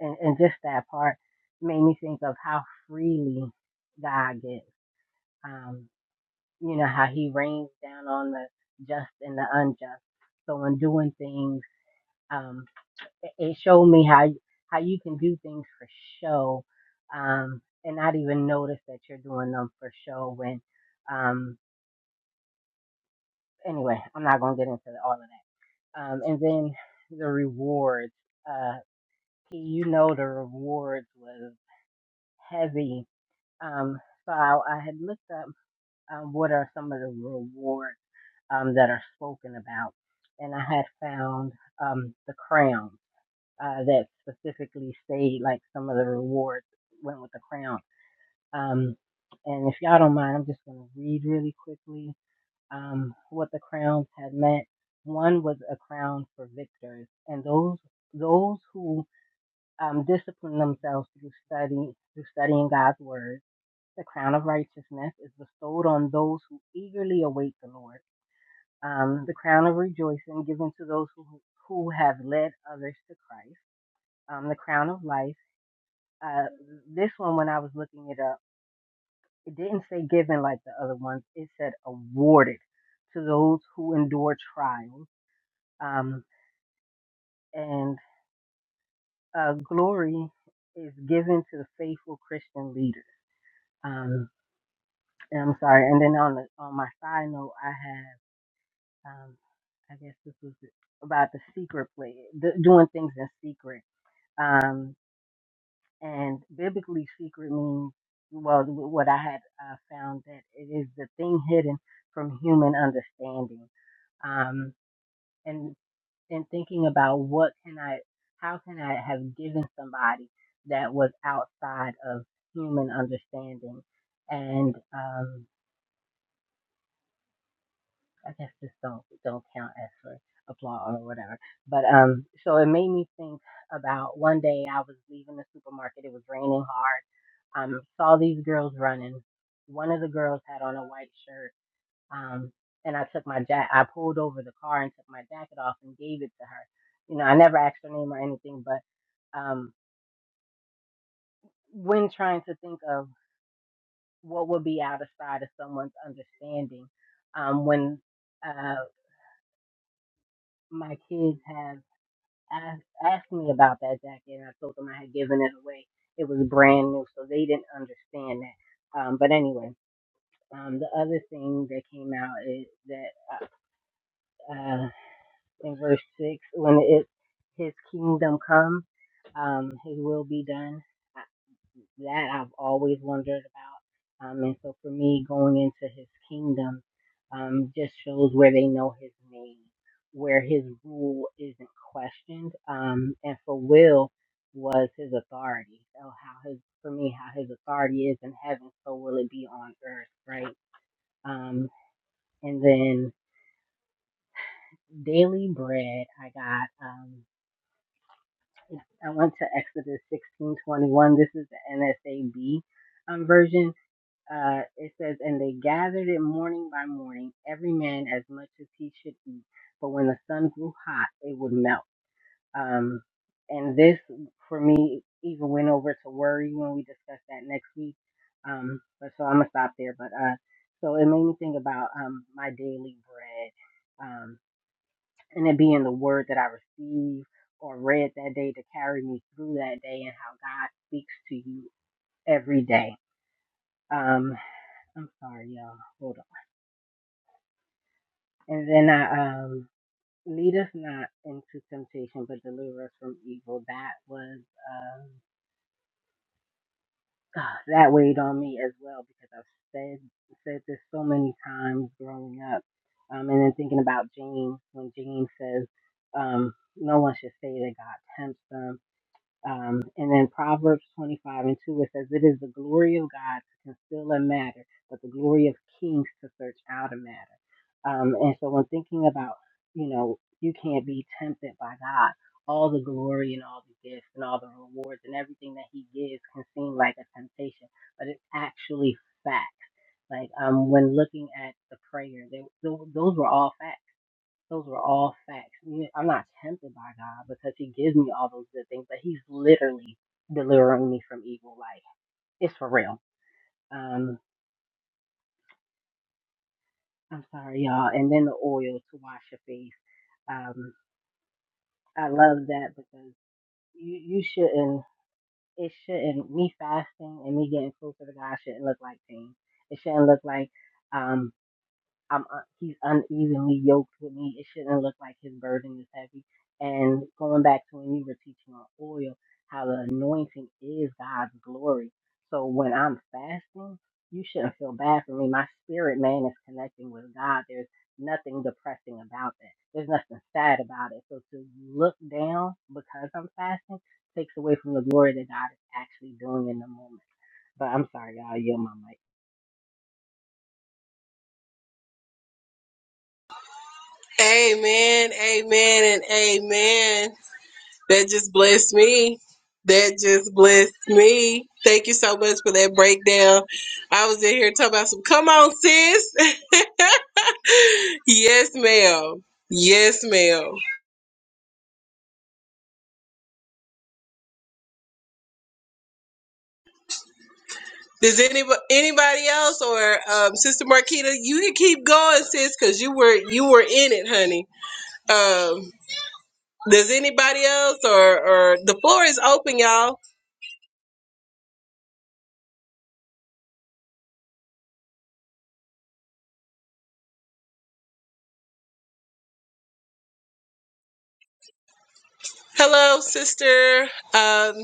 and and just that part made me think of how freely God gives. Um, you know how He rains down on the just and the unjust. So in doing things. um. It showed me how how you can do things for show, um, and not even notice that you're doing them for show. When, um, anyway, I'm not gonna get into all of that. Um, and then the rewards. Uh, you know the rewards was heavy. Um, so I, I had looked up um, what are some of the rewards um, that are spoken about, and I had found um, the crown uh, that specifically say like some of the rewards went with the crown. Um, and if y'all don't mind, I'm just going to read really quickly um, what the crowns had meant. One was a crown for victors, and those those who um, discipline themselves through study through studying God's word. The crown of righteousness is bestowed on those who eagerly await the Lord. Um, the crown of rejoicing given to those who who have led others to Christ. Um, the crown of life Uh, this one, when I was looking it up, it didn't say given like the other ones. It said awarded to those who endure trials. Um, and uh, glory is given to the faithful Christian leader. Um, and I'm sorry. And then on the on my side note, I have um, I guess this was about the secret play, the, doing things in secret. um, And biblically, secret means, well, what I had uh, found that it is the thing hidden from human understanding. Um, and and thinking about what can I, how can I have given somebody that was outside of human understanding, and um, I guess this don't don't count as for applause or whatever. But um, so it made me think about one day I was leaving the supermarket. It was raining hard. Um, saw these girls running. One of the girls had on a white shirt. Um, and I took my jacket. I pulled over the car and took my jacket off and gave it to her. You know, I never asked her name or anything, but um, when trying to think of what would be outside of someone's understanding, um, when uh, my kids have asked, asked me about that jacket, and I told them I had given it away. It was brand new, so they didn't understand that. Um, but anyway, um, the other thing that came out is that uh, uh, in verse six, when it His kingdom come, um, His will be done that I've always wondered about. Um, and so for me, going into his kingdom um, just shows where they know his name, where his rule isn't questioned. Um, and for Will, was his authority. So how his for me, how his authority is in heaven, so will it be on earth, right? Um, and then daily bread, I got. Um, I went to Exodus sixteen twenty one. This is the NSAB um, version, Uh, it says, And they gathered it morning by morning, every man as much as he should eat. But when the sun grew hot, it would melt. Um, and this, for me, even went over to worry when we discussed that next week. Um, but so I'm going to stop there. But uh, so it made me think about um, my daily bread um, and it being the word that I received or read that day to carry me through that day and how God speaks to you every day. Um, I'm sorry, y'all. Hold on. And then I um lead us not into temptation, but deliver us from evil. That was um ah, that weighed on me as well because I've said said this so many times growing up. Um, and then thinking about James when James says, um, "No one should say that God tempts them." Um, and then Proverbs 25 and 2, it says, It is the glory of God to conceal a matter, but the glory of kings to search out a matter. Um, and so when thinking about, you know, you can't be tempted by God, all the glory and all the gifts and all the rewards and everything that He gives can seem like a temptation, but it's actually fact. Like um, when looking at the prayer, they, th- those were all facts. Those were all facts. I'm not tempted by God because He gives me all those good things, but He's literally delivering me from evil. Like it's for real. Um, I'm sorry, y'all. And then the oil to wash your face. Um, I love that because you you shouldn't. It shouldn't. Me fasting and me getting closer to God shouldn't look like pain. It shouldn't look like um I'm un- he's unevenly yoked with me. It shouldn't look like his burden is heavy. And going back to when you were teaching on oil, how the anointing is God's glory. So when I'm fasting, you shouldn't feel bad for me. My spirit man is connecting with God. There's nothing depressing about that. There's nothing sad about it. So to look down because I'm fasting takes away from the glory that God is actually doing in the moment. But I'm sorry, y'all. I Yield my mic.
Amen, amen, and amen. That just blessed me. That just blessed me. Thank you so much for that breakdown. I was in here talking about some, come on, sis. yes, ma'am. Yes, ma'am. Does anybody anybody else or um, Sister Marquita, you can keep going, sis, because you were you were in it, honey. Um, does anybody else or or the floor is open, y'all? Hello, sister. Um,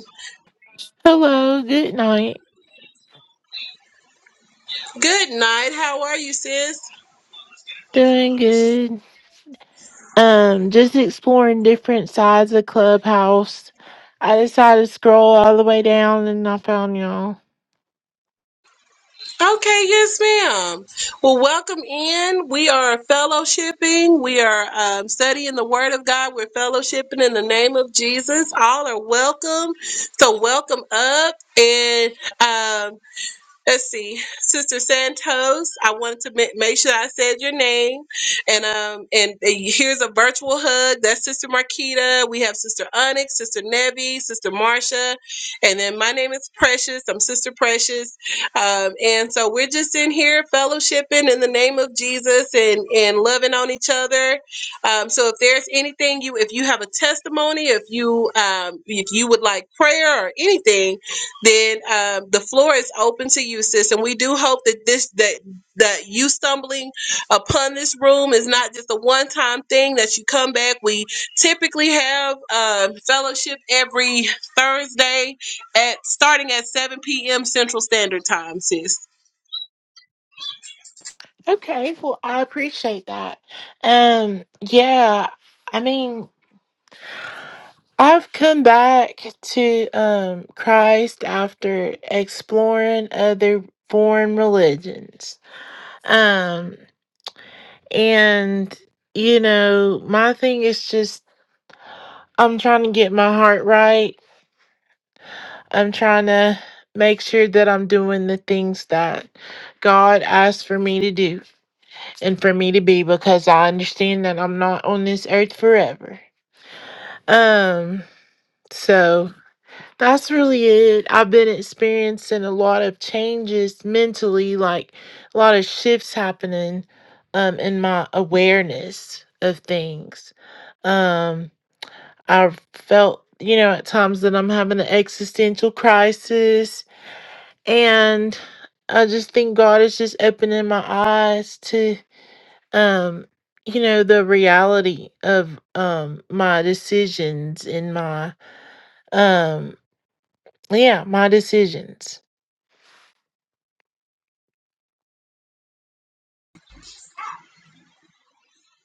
Hello, good night.
good night. How are you, sis?
Doing good. Um, just exploring different sides of Clubhouse. I decided to scroll all the way down and I found y'all.
Okay, yes, ma'am. Well, welcome in. We are fellowshipping. We are um, studying the Word of God. We're fellowshipping in the name of Jesus. All are welcome. So welcome up and. Um, Let's see, Sister Santos. I wanted to ma- make sure I said your name, and um, and uh, here's a virtual hug. That's Sister Marquita. We have Sister Onyx, Sister Nevi, Sister Marcia, and then my name is Precious. I'm Sister Precious, um, and so we're just in here fellowshipping in the name of Jesus and and loving on each other. Um, so if there's anything you, if you have a testimony, if you um, if you would like prayer or anything then um, the floor is open to you, sis. And we do hope that this that that you stumbling upon this room is not just a one time thing. That you come back. We typically have um fellowship every Thursday at starting at seven p.m. Central Standard Time, sis.
Okay, well I appreciate that. Um, yeah, I mean I've come back to um Christ after exploring other foreign religions. Um and you know, my thing is just I'm trying to get my heart right I'm trying to make sure that I'm doing the things that God asked for me to do and for me to be because I understand that I'm not on this earth forever. Um, so that's really it. I've been experiencing a lot of changes mentally, like a lot of shifts happening um in my awareness of things. Um, I've felt, you know, at times that I'm having an existential crisis and I just think God is just opening my eyes to um you know the reality of um my decisions and my um yeah my decisions.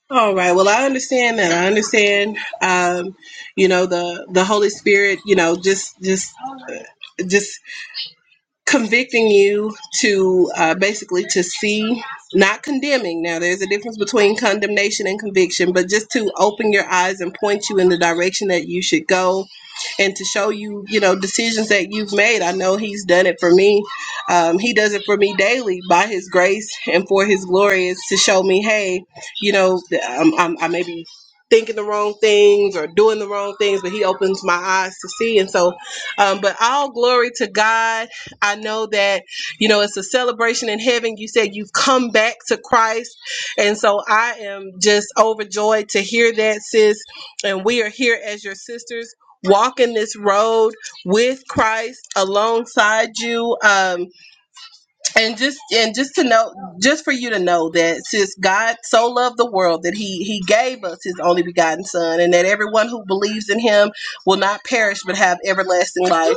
All right. Well, I understand that. I understand. Um, you know, the the Holy Spirit. You know, just just just convicting you to uh, basically to see not condemning now there's a difference between condemnation and conviction but just to open your eyes and point you in the direction that you should go and to show you you know decisions that you've made i know he's done it for me um, he does it for me daily by his grace and for his glory is to show me hey you know th- I'm, I'm, i may be thinking the wrong things or doing the wrong things but he opens my eyes to see and so um, but all glory to god I know that, you know, it's a celebration in heaven. You said you've come back to Christ. And so I am just overjoyed to hear that, sis. And we are here as your sisters walking this road with Christ alongside you. Um, and just and just to know just for you to know that since god so loved the world that he he gave us his only begotten son and that everyone who believes in him will not perish but have everlasting life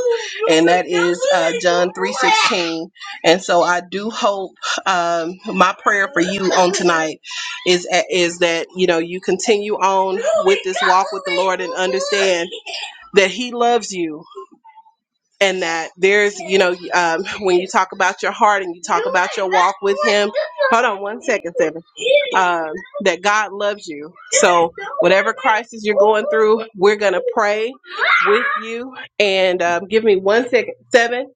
and that is uh, john 3.16 and so i do hope um, my prayer for you on tonight is is that you know you continue on with this walk with the lord and understand that he loves you and that there's you know um, when you talk about your heart and you talk about your walk with him hold on one second seven um, that god loves you so whatever crisis you're going through we're gonna pray with you and um, give me one second seven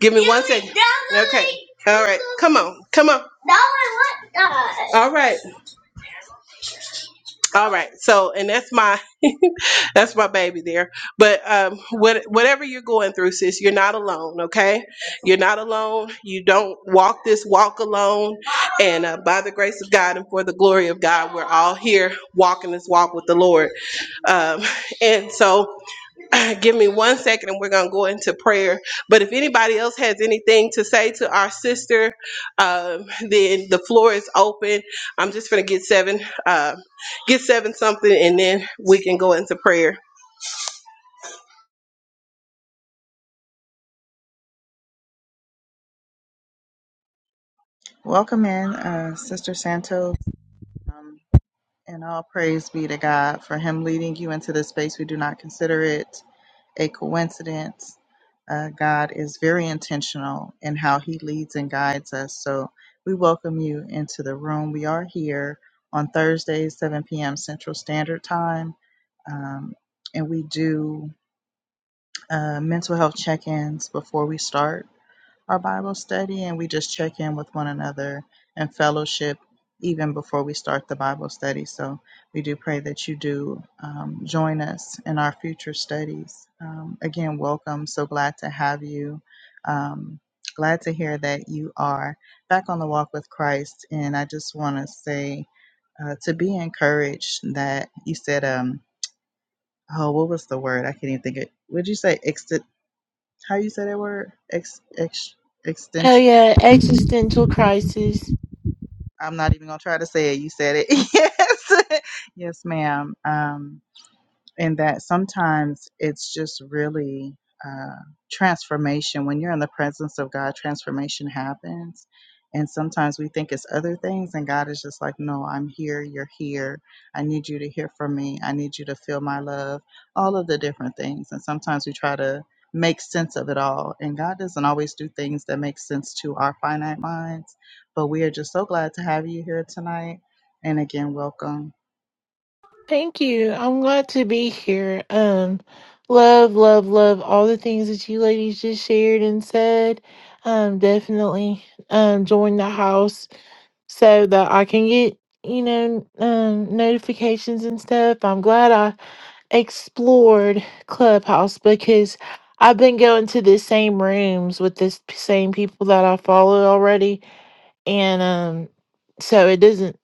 give me one second okay all right come on come on all right all right so and that's my That's my baby there. But um, what, whatever you're going through, sis, you're not alone, okay? You're not alone. You don't walk this walk alone. And uh, by the grace of God and for the glory of God, we're all here walking this walk with the Lord. Um, and so Give me one second and we're going to go into prayer. But if anybody else has anything to say to our sister, um, then the floor is open. I'm just going to get seven, uh, get seven something, and then we can go into prayer.
Welcome in, uh, Sister Santos. Um, And all praise be to God for Him leading you into this space. We do not consider it a coincidence. Uh, God is very intentional in how He leads and guides us. So we welcome you into the room. We are here on Thursdays, 7 p.m. Central Standard Time. Um, and we do uh, mental health check ins before we start our Bible study and we just check in with one another and fellowship even before we start the Bible study. So we do pray that you do um, join us in our future studies. Um, again, welcome. So glad to have you. Um, glad to hear that you are back on the walk with Christ. And I just want to say uh, to be encouraged that you said, um, oh, what was the word? I can't even think it. Would you say ext? How you say that word? Ex, ex,
Oh yeah, existential crisis.
I'm not even gonna try to say it. You said it. yes, yes, ma'am. Um, and that sometimes it's just really uh, transformation. When you're in the presence of God, transformation happens. And sometimes we think it's other things, and God is just like, No, I'm here, you're here. I need you to hear from me. I need you to feel my love, all of the different things. And sometimes we try to make sense of it all. And God doesn't always do things that make sense to our finite minds. But we are just so glad to have you here tonight. And again, welcome.
Thank you. I'm glad to be here. Um love love love all the things that you ladies just shared and said. Um definitely um join the house so that I can get you know um, notifications and stuff. I'm glad I explored Clubhouse because I've been going to the same rooms with the same people that I follow already, and um, so it doesn't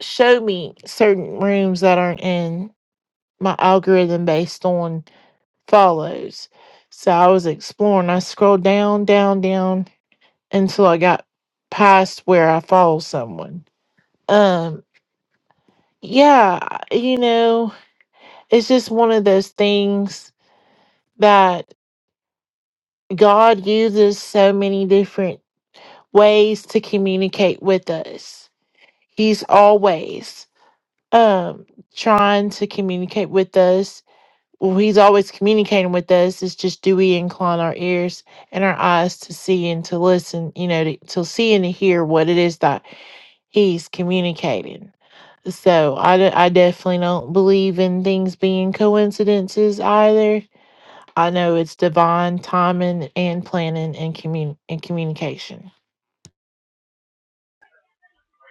show me certain rooms that aren't in my algorithm based on follows. So I was exploring. I scrolled down, down, down until I got past where I follow someone. Um. Yeah, you know, it's just one of those things that God uses so many different ways to communicate with us. He's always um trying to communicate with us. Well, he's always communicating with us. It's just do we incline our ears and our eyes to see and to listen, you know, to, to see and to hear what it is that he's communicating. So I, d- I definitely don't believe in things being coincidences either. I know it's divine timing and planning and commun- and communication.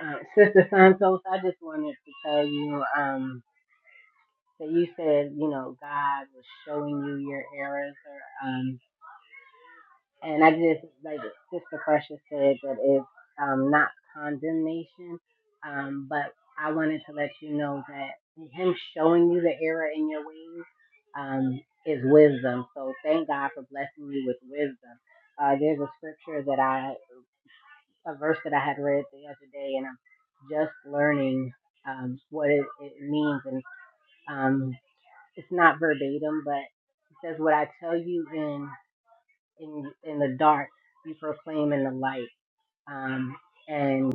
Uh, Sister Santos, I just wanted to tell you um, that you said, you know, God was showing you your errors. Or, um, and I just, like Sister Precious said, that it's um, not condemnation. Um, but I wanted to let you know that Him showing you the error in your ways um, is wisdom. So thank God for blessing you with wisdom. Uh, there's a scripture that I a verse that I had read the other day, and I'm just learning um, what it, it means. And um, it's not verbatim, but it says, "What I tell you in in in the dark, you proclaim in the light." Um, and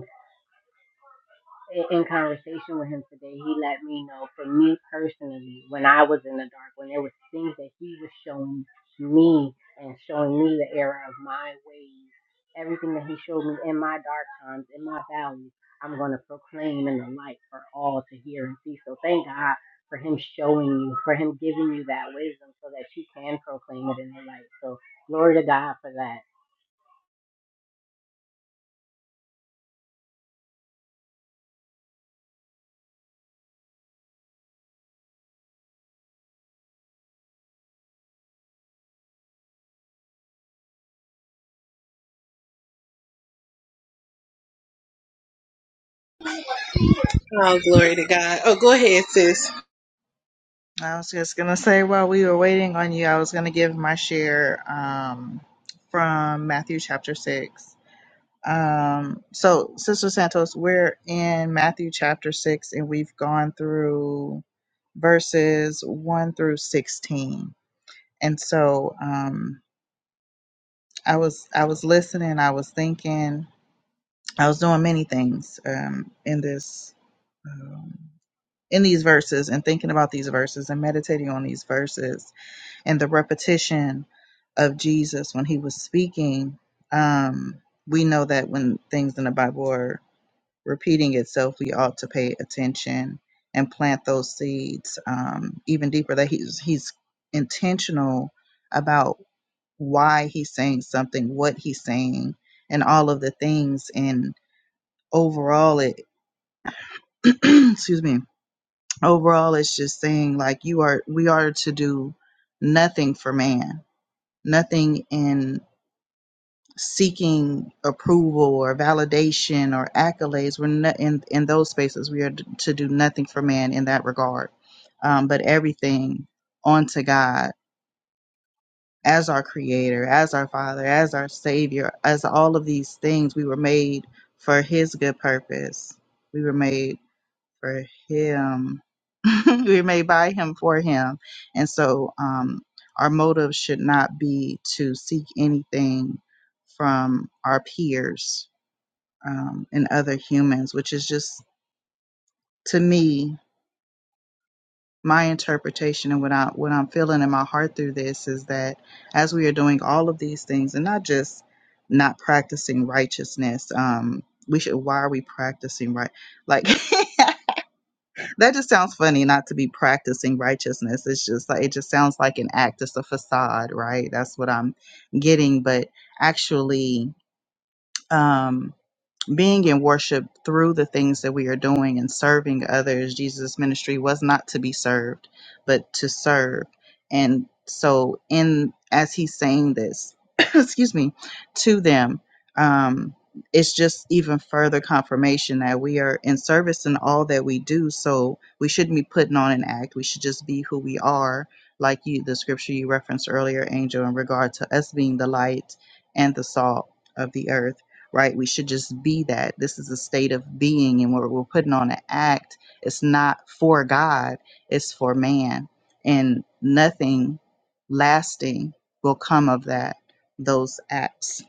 in in conversation with him today, he let me know for me personally, when I was in the dark, when there was things that he was showing me and showing me the error of my ways, everything that he showed me in my dark times, in my valleys, I'm going to proclaim in the light for all to hear and see. So thank God for him showing you, for him giving you that wisdom so that you can proclaim it in the light. So glory to God for that.
Oh, glory to God. Oh, go ahead, sis.
I was just gonna say while we were waiting on you, I was gonna give my share um, from Matthew chapter six. Um, so, Sister Santos, we're in Matthew chapter six, and we've gone through verses one through sixteen. And so, um, I was I was listening, I was thinking, I was doing many things um, in this um, in these verses, and thinking about these verses, and meditating on these verses and the repetition of Jesus when he was speaking, um, we know that when things in the Bible are repeating itself, we ought to pay attention and plant those seeds um, even deeper. That he's he's intentional about why he's saying something, what he's saying, and all of the things. And overall, it excuse me. Overall, it's just saying like you are we are to do nothing for man, nothing in seeking approval or validation or accolades. We're not in, in those spaces. We are d- to do nothing for man in that regard, um, but everything onto God as our creator, as our father, as our savior, as all of these things. We were made for his good purpose. We were made for him. we made by him for him. And so um, our motive should not be to seek anything from our peers um, and other humans, which is just to me my interpretation and what I what I'm feeling in my heart through this is that as we are doing all of these things and not just not practicing righteousness, um, we should why are we practicing right like That just sounds funny not to be practicing righteousness. It's just like it just sounds like an act. It's a facade, right? That's what I'm getting. But actually, um, being in worship through the things that we are doing and serving others, Jesus' ministry was not to be served, but to serve. And so, in as he's saying this, excuse me, to them, um, it's just even further confirmation that we are in service in all that we do. So we shouldn't be putting on an act. We should just be who we are, like you, the scripture you referenced earlier, Angel, in regard to us being the light and the salt of the earth right? We should just be that. This is a state of being, and what we're putting on an act, it's not for God, it's for man. And nothing lasting will come of that, those acts.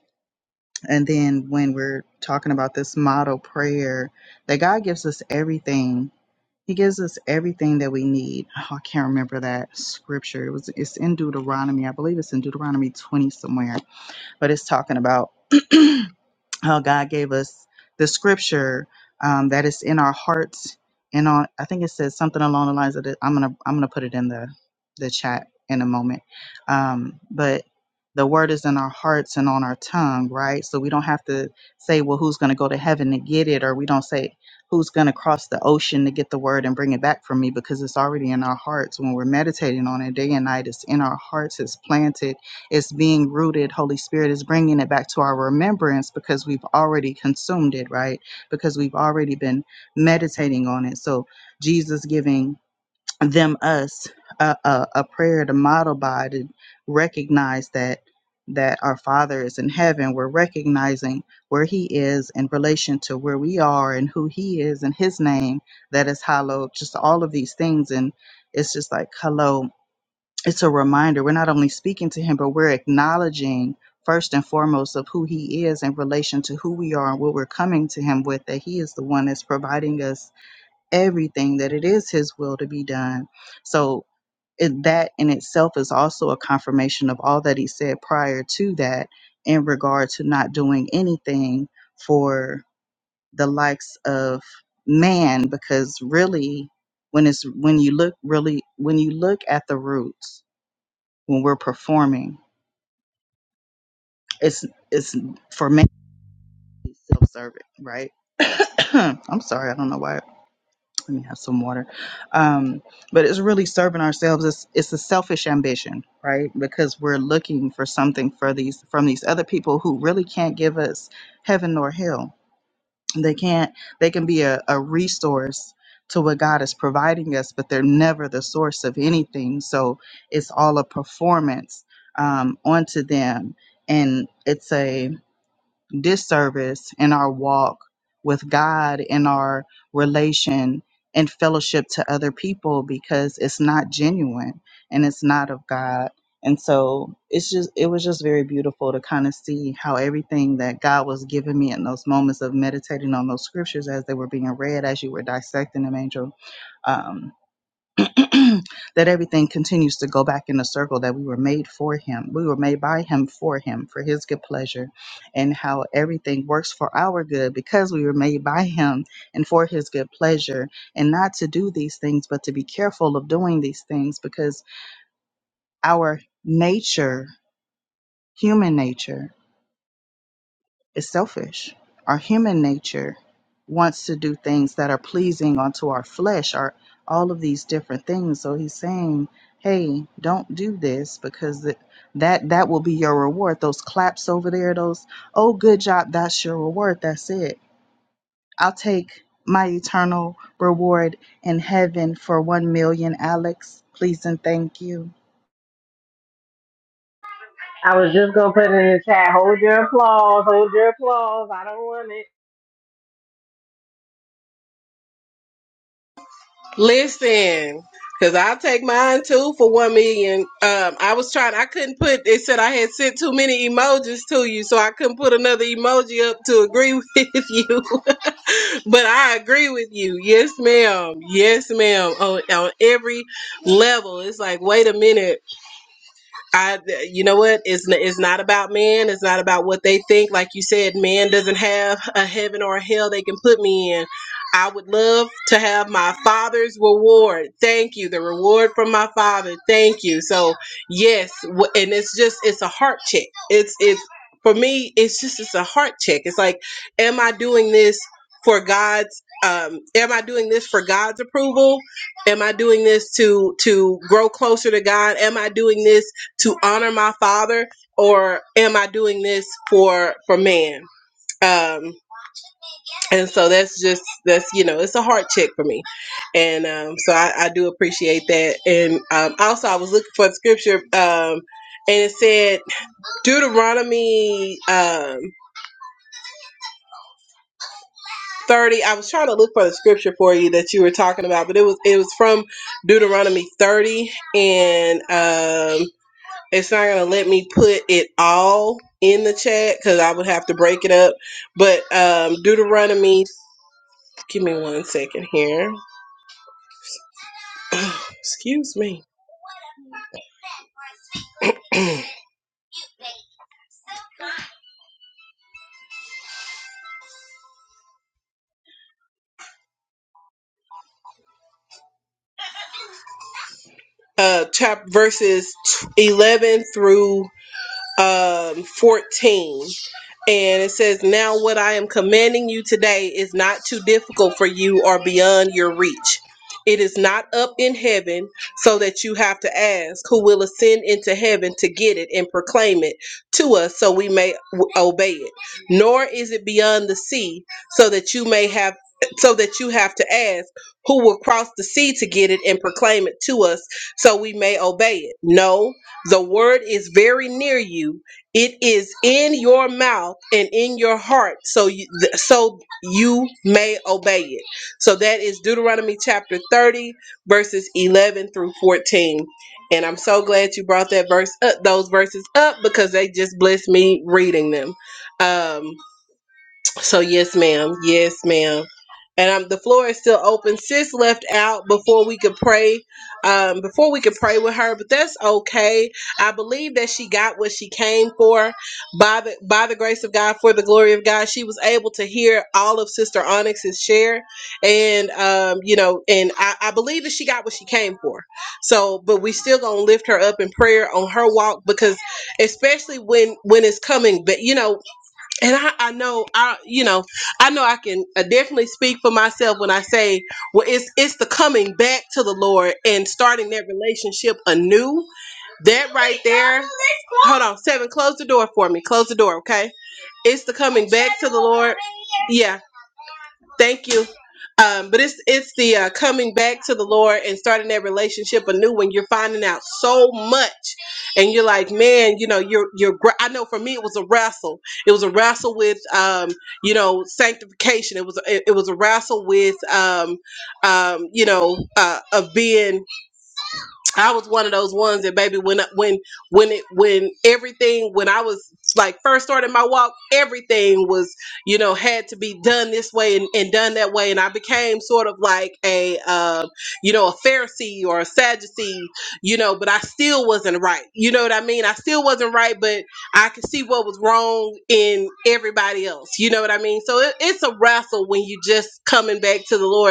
And then when we're talking about this model prayer, that God gives us everything. He gives us everything that we need. Oh, I can't remember that scripture. It was it's in Deuteronomy. I believe it's in Deuteronomy 20 somewhere, but it's talking about how God gave us the scripture um, that is in our hearts and on I think it says something along the lines of this. I'm gonna I'm gonna put it in the the chat in a moment. Um, but the word is in our hearts and on our tongue, right? So we don't have to say, well, who's gonna go to heaven to get it, or we don't say who's gonna cross the ocean to get the word and bring it back for me because it's already in our hearts when we're meditating on it day and night. It's in our hearts, it's planted it's being rooted. Holy Spirit is bringing it back to our remembrance because we've already consumed it, right? Because we've already been meditating on it. So Jesus giving them us a, a, a prayer to model by to recognize that that our father is in heaven we're recognizing where he is in relation to where we are and who he is and his name that is hallowed just all of these things and it's just like hello it's a reminder we're not only speaking to him but we're acknowledging first and foremost of who he is in relation to who we are and what we're coming to him with that he is the one that's providing us everything that it is his will to be done so it, that in itself is also a confirmation of all that he said prior to that in regard to not doing anything for the likes of man because really when it's when you look really when you look at the roots when we're performing. It's it's for me self serving, right? I'm sorry, I don't know why. Let me have some water. Um, but it's really serving ourselves. It's it's a selfish ambition, right? Because we're looking for something for these from these other people who really can't give us heaven nor hell they can't they can be a, a resource to what god is providing us but they're never the source of anything so it's all a performance um, onto them and it's a disservice in our walk with God, in our relation and fellowship to other people because it's not genuine and it's not of God. And so it's just, it was just very beautiful to kind of see how everything that God was giving me in those moments of meditating on those scriptures as they were being read, as you were dissecting them, Angel. um, that everything continues to go back in the circle that we were made for him. We were made by him for him, for his good pleasure, and how everything works for our good because we were made by him and for his good pleasure. And not to do these things, but to be careful of doing these things because our nature, human nature, is selfish. Our human nature wants to do things that are pleasing unto our flesh, or all of these different things. So he's saying, "Hey, don't do this because th- that that will be your reward. Those claps over there, those oh good job, that's your reward. That's it. I'll take my eternal reward in heaven for one million, Alex. Please and thank you."
I was just gonna put it in the chat. Hold your applause. Hold your applause. I don't want it.
Listen, because I'll take mine too for one million. Um, I was trying, I couldn't put, it said I had sent too many emojis to you, so I couldn't put another emoji up to agree with you. but I agree with you. Yes, ma'am. Yes, ma'am. On, on every level. It's like, wait a minute. I, you know what? It's n- it's not about man. It's not about what they think. Like you said, man doesn't have a heaven or a hell they can put me in. I would love to have my father's reward. Thank you, the reward from my father. Thank you. So yes, w- and it's just it's a heart check. It's it's for me. It's just it's a heart check. It's like, am I doing this for God's? Um, am I doing this for God's approval? Am I doing this to to grow closer to God? Am I doing this? to honor my father or am i doing this for for man um and so that's just that's you know it's a heart check for me and um so i, I do appreciate that and um also i was looking for the scripture um and it said deuteronomy um 30 i was trying to look for the scripture for you that you were talking about but it was it was from deuteronomy 30 and um it's not gonna let me put it all in the chat because I would have to break it up. But um Deuteronomy, give me one second here. Excuse me. uh chap verses 11 through um 14 And it says, Now what I am commanding you today is not too difficult for you or beyond your reach. It is not up in heaven, so that you have to ask who will ascend into heaven to get it and proclaim it to us so we may w- obey it. Nor is it beyond the sea, so that you may have so that you have to ask who will cross the sea to get it and proclaim it to us so we may obey it. No, the word is very near you it is in your mouth and in your heart, so you, th- so you may obey it. So that is Deuteronomy chapter 30, verses 11 through 14. And I'm so glad you brought that verse up, those verses up, because they just blessed me reading them. Um, so yes, ma'am. Yes, ma'am. And um, the floor is still open. Sis left out before we could pray, um, before we could pray with her, but that's okay. I believe that she got what she came for by the by the grace of God, for the glory of God. She was able to hear all of Sister Onyx's share, and um, you know, and I, I believe that she got what she came for. So, but we still gonna lift her up in prayer on her walk because, especially when when it's coming, but you know, and I, I know I you know I know I can uh, definitely speak for myself when I say well it's it's the coming back to the Lord and starting that relationship anew that right there hold on seven close the door for me close the door okay it's the coming back to the Lord yeah Thank you. Um, but it's it's the uh, coming back to the Lord and starting that relationship anew when you're finding out so much, and you're like, man, you know, you're you're. gr- I know for me it was a wrestle. It was a wrestle with, um, you know, sanctification. It was it, it was a wrestle with, um, um, you know, uh, of being I was one of those ones that baby when when when it when everything when I was like first starting my walk everything was you know had to be done this way and, and done that way and I became sort of like a um, you know a Pharisee or a Sadducee you know but I still wasn't right you know what I mean I still wasn't right but I could see what was wrong in everybody else you know what I mean so it, it's a wrestle when you just coming back to the Lord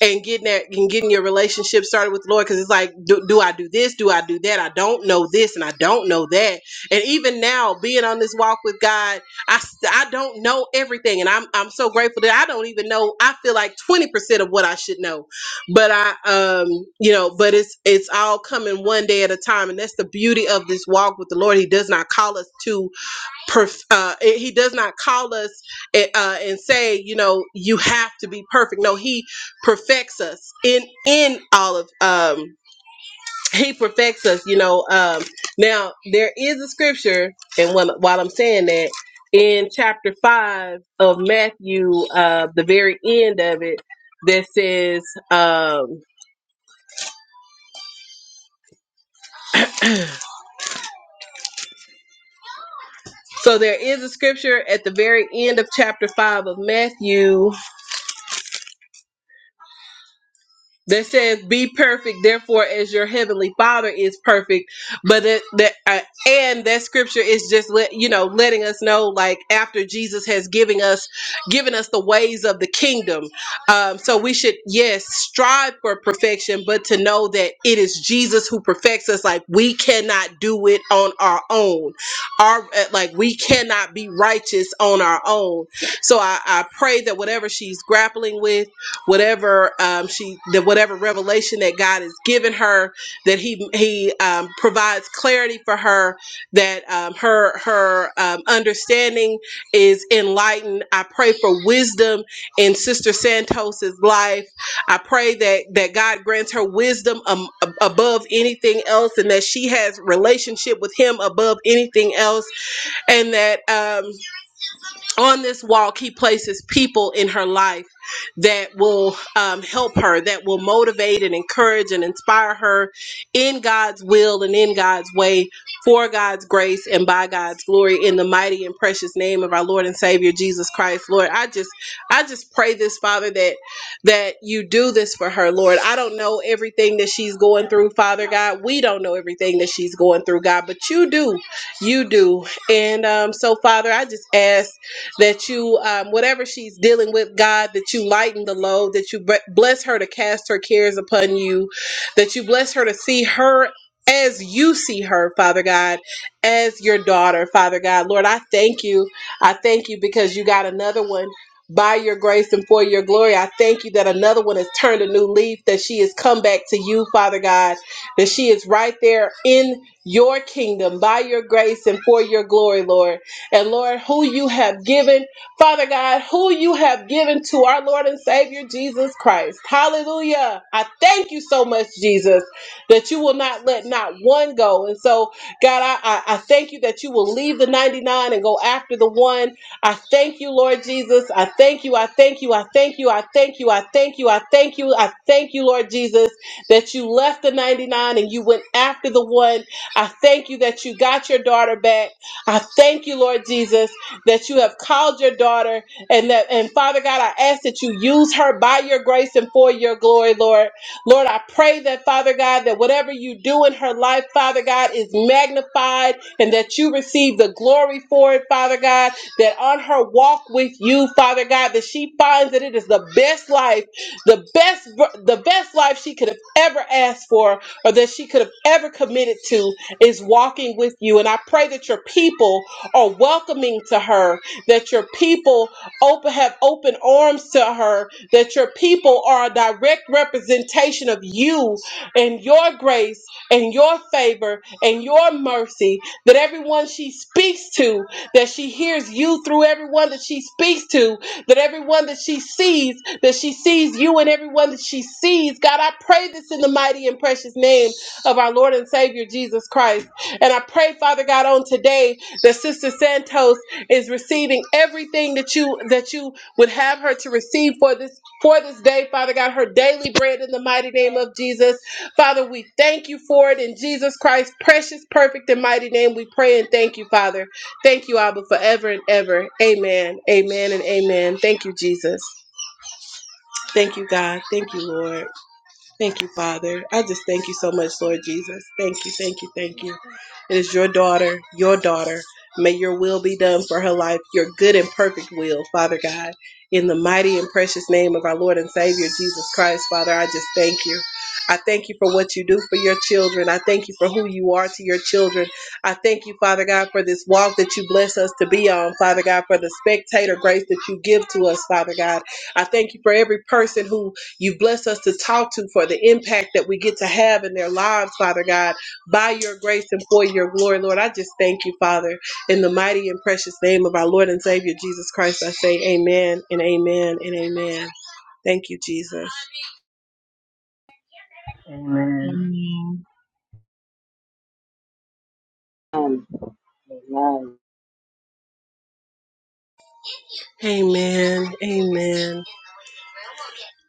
and getting that and getting your relationship started with the Lord because it's like, do, do I do this? Do I do that? I don't know this and I don't know that. And even now, being on this walk with God, I s- I don't know everything, and I'm I'm so grateful that I don't even know. I feel like twenty percent of what I should know, but I um you know, but it's it's all coming one day at a time, and that's the beauty of this walk with the Lord. He does not call us to perf- uh, it- he does not call us eh, uh, and say you know you have to be perfect no he perfects us in in all of um he perfects us you know um now there is a scripture and when, while i'm saying that in chapter 5 of matthew uh the very end of it that says um so there is a scripture at the very end of chapter 5 of matthew that says be perfect therefore as your heavenly father is perfect but it, that uh, and that scripture is just let you know letting us know like after jesus has given us given us the ways of the kingdom um, so we should yes strive for perfection but to know that it is jesus who perfects us like we cannot do it on our own our uh, like we cannot be righteous on our own so i, I pray that whatever she's grappling with whatever um, she the whatever revelation that God has given her that he he um, provides clarity for her that um, her her um, understanding is enlightened I pray for wisdom in sister Santos's life I pray that that God grants her wisdom um, ab- above anything else and that she has relationship with him above anything else and that um, on this walk, he places people in her life that will um, help her, that will motivate and encourage and inspire her in God's will and in God's way for God's grace and by God's glory in the mighty and precious name of our Lord and Savior Jesus Christ. Lord, I just I just pray this Father that that you do this for her, Lord. I don't know everything that she's going through, Father God. We don't know everything that she's going through, God, but you do. You do. And um, so Father, I just ask that you, um, whatever she's dealing with, God, that you lighten the load, that you bre- bless her to cast her cares upon you, that you bless her to see her as you see her, Father God, as your daughter, Father God. Lord, I thank you. I thank you because you got another one. By your grace and for your glory, I thank you that another one has turned a new leaf, that she has come back to you, Father God, that she is right there in your kingdom by your grace and for your glory, Lord. And Lord, who you have given, Father God, who you have given to our Lord and Savior Jesus Christ. Hallelujah. I thank you so much, Jesus, that you will not let not one go. And so, God, I, I, I thank you that you will leave the 99 and go after the one. I thank you, Lord Jesus. I thank you. I thank you. I thank you. I thank you. I thank you. I thank you. I thank you, Lord Jesus, that you left the 99 and you went after the one. I thank you that you got your daughter back. I thank you, Lord Jesus, that you have called your daughter and that and Father God, I ask that you use her by your grace and for your glory, Lord. Lord, I pray that Father God, that whatever you do in her life, Father God, is magnified and that you receive the glory for it, Father God, that on her walk with you, Father God, that she finds that it is the best life, the best the best life she could have ever asked for or that she could have ever committed to is walking with you. And I pray that your people are welcoming to her, that your people open, have open arms to her, that your people are a direct representation of you and your grace and your favor and your mercy, that everyone she speaks to, that she hears you through everyone that she speaks to, that everyone that she sees, that she sees you and everyone that she sees. God, I pray this in the mighty and precious name of our Lord and Savior Jesus Christ. And I pray, Father God, on today that Sister Santos is receiving everything that you that you would have her to receive for this for this day, Father God, her daily bread in the mighty name of Jesus. Father, we thank you for it in Jesus Christ's precious, perfect, and mighty name. We pray and thank you, Father. Thank you, Abba, forever and ever. Amen. Amen and amen. Thank you, Jesus. Thank you, God. Thank you, Lord. Thank you, Father. I just thank you so much, Lord Jesus. Thank you, thank you, thank you. It is your daughter, your daughter. May your will be done for her life, your good and perfect will, Father God. In the mighty and precious name of our Lord and Savior Jesus Christ, Father, I just thank you. I thank you for what you do for your children. I thank you for who you are to your children. I thank you, Father God, for this walk that you bless us to be on, Father God, for the spectator grace that you give to us, Father God. I thank you for every person who You've blessed us to talk to for the impact that we get to have in their lives, Father God, by your grace and for your glory, Lord. I just thank you, Father, in the mighty and precious name of our Lord and Savior Jesus Christ. I say amen and amen and amen. Thank you, Jesus.
Amen.
Amen.
Amen. Amen.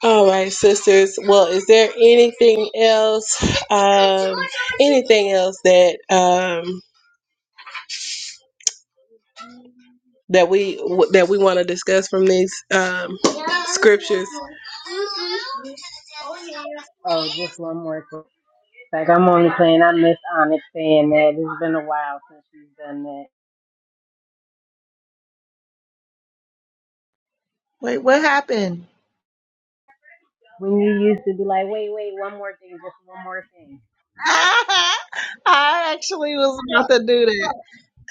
All right, sisters. Well, is there anything else? Um, anything else that um, that we that we want to discuss from these um, scriptures?
Oh, just one more quick. Like I'm only playing. I miss Onyx saying that. It's been a while since she's done that.
Wait, what happened?
When you used to be like, wait, wait, one more thing, just one more thing.
I actually was about to do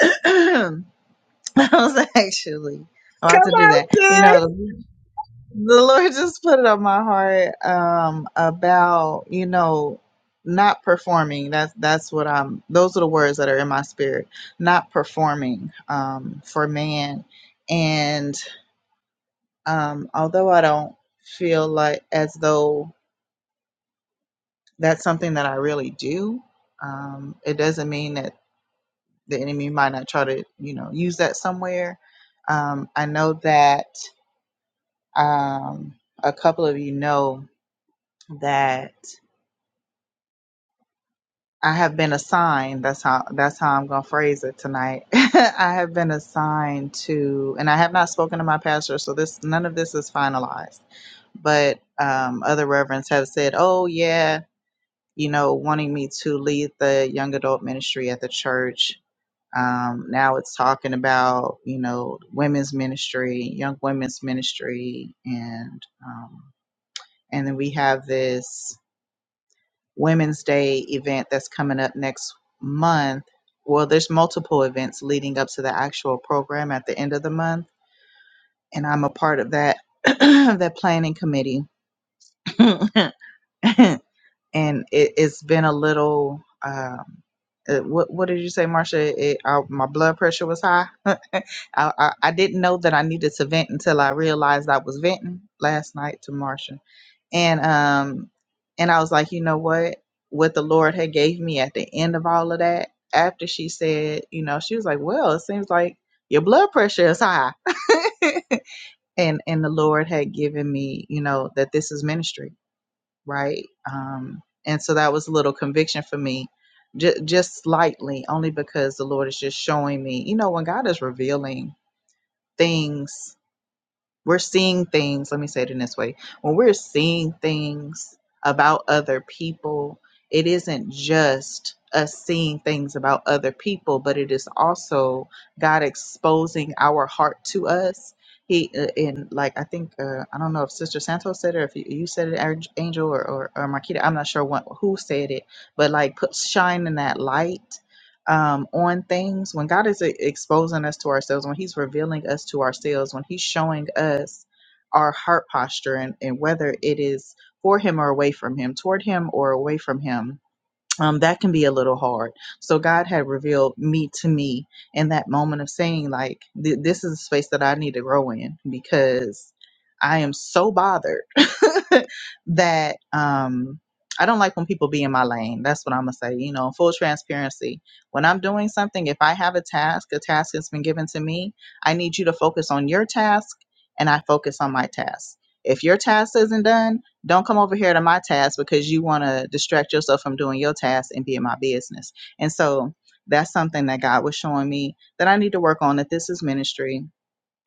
that. I was actually
Come
about to do
on,
that. You
sis.
know, the Lord just put it on my heart um, about you know not performing. That's that's what I'm. Those are the words that are in my spirit. Not performing um, for man. And um, although I don't feel like as though that's something that I really do, um, it doesn't mean that the enemy might not try to you know use that somewhere. Um, I know that Um, a couple of you know that I have been assigned. That's how that's how I'm gonna phrase it tonight. I have been assigned to, and I have not spoken to my pastor, so this none of this is finalized. But um, other reverends have said, "Oh yeah, you know, wanting me to lead the young adult ministry at the church." Um, now it's talking about you know women's ministry, young women's ministry, and um, and then we have this. Women's Day event that's coming up next month. Well, there's multiple events leading up to the actual program at the end of the month, and I'm a part of that that planning committee. and it, it's been a little um, uh, what what did you say, Marcia? It, uh, my blood pressure was high. I, I I didn't know that I needed to vent until I realized I was venting last night to Marcia and um and i was like you know what what the lord had gave me at the end of all of that after she said you know she was like well it seems like your blood pressure is high and and the lord had given me you know that this is ministry right um and so that was a little conviction for me j- just slightly only because the lord is just showing me you know when god is revealing things we're seeing things let me say it in this way when we're seeing things about other people it isn't just us seeing things about other people but it is also god exposing our heart to us he uh, in like i think uh, i don't know if sister santos said it or if you, you said it Ang- angel or, or, or marquita i'm not sure what, who said it but like put shine in that light um, on things, when God is e- exposing us to ourselves, when He's revealing us to ourselves, when He's showing us our heart posture and, and whether it is for Him or away from Him, toward Him or away from Him, um, that can be a little hard. So God had revealed me to me in that moment of saying, like, th- this is a space that I need to grow in because I am so bothered that um, I don't like when people be in my lane. That's what I'm gonna say. You know, full transparency. When I'm doing something, if I have a task, a task that's been given to me, I need you to focus on your task, and I focus on my task. If your task isn't done, don't come over here to my task because you want to distract yourself from doing your task and be in my business. And so that's something that God was showing me that I need to work on, that this is ministry,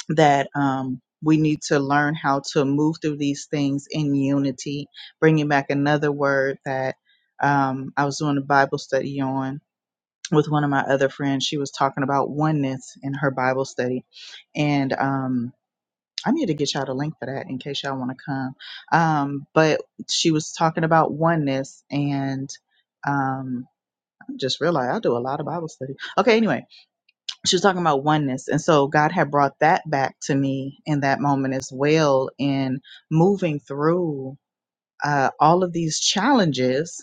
that um, we need to learn how to move through these things in unity. Bringing back another word that um, I was doing a Bible study on with one of my other friends. She was talking about oneness in her Bible study. And, um, I need to get y'all the link for that in case y'all want to come. Um, but she was talking about oneness and um I just realized I do a lot of Bible study. Okay, anyway, she was talking about oneness. And so God had brought that back to me in that moment as well in moving through uh all of these challenges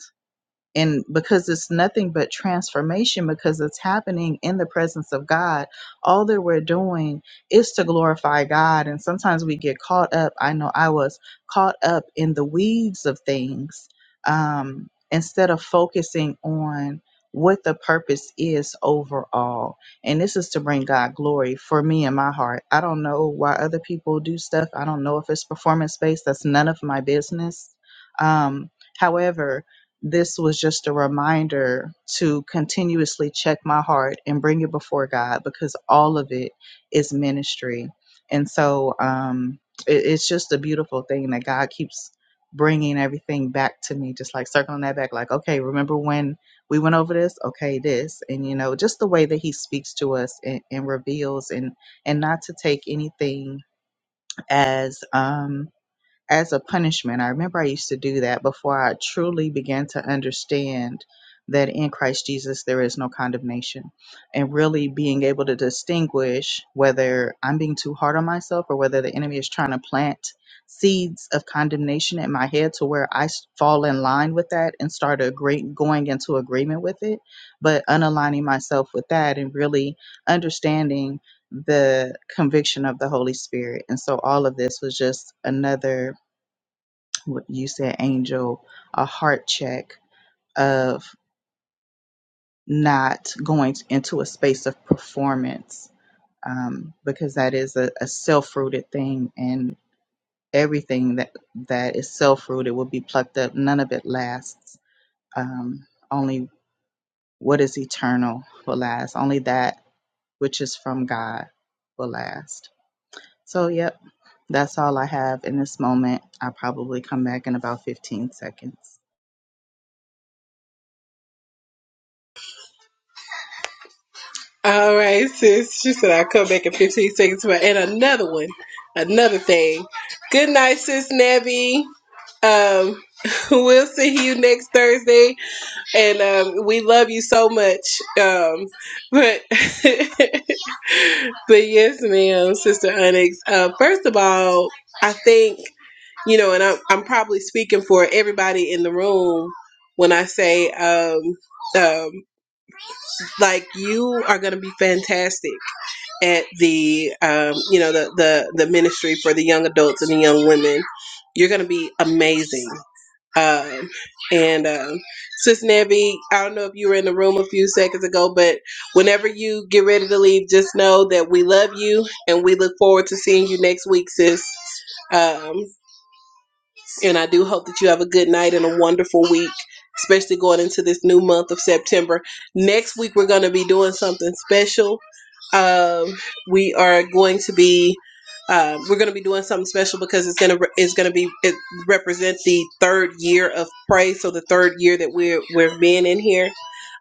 and because it's nothing but transformation because it's happening in the presence of God all that we're doing is to glorify God and sometimes we get caught up I know I was caught up in the weeds of things um instead of focusing on what the purpose is overall and this is to bring God glory for me in my heart I don't know why other people do stuff I don't know if it's performance based that's none of my business um however this was just a reminder to continuously check my heart and bring it before God because all of it is ministry. And so um, it, it's just a beautiful thing that God keeps bringing everything back to me, just like circling that back, like, okay, remember when we went over this? Okay, this. And, you know, just the way that He speaks to us and, and reveals and, and not to take anything as. Um, as a punishment. I remember I used to do that before I truly began to understand that in Christ Jesus there is no condemnation and really being able to distinguish whether I'm being too hard on myself or whether the enemy is trying to plant seeds of condemnation in my head to where I s- fall in line with that and start agree- going into agreement with it, but unaligning myself with that and really understanding the conviction of the Holy Spirit. And so all of this was just another what you said, Angel, a heart check of not going into a space of performance um, because that is a, a self-rooted thing, and everything that that is self-rooted will be plucked up. None of it lasts. Um, only what is eternal will last. Only that which is from God will last. So, yep, that's all I have in this moment. I'll probably come back in about 15 seconds.
All right, sis. She said I'll come back in 15 seconds. But and another one, another thing. Good night, sis Nebby. Um, we'll see you next Thursday, and um, we love you so much. Um, but but yes, ma'am, Sister Onyx. Uh, first of all, I think you know, and I'm I'm probably speaking for everybody in the room when I say um um like you are gonna be fantastic at the um, you know the, the the ministry for the young adults and the young women you're gonna be amazing um, and um, sis Nevi, i don't know if you were in the room a few seconds ago but whenever you get ready to leave just know that we love you and we look forward to seeing you next week sis Um, and I do hope that you have a good night and a wonderful week, especially going into this new month of September. Next week, we're going to be doing something special. Um, we are going to be. Uh, we're going to be doing something special because it's going to re- it's going to be it represent the third year of praise, so the third year that we're we've been in here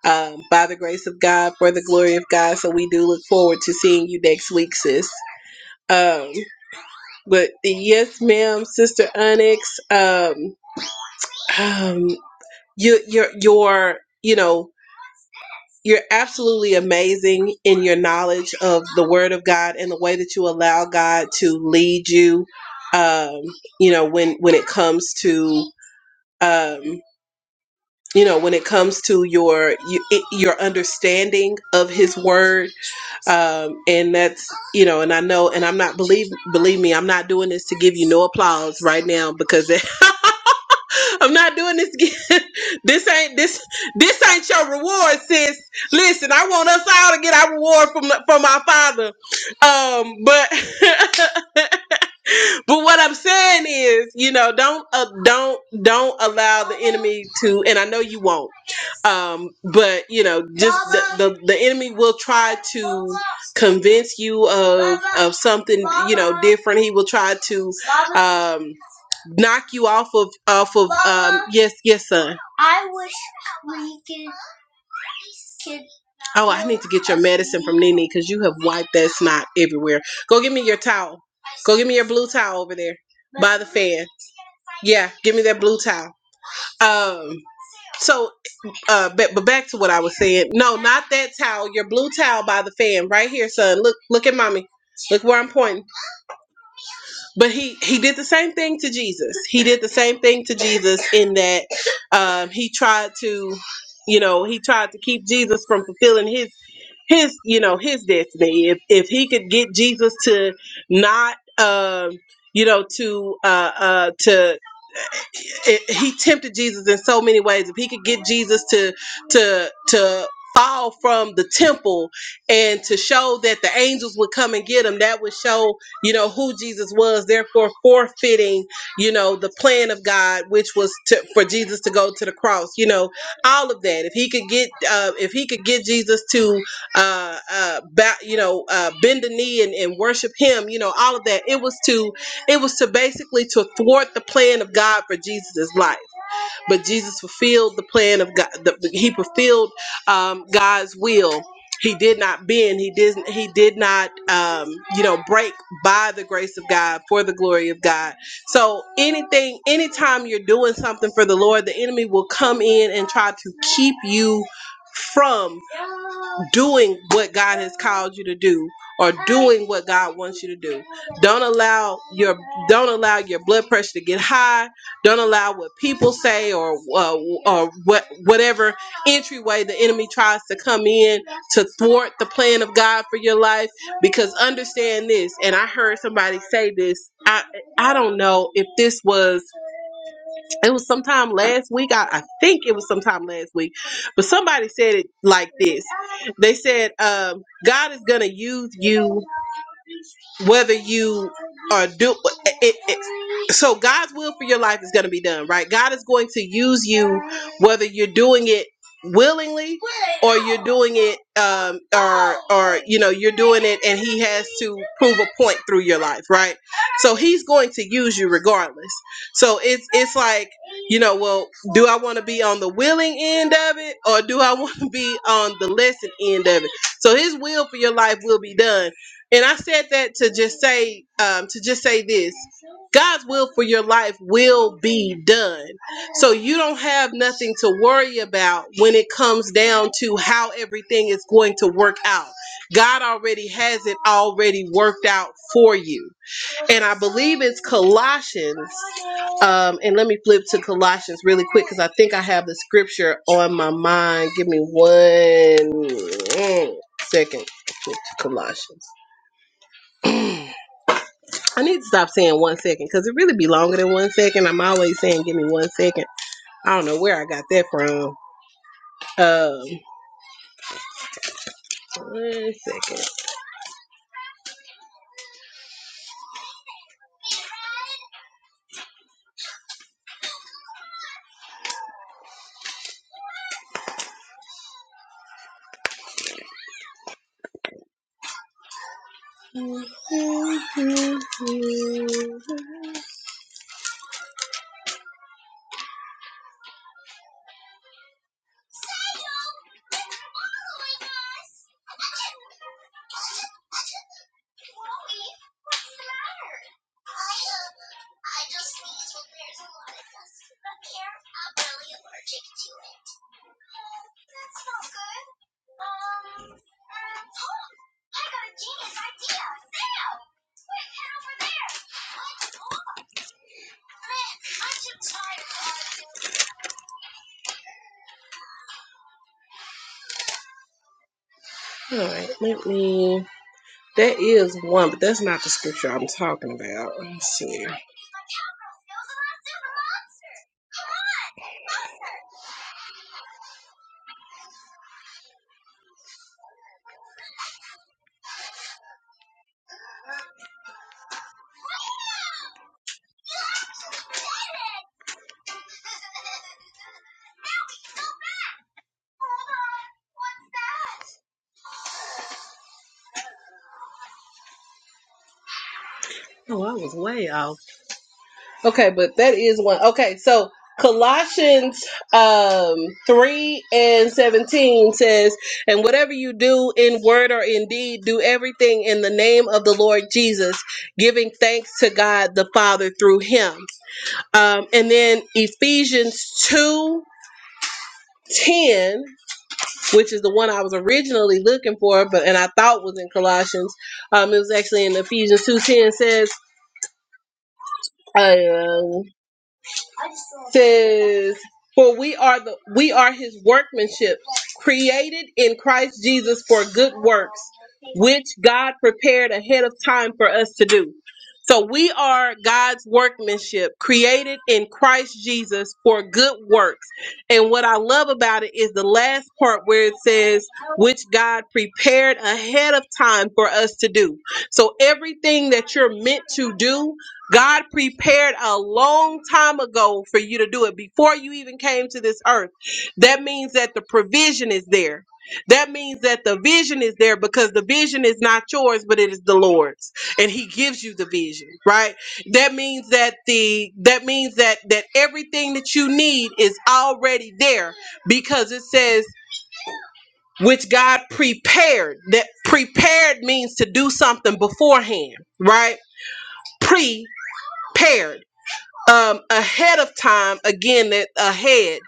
um, by the grace of God for the glory of God. So we do look forward to seeing you next week, sis. Um, but yes, ma'am, sister Onyx. Um, um, you, you're you're you know you're absolutely amazing in your knowledge of the Word of God and the way that you allow God to lead you. Um, you know when when it comes to um, you know when it comes to your you, it, your understanding of His Word, um, and that's you know, and I know, and I'm not believe believe me, I'm not doing this to give you no applause right now because. It, I'm not doing this again. this ain't this this ain't your reward, sis. Listen, I want us all to get our reward from the- from our father. Um, but But what I'm saying is, you know, don't uh, don't don't allow the enemy to, and I know you won't. Um, but you know, just the, the the enemy will try to convince you of of something, you know, different. He will try to um knock you off of off of um yes yes son. Oh, I need to get your medicine from Nene because you have wiped that snot everywhere. Go get me your towel. Go get me your blue towel over there by the fan. Yeah, give me that blue towel. Um. So, uh, but, but back to what I was saying. No, not that towel. Your blue towel by the fan, right here, son. Look, look at mommy. Look where I'm pointing. But he he did the same thing to Jesus. He did the same thing to Jesus in that um, he tried to, you know, he tried to keep Jesus from fulfilling his his you know his destiny. If if he could get Jesus to not um you know to uh uh to it, he tempted Jesus in so many ways. If he could get Jesus to to to fall from the temple and to show that the angels would come and get him, that would show you know who Jesus was. Therefore, forfeiting you know the plan of God, which was to, for Jesus to go to the cross. You know all of that. If he could get uh, if he could get Jesus to uh, uh, bow, you know uh, bend the knee and, and worship him, you know all of that. It was to it was to basically to thwart the plan of God for Jesus' life, but Jesus fulfilled the plan of God. The, he fulfilled um, God's will. He did not bend. He didn't. He did not, um, you know, break by the grace of God for the glory of God. So anything, anytime you're doing something for the Lord, the enemy will come in and try to keep you from doing what God has called you to do or doing what God wants you to do. Don't allow your don't allow your blood pressure to get high. Don't allow what people say or uh, or what whatever entryway the enemy tries to come in to thwart the plan of God for your life because understand this and I heard somebody say this. I I don't know if this was it was sometime last week. I, I think it was sometime last week, but somebody said it like this. They said, um, God is going to use you whether you are do it, it it so God's will for your life is going to be done, right? God is going to use you whether you're doing it willingly or you're doing it um or or you know you're doing it and he has to prove a point through your life right so he's going to use you regardless so it's it's like you know well do i want to be on the willing end of it or do i want to be on the lesson end of it so his will for your life will be done and I said that to just say, um, to just say this: God's will for your life will be done. So you don't have nothing to worry about when it comes down to how everything is going to work out. God already has it already worked out for you. And I believe it's Colossians. Um, and let me flip to Colossians really quick because I think I have the scripture on my mind. Give me one mm, second. Flip to Colossians. I need to stop saying one second because it really be longer than one second. I'm always saying, give me one second. I don't know where I got that from. Um, one second. All right, let me. That is one, but that's not the scripture I'm talking about. Let's see. Oh, I was way off. Okay, but that is one. Okay, so Colossians um 3 and 17 says, And whatever you do in word or in deed, do everything in the name of the Lord Jesus, giving thanks to God the Father through him. Um, and then Ephesians 2 10, which is the one I was originally looking for, but and I thought was in Colossians. Um, it was actually in Ephesians two ten 10 says, uh, says, "For we are the we are His workmanship, created in Christ Jesus for good works, which God prepared ahead of time for us to do." So we are God's workmanship, created in Christ Jesus for good works. And what I love about it is the last part where it says, "Which God prepared ahead of time for us to do." So everything that you're meant to do God prepared a long time ago for you to do it before you even came to this earth. That means that the provision is there. That means that the vision is there because the vision is not yours, but it is the Lord's, and He gives you the vision, right? That means that the that means that that everything that you need is already there because it says which God prepared. That prepared means to do something beforehand, right? Prepared um, ahead of time again that ahead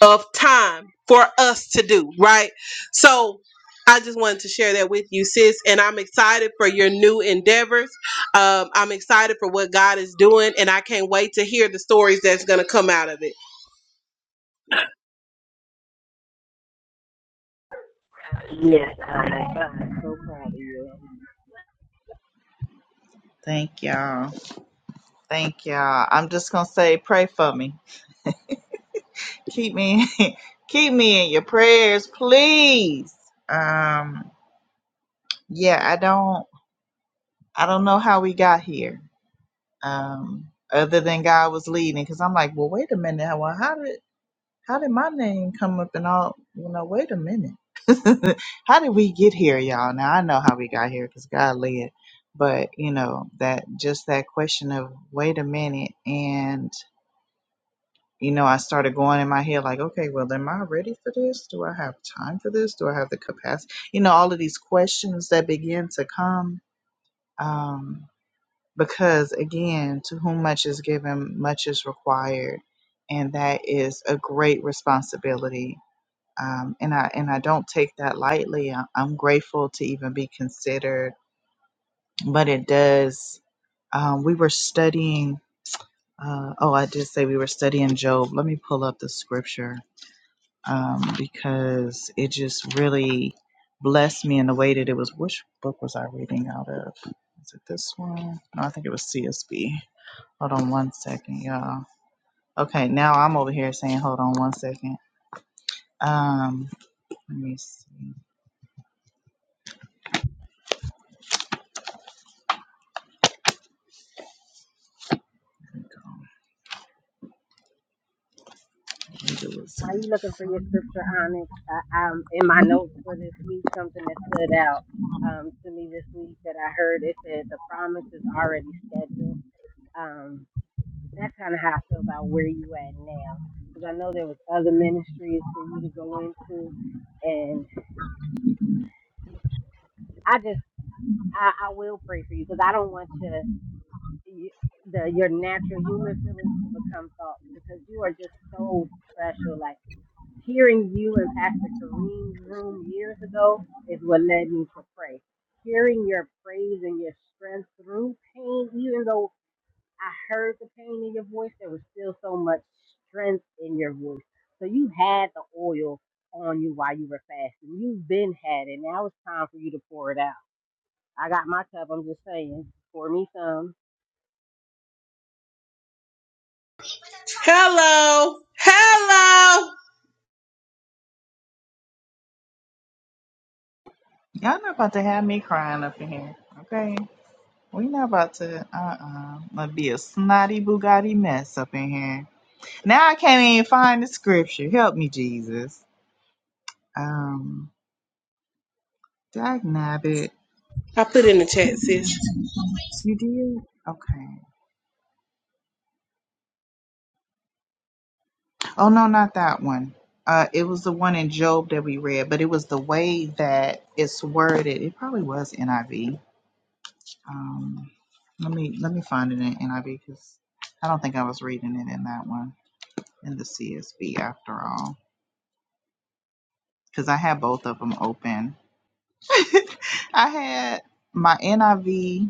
of time for us to do right so i just wanted to share that with you sis and i'm excited for your new endeavors um, i'm excited for what god is doing and i can't wait to hear the stories that's going to come out of it
Yes, Onyx. I'm so proud of you.
Thank y'all. Thank y'all. I'm just gonna say, pray for me. Keep me, keep me in your prayers, please. Um, yeah, I don't, I don't know how we got here. Um, other than God was leading, because I'm like, well, wait a minute. Well, how did, how did my name come up and all? You know, wait a minute. how did we get here, y'all? Now I know how we got here because God led. But you know that just that question of wait a minute and you know, I started going in my head like, okay, well, am I ready for this? Do I have time for this? Do I have the capacity? You know, all of these questions that begin to come. Um, because again, to whom much is given, much is required, and that is a great responsibility. Um, and I and I don't take that lightly. I, I'm grateful to even be considered, but it does. Um, we were studying. Uh, oh, I did say we were studying Job. Let me pull up the scripture um, because it just really blessed me in the way that it was. Which book was I reading out of? Is it this one? No, I think it was CSB. Hold on one second, y'all. Okay, now I'm over here saying, hold on one second. Um, let me see. Here we go. I think it was in
Why are you
the
looking for your
front.
scripture, Onyx? I, um, in my notes for this week, something that stood out um to me this week that I heard. It said the promise is already scheduled. Um, That's kind of how I feel about where you at now, because I know there was other ministries for you to go into, and I just I, I will pray for you because I don't want your you, the your natural human feelings to become thoughts because you are just so special. Like hearing you in Pastor Kareem's room years ago is what led me to pray. Hearing your praise and your strength through pain, even though I heard the pain in your voice. There was still so much strength in your voice. So you had the oil on you while you were fasting. You've been had it. Now it's time for you to pour it out. I got my cup. I'm just saying, pour me some.
hello hello
Y'all not about to have me crying up in here, okay? We not about to uh uh Gonna be a snotty Bugatti mess up in here. Now I can't even find the scripture. Help me, Jesus. Um, Dag Nabbit.
i put in the chat sis
You did? Okay. Oh, no, not that one. Uh, it was the one in Job that we read, but it was the way that it's worded. It probably was NIV. Um, let me let me find it in NIV because I don't think I was reading it in that one in the CSB after all because I had both of them open. I had my NIV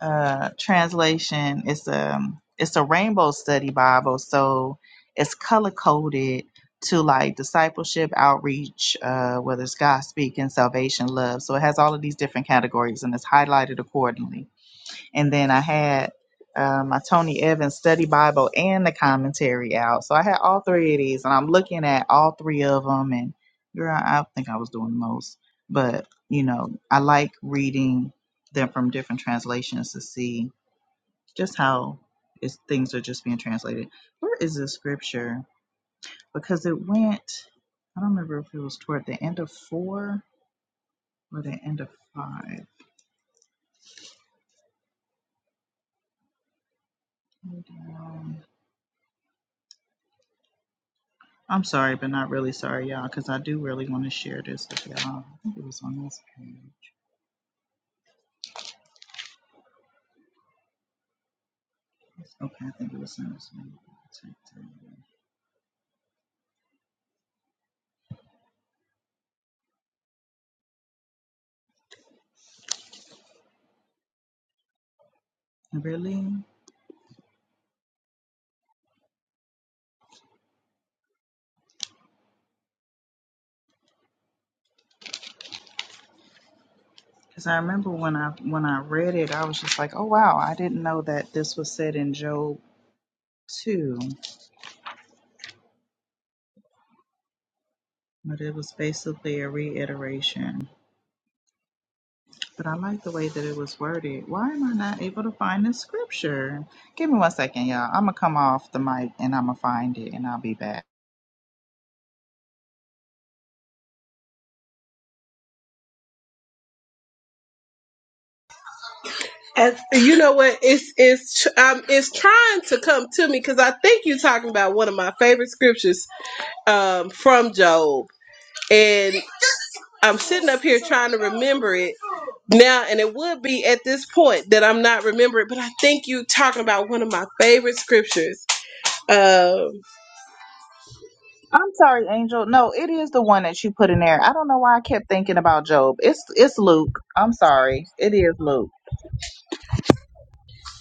uh, translation. It's a it's a rainbow study Bible, so it's color coded to like discipleship, outreach, uh, whether it's God speaking, salvation, love. So it has all of these different categories, and it's highlighted accordingly and then I had uh, my Tony Evans study Bible and the commentary out. So I had all three of these, and I'm looking at all three of them. And girl, I think I was doing the most, but you know, I like reading them from different translations to see just how is, things are just being translated. Where is this scripture? Because it went, I don't remember if it was toward the end of four or the end of five. Hold on. I'm sorry, but not really sorry, y'all, because I do really want to share this with y'all. I think it was on this page. Okay, I think it was on this page. Really? Because I remember when I when I read it, I was just like, oh wow, I didn't know that this was said in Job two, but it was basically a reiteration. But I like the way that it was worded. Why am I not able to find the scripture? Give me one second, y'all. I'm gonna come off the mic and I'm gonna find it, and I'll be back.
and you know what it's it's um, it's trying to come to me because i think you're talking about one of my favorite scriptures um, from Job, and I'm sitting up here trying to remember it now, and it would be at this point that I'm not remembering. But I think you talking about one of my favorite scriptures. Um,
I'm sorry, Angel. No, it is the one that you put in there. I don't know why I kept thinking about Job. It's it's Luke. I'm sorry. It is Luke.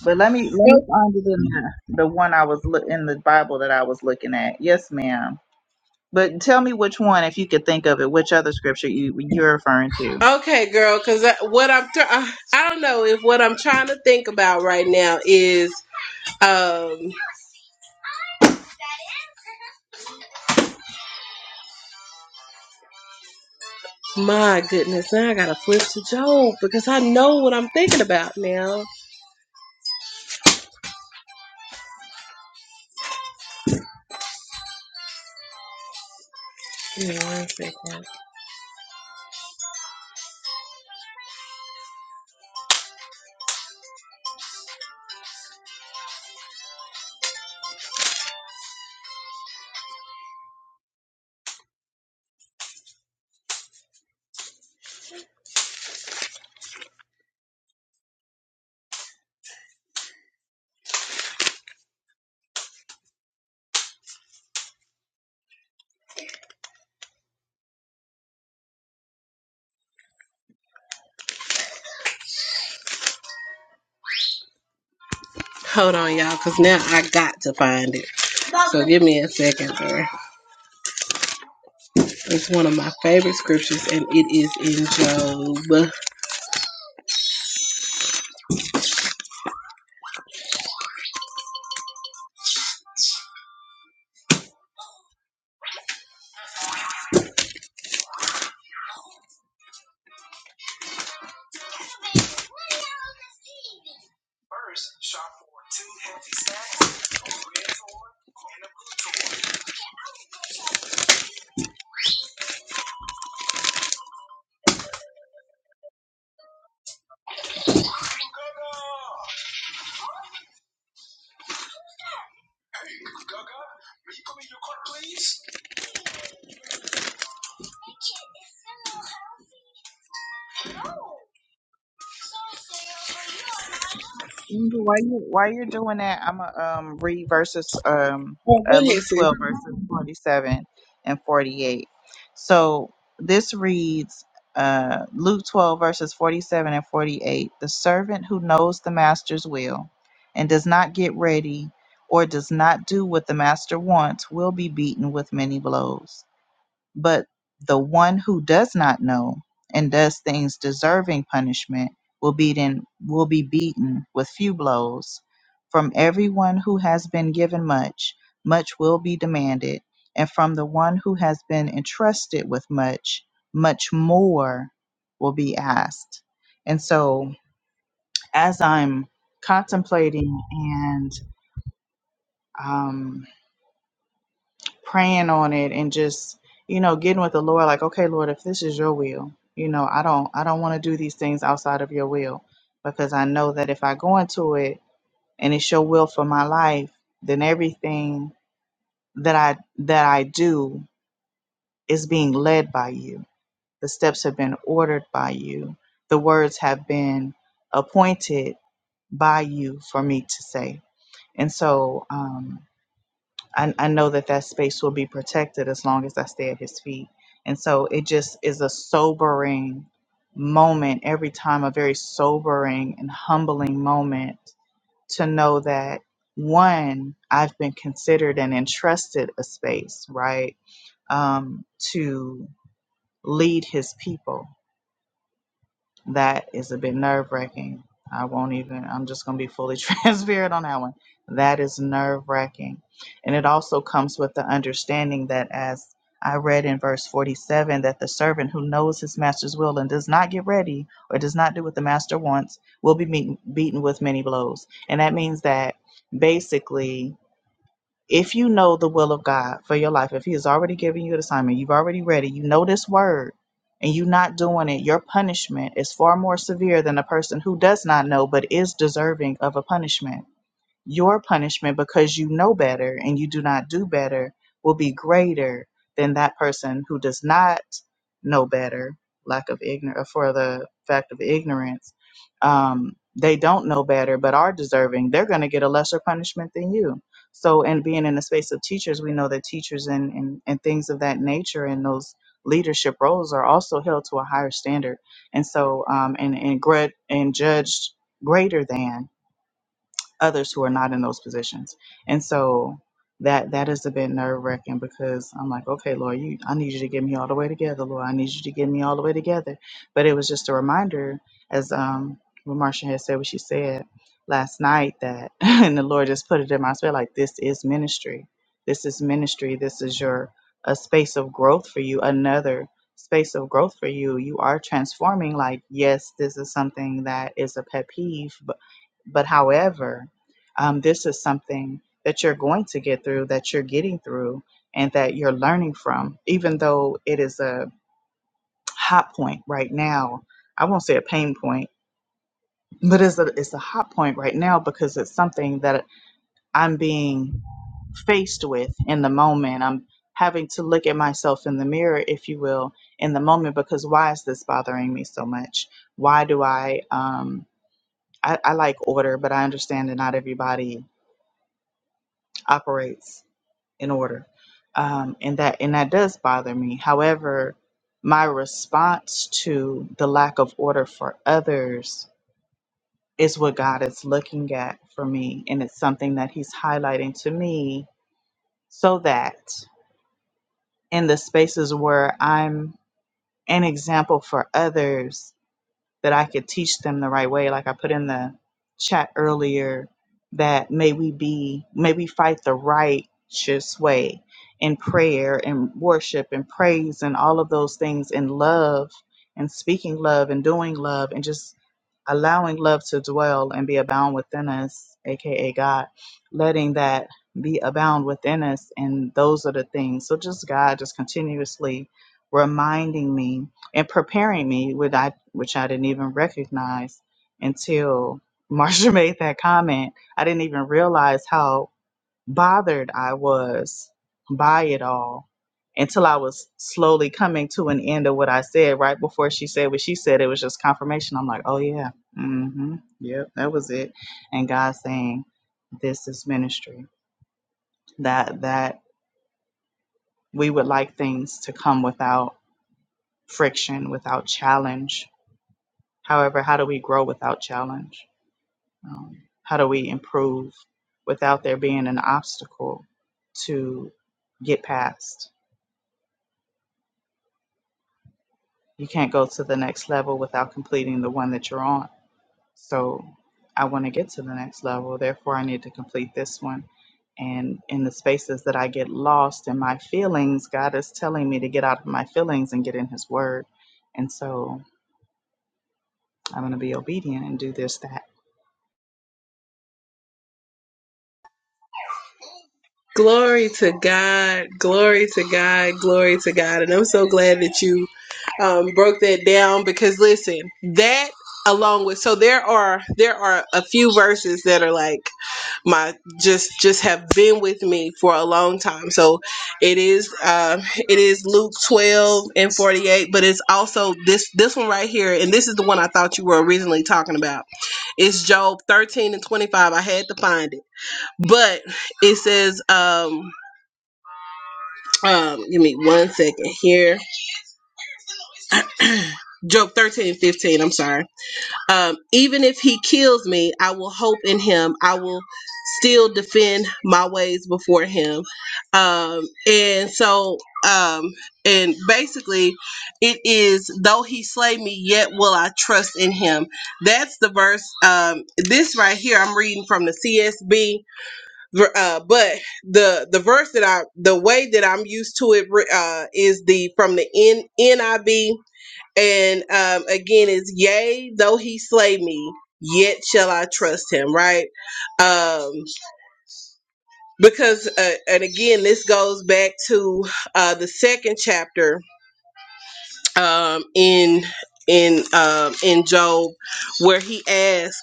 But let me let me find it in the, the one I was look in the Bible that I was looking at. Yes, ma'am. But tell me which one, if you could think of it, which other scripture you you're referring to.
okay, girl, because what I'm thr- I I don't know if what I'm trying to think about right now is um, my goodness. Now I gotta flip to Job because I know what I'm thinking about now. Give me one second. Hold on, y'all, because now I got to find it. So give me a second there. It's one of my favorite scriptures, and it is in Job. Well,
Angel, While you while you're doing that, I'm gonna um read verses um
go
uh, Luke
ahead, sis.
12 verses 47 and 48. So this reads uh Luke 12 verses 47 and 48. The servant who knows the master's will and does not get ready or does not do what the master wants will be beaten with many blows. But the one who does not know and does things deserving punishment will be then will be beaten with few blows. From everyone who has been given much, much will be demanded, and from the one who has been entrusted with much, much more will be asked. And so, as I'm contemplating and um, praying on it and just you know getting with the lord like okay lord if this is your will you know i don't i don't want to do these things outside of your will because i know that if i go into it and it's your will for my life then everything that i that i do is being led by you the steps have been ordered by you the words have been appointed by you for me to say and so um I, I know that that space will be protected as long as I stay at his feet. And so it just is a sobering moment every time, a very sobering and humbling moment to know that one, I've been considered and entrusted a space, right, um, to lead his people that is a bit nerve wracking. I won't even, I'm just going to be fully transparent on that one. That is nerve wracking. And it also comes with the understanding that, as I read in verse 47, that the servant who knows his master's will and does not get ready or does not do what the master wants will be meet, beaten with many blows. And that means that basically if you know the will of God for your life, if He has already given you an assignment, you've already read it, you know this word, and you're not doing it, your punishment is far more severe than a person who does not know but is deserving of a punishment. Your punishment, because you know better and you do not do better, will be greater than that person who does not know better, lack of ignorance, for the fact of ignorance. Um, they don't know better, but are deserving. They're going to get a lesser punishment than you. So, and being in the space of teachers, we know that teachers and, and, and things of that nature and those leadership roles are also held to a higher standard. And so, um, and, and, gre- and judged greater than others who are not in those positions. And so that that is a bit nerve wracking because I'm like, okay, Lord, you I need you to get me all the way together, Lord. I need you to get me all the way together. But it was just a reminder, as um what Marsha had said what she said last night that and the Lord just put it in my spirit like this is ministry. This is ministry. This is your a space of growth for you, another space of growth for you. You are transforming. Like, yes, this is something that is a pet peeve, but however, um, this is something that you're going to get through, that you're getting through, and that you're learning from, even though it is a hot point right now. I won't say a pain point, but it's a, it's a hot point right now because it's something that I'm being faced with in the moment. I'm having to look at myself in the mirror, if you will, in the moment because why is this bothering me so much? Why do I, um, I, I like order, but I understand that not everybody operates in order um, and that and that does bother me however my response to the lack of order for others is what god is looking at for me and it's something that he's highlighting to me so that in the spaces where i'm an example for others that I could teach them the right way. Like I put in the chat earlier, that may we be, may we fight the righteous way in prayer and worship and praise and all of those things in love and speaking love and doing love and just allowing love to dwell and be abound within us, aka God, letting that be abound within us. And those are the things. So just God just continuously reminding me and preparing me, with I which I didn't even recognize until Marsha made that comment. I didn't even realize how bothered I was by it all until I was slowly coming to an end of what I said. Right before she said what she said, it was just confirmation. I'm like, oh yeah, mm-hmm, yep, that was it. And God saying, this is ministry. That that we would like things to come without friction, without challenge However, how do we grow without challenge? Um, how do we improve without there being an obstacle to get past? You can't go to the next level without completing the one that you're on. So I want to get to the next level. Therefore, I need to complete this one. And in the spaces that I get lost in my feelings, God is telling me to get out of my feelings and get in His Word. And so I'm going to be obedient and do this, that,
Glory to God. Glory to God. Glory to God. And I'm so glad that you um, broke that down because listen, that along with so there are there are a few verses that are like my just just have been with me for a long time so it is uh it is luke 12 and 48 but it's also this this one right here and this is the one i thought you were originally talking about it's job 13 and 25 i had to find it but it says, um, um, give me one second here. Job 13 and 15, I'm sorry. Um, even if he kills me, I will hope in him. I will still defend my ways before him. Um, and so, um, and basically, it is, though he slay me, yet will I trust in him. That's the verse. Um, this right here, I'm reading from the CSB Ver- uh, but the the verse that I the way that I'm used to it re- uh, is the from the N, NIV and um, again is yea though he slay me yet shall I trust him right um, because uh, and again this goes back to uh, the second chapter um, in in um, in Job where he asks.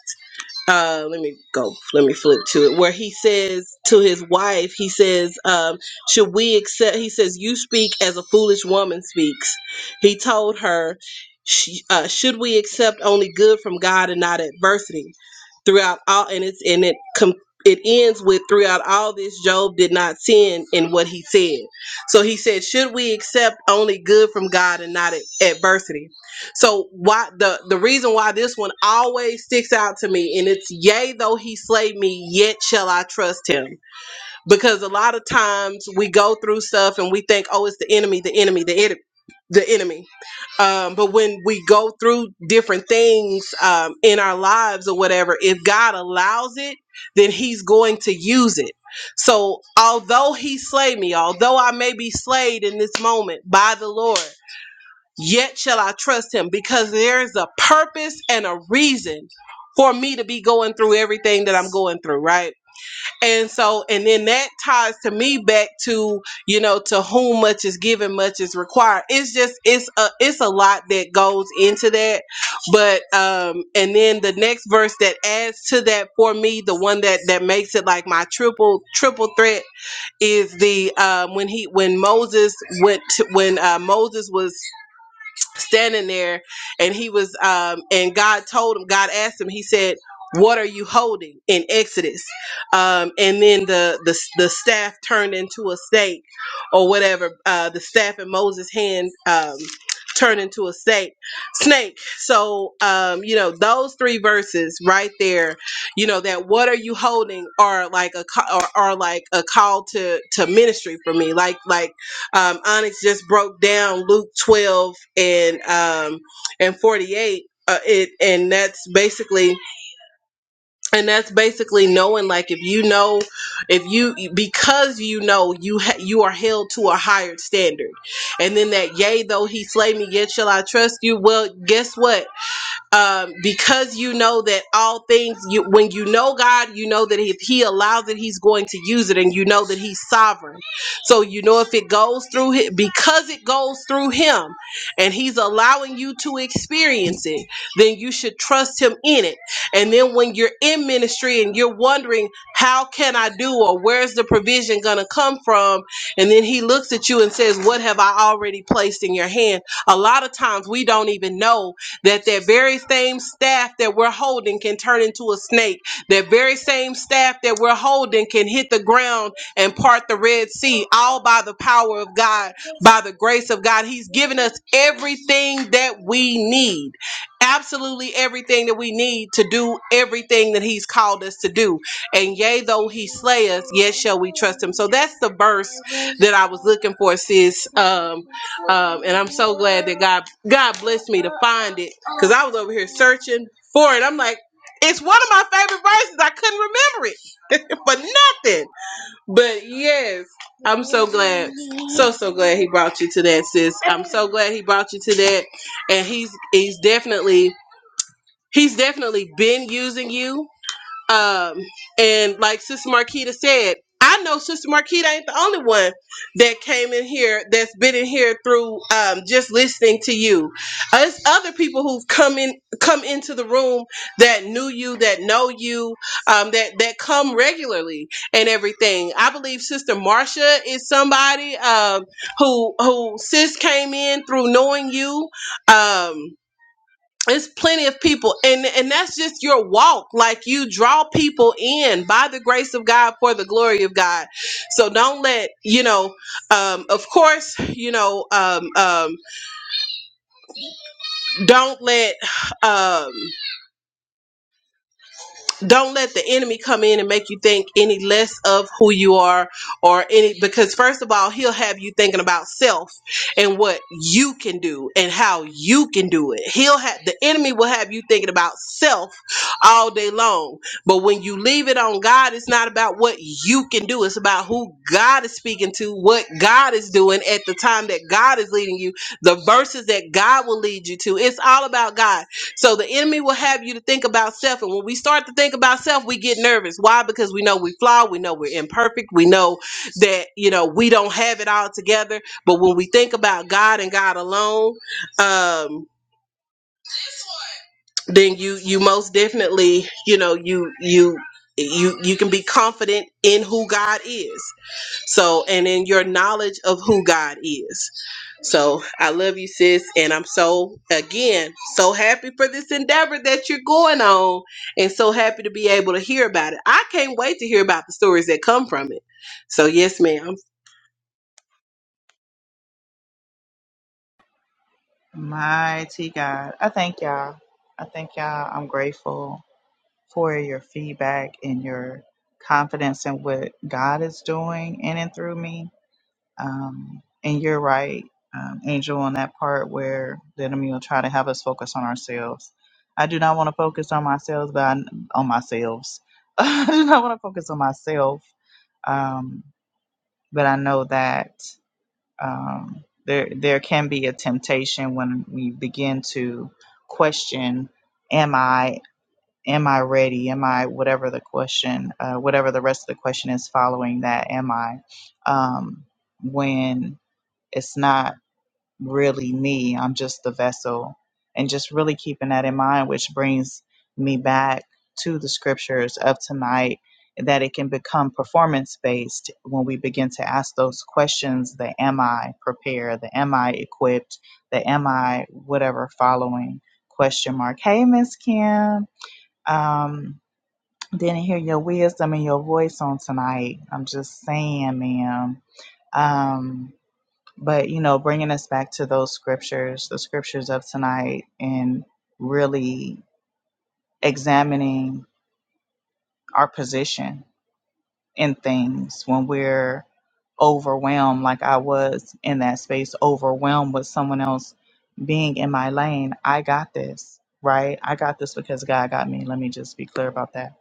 uh let me go let me flip to it where he says to his wife he says um should we accept he says you speak as a foolish woman speaks he told her "Sh- uh, should we accept only good from god and not adversity throughout all and it's and it com- it ends with throughout all this job did not sin in what he said so he said should we accept only good from god and not ad- adversity so why the the reason why this one always sticks out to me, and it's yea though he slay me, yet shall I trust him. Because a lot of times we go through stuff and we think, oh, it's the enemy, the enemy, the enemy. The enemy, um, but when we go through different things um, in our lives or whatever, if God allows it, then He's going to use it. So, although He slay me, although I may be slayed in this moment by the Lord, Yet shall I trust him because there is a purpose and a reason for me to be going through everything that I'm going through, right? And so, and then that ties to me back to, you know, to whom much is given, much is required. It's just, it's a, it's a lot that goes into that. But, um, and then the next verse that adds to that for me, the one that, that makes it like my triple, triple threat is the, um, when he, when Moses went, to, when, uh, Moses was standing there and he was um and god told him god asked him he said what are you holding in exodus um and then the the, the staff turned into a snake or whatever uh the staff in moses hand um turned into a snake snake so um you know those three verses right there you know that what are you holding are like a ca- are, are like a call to to ministry for me like like um, Onyx just broke down Luke 12 and um, and 48. Uh, it and that's basically and that's basically knowing like if you know if you because you know you ha- you are held to a higher standard and then that yea though he slay me yet shall i trust you well guess what um, because you know that all things you when you know god you know that if he allows it he's going to use it and you know that he's sovereign so you know if it goes through him because it goes through him and he's allowing you to experience it then you should trust him in it and then when you're in ministry and you're wondering how can i do or where's the provision going to come from and then he looks at you and says what have i already placed in your hand a lot of times we don't even know that that very same staff that we're holding can turn into a snake that very same staff that we're holding can hit the ground and part the red sea all by the power of god by the grace of god he's given us everything that we need absolutely everything that we need to do everything that he's called us to do and yea though he slay us yet shall we trust him so that's the verse that i was looking for sis um, um and i'm so glad that god god blessed me to find it Cause I was over here searching for it. I'm like, it's one of my favorite verses. I couldn't remember it for nothing. But yes, I'm so glad. So so glad he brought you to that, sis. I'm so glad he brought you to that. And he's he's definitely he's definitely been using you um, and like Sister Marquita said, I know Sister Marquita ain't the only one that came in here that's been in here through um, just listening to you. Uh, It's other people who've come in, come into the room that knew you, that know you, um, that that come regularly and everything. I believe Sister Marcia is somebody um, who who sis came in through knowing you. Um, it's plenty of people and and that's just your walk like you draw people in by the grace of god for the glory of god so don't let you know um of course you know um um don't let um don't let the enemy come in and make you think any less of who you are or any because first of all he'll have you thinking about self and what you can do and how you can do it he'll have the enemy will have you thinking about self all day long but when you leave it on god it's not about what you can do it's about who god is speaking to what god is doing at the time that god is leading you the verses that god will lead you to it's all about god so the enemy will have you to think about self. And when we start to think about self, we get nervous. Why? Because we know we flaw. We know we're imperfect. We know that, you know, we don't have it all together. But when we think about God and God alone, um, then you, you most definitely, you know, you, you, you, you can be confident in who God is. So, and in your knowledge of who God is. So, I love you, sis. And I'm so, again, so happy for this endeavor that you're going on and so happy to be able to hear about it. I can't wait to hear about the stories that come from it. So, yes, ma'am.
Mighty God. I thank y'all. I thank y'all. I'm grateful for your feedback and your confidence in what God is doing in and through me. Um, and you're right, um, Angel, on that part where the enemy will try to have us focus on ourselves. I do not want to focus on myself, but I, on myself. I do not want to focus on myself. Um, but I know that um, there there can be a temptation when we begin to question am i am i ready am i whatever the question uh, whatever the rest of the question is following that am i um, when it's not really me. I'm just the vessel. And just really keeping that in mind, which brings me back to the scriptures of tonight, that it can become performance based when we begin to ask those questions the am I prepared? The am I equipped? The am I whatever following question mark. Hey, Miss Kim. Um, didn't hear your wisdom and your voice on tonight. I'm just saying, ma'am. Um, but you know bringing us back to those scriptures the scriptures of tonight and really examining our position in things when we're overwhelmed like i was in that space overwhelmed with someone else being in my lane i got this right i got this because god got me let me just be clear about that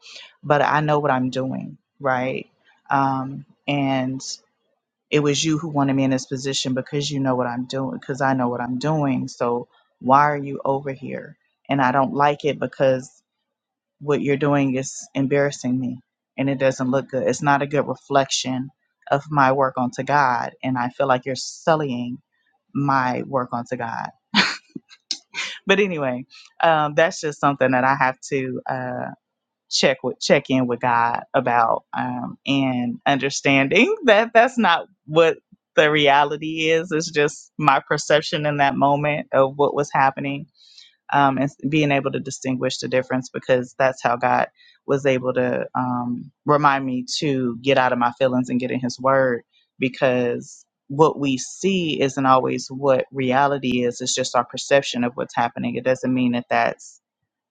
but i know what i'm doing right um, and It was you who wanted me in this position because you know what I'm doing, because I know what I'm doing. So why are you over here? And I don't like it because what you're doing is embarrassing me and it doesn't look good. It's not a good reflection of my work unto God. And I feel like you're sullying my work unto God. But anyway, um, that's just something that I have to. uh, check with check in with God about um, and understanding that that's not what the reality is. It's just my perception in that moment of what was happening um, and being able to distinguish the difference because that's how God was able to um, remind me to get out of my feelings and get in His Word because what we see isn't always what reality is it's just our perception of what's happening it doesn't mean that that's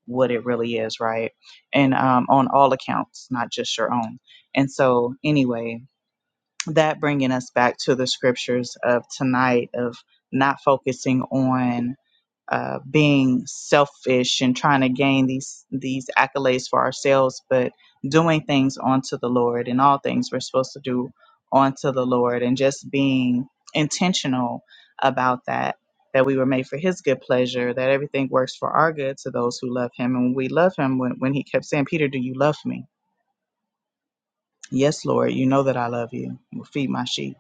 what it really is, right? And um, on all accounts, not just your own. And so, anyway, that bringing us back to the scriptures of tonight of not focusing on uh, being selfish and trying to gain these these accolades for ourselves, but doing things unto the Lord and all things we're supposed to do unto the Lord, and just being intentional about that. That we were made for His good pleasure. That everything works for our good to those who love Him, and we love Him. When when He kept saying, "Peter, do you love me?" Yes, Lord, you know that I love you. "Well, Feed my sheep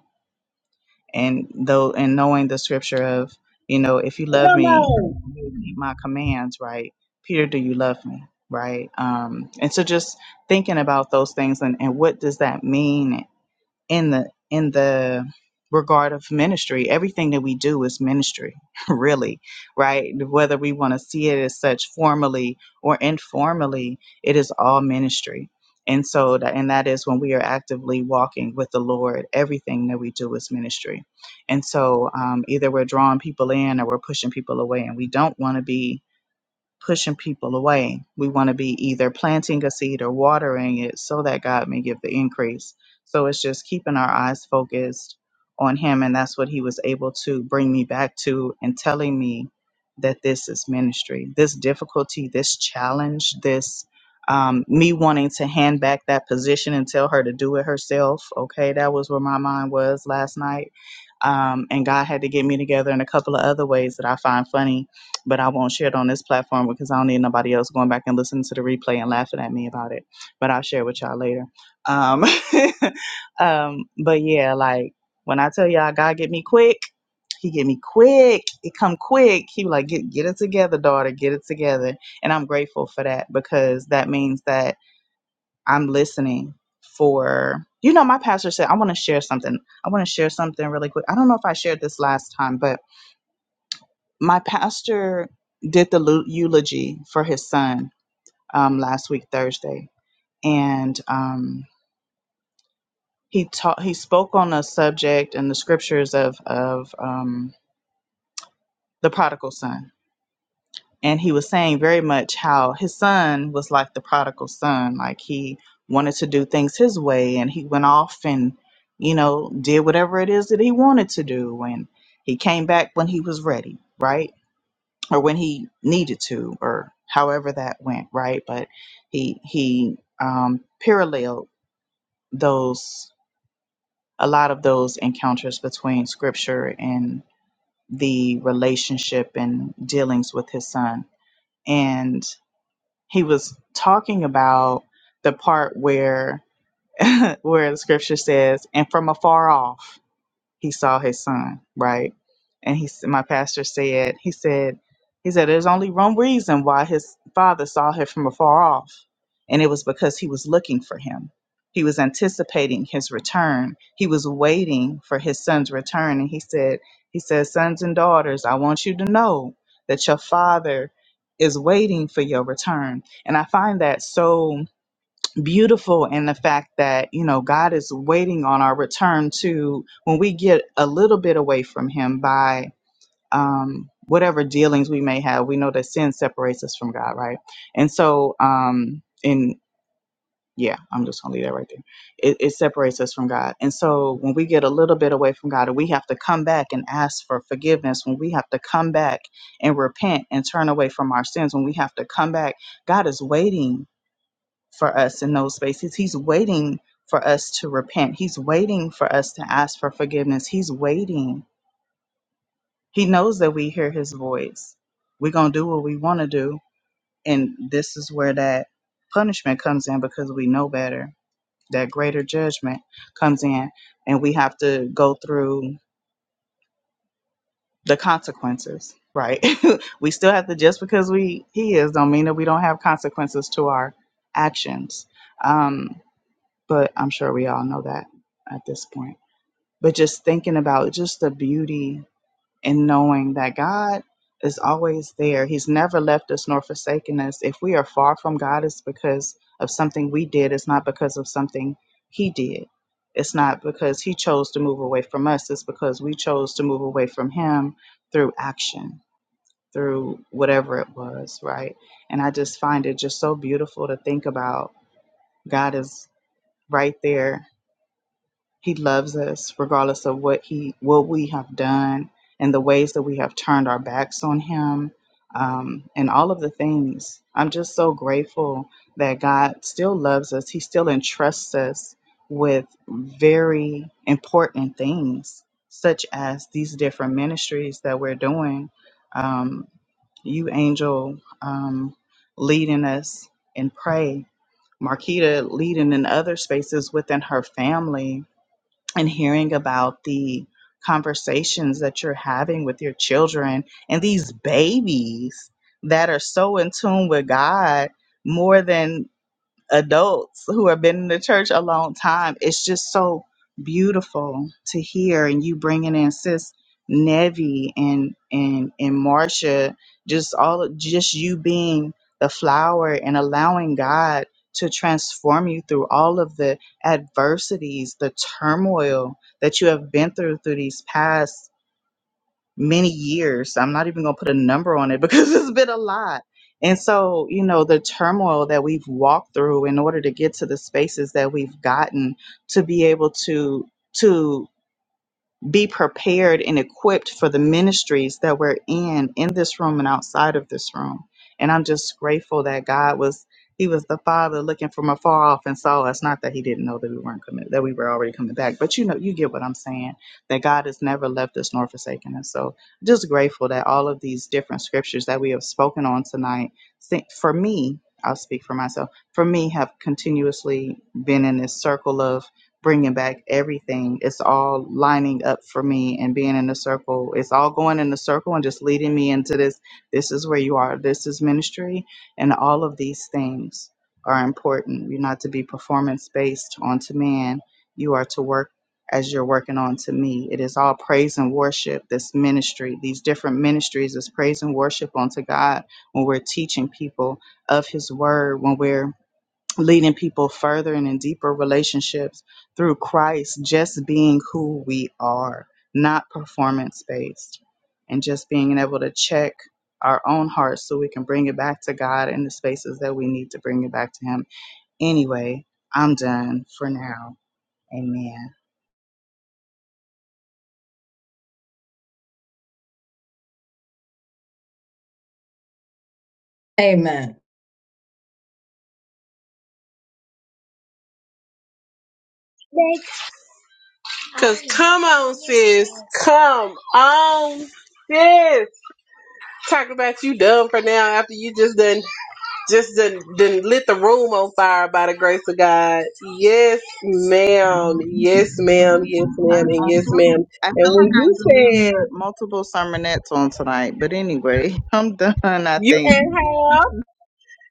and though and knowing the scripture of you know if you love
Come
me
on.
you will keep my commands right peter do you love me right um and so just thinking about those things and, and what does that mean in the in the regard of ministry everything that we do is ministry really right whether we want to see it as such formally or informally it is all ministry and so that and that is when we are actively walking with the lord everything that we do is ministry and so um, either we're drawing people in or we're pushing people away and we don't want to be pushing people away. We want to be either planting a seed or watering it so that God may give the increase. So it's just keeping our eyes focused on Him. And that's what He was able to bring me back to and telling me that this is ministry. This difficulty, this challenge, this um, me wanting to hand back that position and tell her to do it herself. Okay, that was where my mind was last night um, and God had to get me together in a couple of other ways that I find funny, but I won't share it on this platform because I don't need nobody else going back and listening to the replay and laughing at me about it. But I'll share with y'all later. Um, um, but yeah, like when I tell y'all God get me quick, he get me quick. It come quick. He be like get get it together, daughter. Get it together. And I'm grateful for that because that means that I'm listening for you know my pastor said I want to share something. I want to share something really quick. I don't know if I shared this last time, but my pastor did the lu- eulogy for his son um, last week Thursday, and um, he taught he spoke on a subject and the scriptures of of um, the prodigal son and he was saying very much how his son was like the prodigal son like he wanted to do things his way and he went off and you know did whatever it is that he wanted to do and he came back when he was ready right or when he needed to or however that went right but he he um paralleled those a lot of those encounters between scripture and the relationship and dealings with his son and. he was talking about the part where where the scripture says, "And from afar off." he saw his son, right? And he, s- my pastor said, he said, he said, there's only one reason why his father saw him from afar off, and it was because he was looking for him. He was anticipating his return. He was waiting for his son's return, and he said, he says, sons and daughters, I want you to know that your father is waiting for your return. And I find that so beautiful in the fact that you know God is waiting on our return to when we get a little bit away from Him by um, whatever dealings we may have. We know that sin separates us from God, right? And so, um, and yeah, I'm just gonna leave that right there. It, it separates us from God, and so when we get a little bit away from God, we have to come back and ask for forgiveness. When we have to come back and repent and turn away from our sins, when we have to come back, God is waiting for us in those spaces. He's waiting for us to repent. He's waiting for us to ask for forgiveness. He's waiting. He knows that we hear his voice. We're going to do what we want to do. And this is where that punishment comes in because we know better. That greater judgment comes in, and we have to go through the consequences, right? we still have to, just because we, he is, don't mean that we don't have consequences to our actions. Um, but I'm sure we all know that at this point. But just thinking about just the beauty and knowing that God is always there. He's never left us nor forsaken us. If we are far from God, it's because of something we did. It's not because of something He did. It's not because He chose to move away from us. It's because we chose to move away from Him through action, through whatever it was, right? And I just find it just so beautiful to think about God is right there he loves us regardless of what he what we have done and the ways that we have turned our backs on him um, and all of the things. I'm just so grateful that God still loves us. He still entrusts us with very important things, such as these different ministries that we're doing. Um, you, Angel, um, leading us in pray. Marquita leading in other spaces within her family and hearing about the conversations that you're having with your children and these babies that are so in tune with God more than adults who have been in the church a long time. It's just so beautiful to hear, and you bringing in sis Nevi and and and Marcia, just all just you being the flower and allowing God to transform you through all of the adversities, the turmoil that you have been through through these past many years. I'm not even going to put a number on it because it's been a lot. And so, you know, the turmoil that we've walked through in order to get to the spaces that we've gotten to be able to to be prepared and equipped for the ministries that we're in in this room and outside of this room and i'm just grateful that god was he was the father looking from afar off and saw us not that he didn't know that we weren't coming that we were already coming back but you know you get what i'm saying that god has never left us nor forsaken us so just grateful that all of these different scriptures that we have spoken on tonight se- for me i'll speak for myself for me have continuously been in this circle of bringing back everything. It's all lining up for me and being in the circle. It's all going in the circle and just leading me into this. This is where you are. This is ministry. And all of these things are important. You're not to be performance based onto man, you are to work as you're working on to me. It is all praise and worship, this ministry, these different ministries is praise and worship unto God when we're teaching people of his word, when we're leading people further and in deeper relationships through Christ, just being who we are, not performance based, and just being able to check our own hearts so we can bring it back to God in the spaces that we need to bring it back to Him. Anyway, I'm done for now. Amen.
Amen.
Because, come on, sis. Come on, sis. Talk about you done for now after you just done Just done, done lit the room on fire by the grace of God. Yes, ma'am. Yes, ma'am. Yes, ma'am. And
I
yes,
feel
ma'am.
I feel
And when
like I
you
delivered
said
multiple sermonettes on tonight, but anyway, I'm done, I
you
think.
and have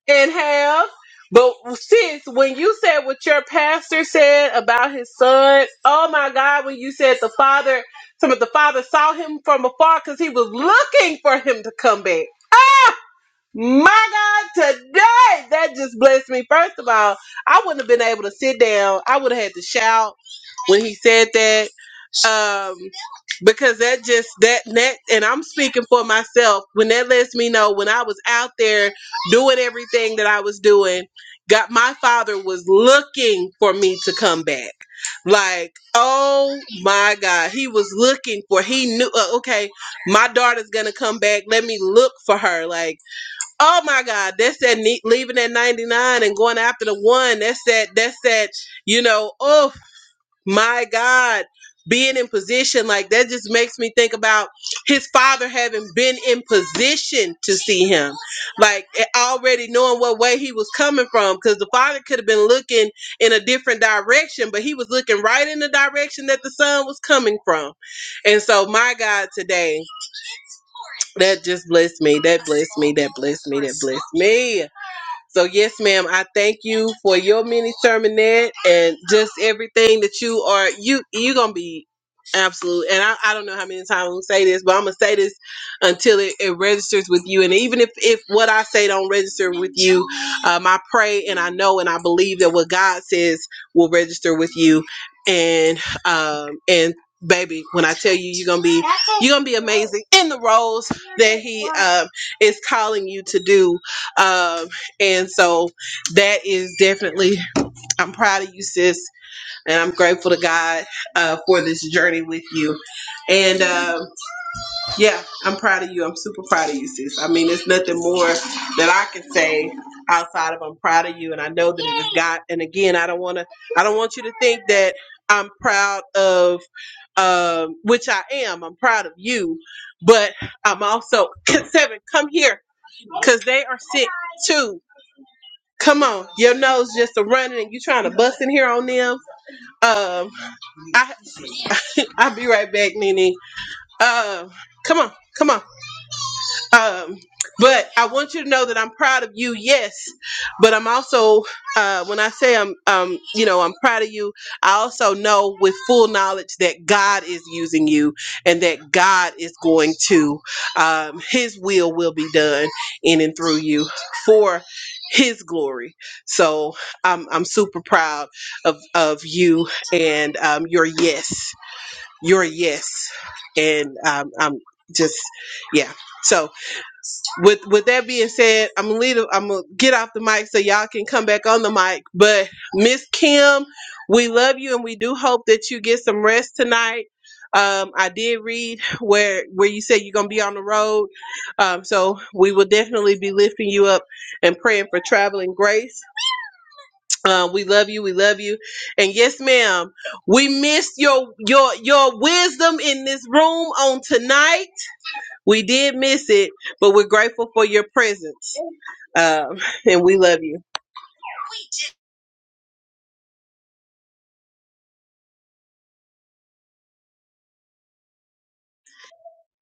and have, but sis, when you said what your pastor said about his son, oh my God, when you said the father, some of the father saw him from afar because he was looking for him to come back. Ah! My God, today that just blessed me. First of all, I wouldn't have been able to sit down. I would have had to shout when he said that. Um because that just that that and I'm speaking for myself when that lets me know when I was out there doing everything that I was doing, God, my father was looking for me to come back. Like, oh my God, he was looking for he knew uh, okay, my daughter's gonna come back. Let me look for her. Like Oh my God, that's that neat leaving at 99 and going after the one. That's that, that's that, you know, oh my God, being in position. Like that just makes me think about his father having been in position to see him. Like eh, already knowing what way he was coming from. Because the father could have been looking in a different direction, but he was looking right in the direction that the son was coming from. And so, my God, today, that just blessed me. That blessed me. That blessed me. That blessed me. So yes, ma'am, I thank you for your mini sermonette and just everything that you are. You you gonna be absolute, and I, I don't know how many times I'm gonna say this, but I'm gonna say this until it, it registers with you. And even if if what I say don't register with you, um, I pray and I know and I believe that what God says will register with you. And um and baby, when I tell you, you're gonna be you're gonna be amazing in the roles that He um is calling you to do. Um, and so that is definitely, I'm proud of you, sis, and I'm grateful to God uh, for this journey with you. And uh, yeah, I'm proud of you. I'm super proud of you, sis. I mean, there's nothing more that I can say outside of I'm proud of you, and I know that it is God. And again, I don't want to, I don't want you to think that I'm proud of, um, which I am. I'm proud of you, but I'm also seven. Come here, cause they are sick too Come on, your nose just a running and you trying to bust in here on them. Um, I I'll be right back, Nene. Um, come on, come on. Um, but I want you to know that I'm proud of you, yes. But I'm also, uh, when I say I'm, um, you know, I'm proud of you, I also know with full knowledge that God is using you and that God is going to, um, His will will be done in and through you for His glory. So I'm, I'm super proud of, of you and um, your yes, your yes. And um, I'm just, yeah. So with with that being said, I'm gonna leave. I'm gonna get off the mic so y'all can come back on the mic. But Miss Kim, we love you and we do hope that you get some rest tonight. Um, I did read where where you said you're gonna be on the road, um, so we will definitely be lifting you up and praying for traveling grace. Uh, we love you. We love you. And yes, ma'am, we missed your your your wisdom in this room on tonight. We did miss it, but we're grateful for your presence. Um, and we love you.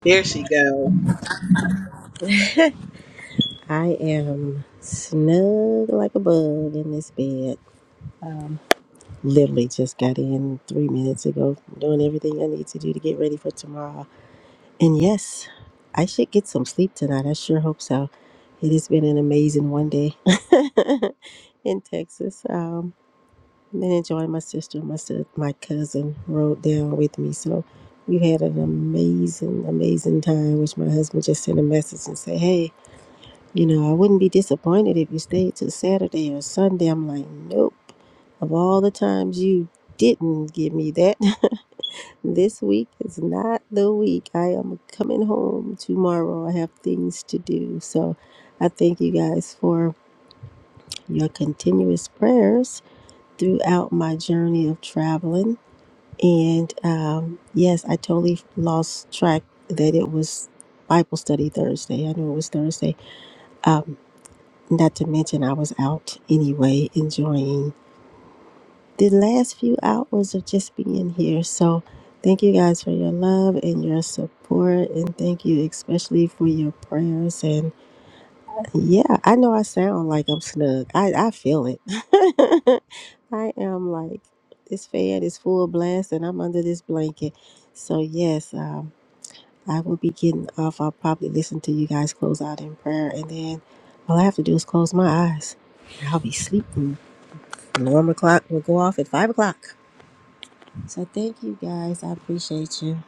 There she goes.
I am snug like a bug in this bed. Literally just got in three minutes ago, doing everything I need to do to get ready for tomorrow. And yes, I should get some sleep tonight. I sure hope so. It has been an amazing one day in Texas. Um, been enjoying my sister, my sis- my cousin rode down with me, so we had an amazing, amazing time. Which my husband just sent a message and said, "Hey." You know, I wouldn't be disappointed if you stayed till Saturday or Sunday. I'm like, nope. Of all the times you didn't give me that, this week is not the week. I am coming home tomorrow. I have things to do. So I thank you guys for your continuous prayers throughout my journey of traveling. And um, yes, I totally lost track that it was Bible study Thursday. I know it was Thursday. Um, Not to mention, I was out anyway, enjoying the last few hours of just being here. So, thank you guys for your love and your support. And thank you especially for your prayers. And yeah, I know I sound like I'm snug, I, I feel it. I am like, this fan is full blast and I'm under this blanket. So, yes, um, I will be getting off. I'll probably listen to you guys close out in prayer, and then all I have to do is close my eyes. and I'll be sleeping. Alarm clock will go off at five o'clock. So thank you guys. I appreciate you.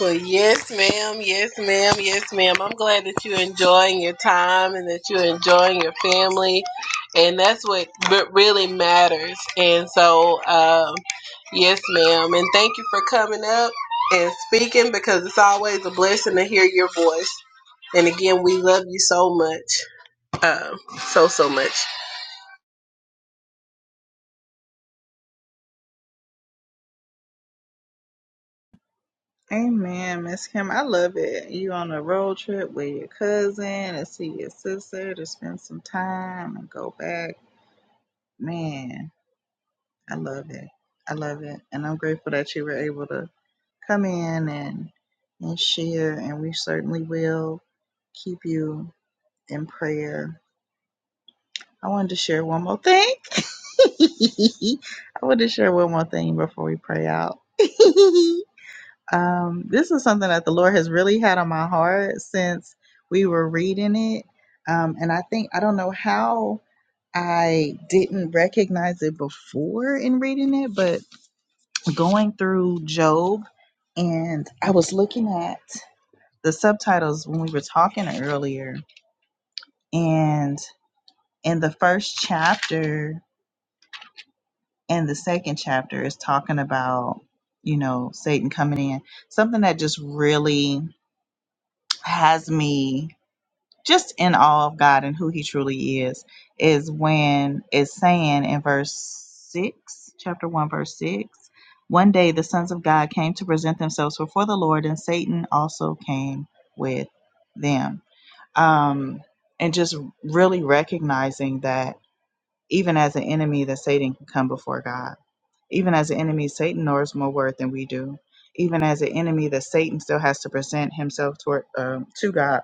Well, yes, ma'am. Yes, ma'am. Yes, ma'am. I'm glad that you're enjoying your time and that you're enjoying your family. And that's what re- really matters. And so, um, yes, ma'am. And thank you for coming up and speaking because it's always a blessing to hear your voice. And again, we love you so much. Um, so, so much.
Amen, Miss Kim. I love it. You on a road trip with your cousin and see your sister to spend some time and go back. Man, I love it. I love it. And I'm grateful that you were able to come in and and share and we certainly will keep you in prayer. I wanted to share one more thing. I wanted to share one more thing before we pray out. Um, this is something that the Lord has really had on my heart since we were reading it. Um, and I think, I don't know how I didn't recognize it before in reading it, but going through Job, and I was looking at the subtitles when we were talking earlier, and in the first chapter and the second chapter is talking about, you know, Satan coming in, something that just really has me. just in awe of God and who He truly is, is when it's saying in verse 6, chapter 1, verse 6, one day the sons of God came to present themselves before the Lord, and Satan also came with them. Um, and just really recognizing that even as an enemy, that Satan can come before God. Even as an enemy, Satan knows more word than we do. Even as an enemy, that Satan still has to present himself toward um, to God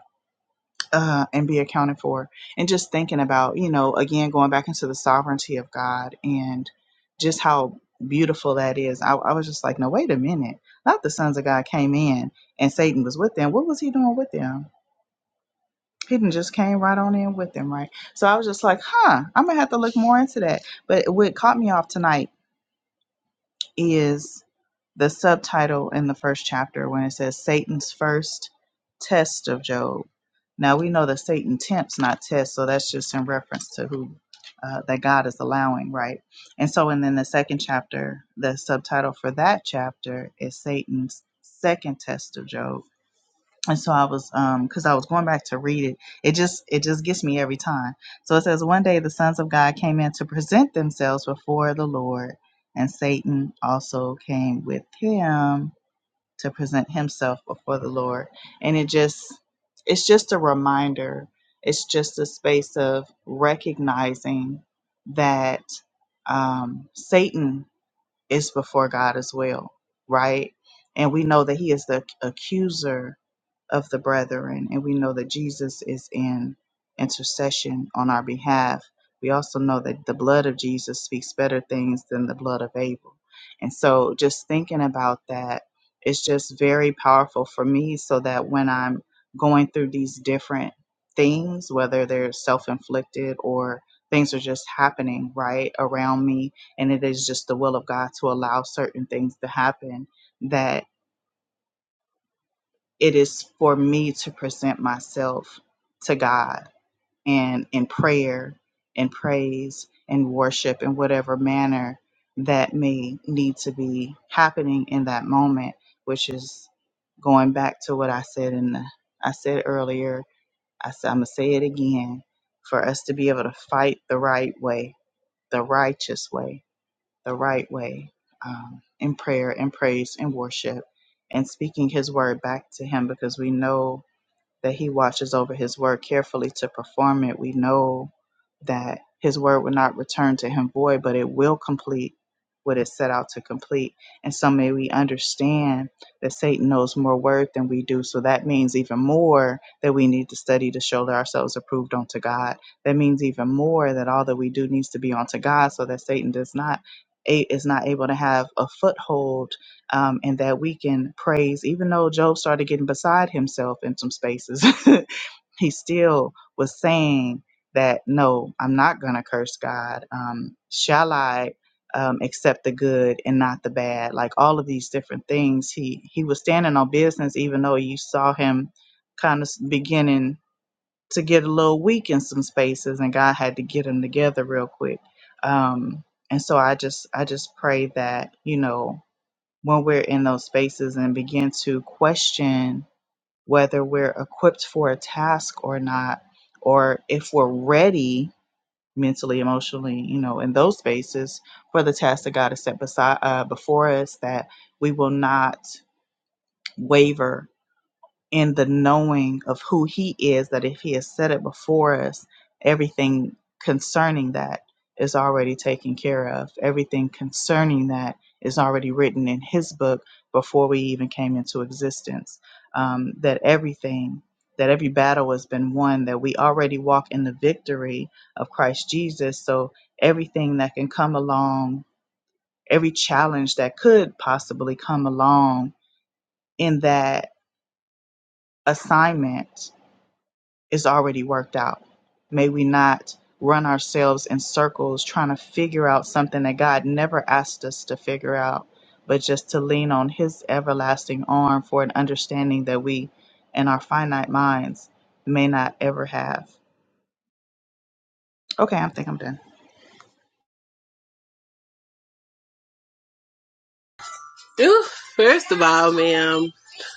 uh, and be accounted for. And just thinking about, you know, again, going back into the sovereignty of God and just how beautiful that is. I, I was just like, no, wait a minute. Not the sons of God came in and Satan was with them. What was he doing with them? He didn't just came right on in with them, right? So I was just like, huh, I'm going to have to look more into that. But what caught me off tonight is the subtitle in the first chapter when it says Satan's first test of Job. Now we know that Satan tempts, not tests, so that's just in reference to who uh, that God is allowing, right? And so, and then the second chapter, the subtitle for that chapter is Satan's second test of Job and so I was um because I was going back to read it. It just it just gets me every time. So it says one day the sons of God came in to present themselves before the Lord, and Satan also came with him to present himself before the Lord. And it just it's just a reminder. It's just a space of recognizing that um, Satan is before God as well, right? And we know that he is the accuser of the brethren, and we know that Jesus is in intercession on our behalf. We also know that the blood of Jesus speaks better things than the blood of Abel. And so, just thinking about that, it's just very powerful for me so that when I'm going through these different things, whether they're self inflicted or things are just happening right around me, and it is just the will of God to allow certain things to happen, that. It is for me to present myself to God and in prayer and praise and worship in whatever manner that may need to be happening in that moment, which is going back to what I said in the, I said earlier. I said I'm gonna say it again. For us to be able to fight the right way, the righteous way, the right way, um, in prayer and praise and worship, and speaking His word back to Him, because we know that he watches over his word carefully to perform it, we know that his word will not return to him void, but it will complete what it set out to complete. And so may we understand that Satan knows more word than we do. So that means even more that we need to study to show that ourselves approved unto God. That means even more that all that we do needs to be unto God so that Satan does not a- is not able to have a foothold um, and that we can praise. Even though Job started getting beside himself in some spaces, he still was saying that, no, I'm not going to curse God. Um, shall I? Um, accept the good and not the bad, like all of these different things. He he was standing on business, even though you saw him kind of beginning to get a little weak in some spaces, and God had to get him together real quick. Um, and so I just I just pray that you know when we're in those spaces and begin to question whether we're equipped for a task or not, or if we're ready mentally, emotionally, you know, in those spaces for the task that God has set beside uh, before us, that we will not waver in the knowing of who he is that if he has said it before us everything concerning that is already taken care of everything concerning that is already written in his book before we even came into existence um, that everything that every battle has been won that we already walk in the victory of christ jesus so everything that can come along every challenge that could possibly come along in that assignment is already worked out. May we not run ourselves in circles trying to figure out something that God never asked us to figure out, but just to lean on His everlasting arm for an understanding that we, in our finite minds, may not ever have. Okay, I think I'm done.
Ooh, first of all, ma'am.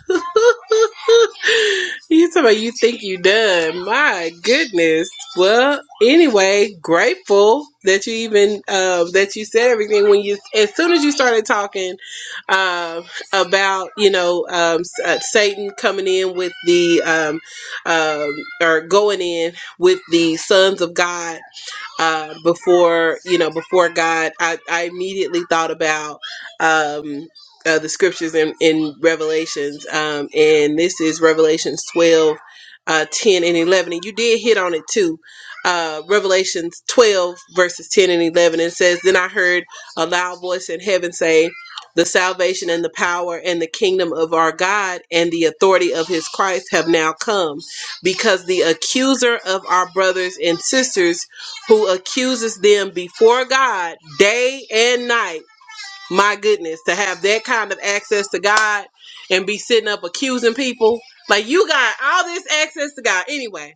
you talking about you think you done. My goodness. Well, anyway, grateful that you even uh, that you said everything when you as soon as you started talking um about, you know, um, uh, Satan coming in with the um, um or going in with the sons of God uh, before you know before God. I, I immediately thought about um, uh, the scriptures in, in Revelations, um, and this is Revelations 12, uh, 10 and 11, and you did hit on it too. Uh, Revelations 12 verses 10 and 11 and it says, "Then I heard a loud voice in heaven say." The salvation and the power and the kingdom of our God and the authority of his Christ have now come because the accuser of our brothers and sisters who accuses them before God day and night. My goodness, to have that kind of access to God and be sitting up accusing people. Like you got all this access to God anyway.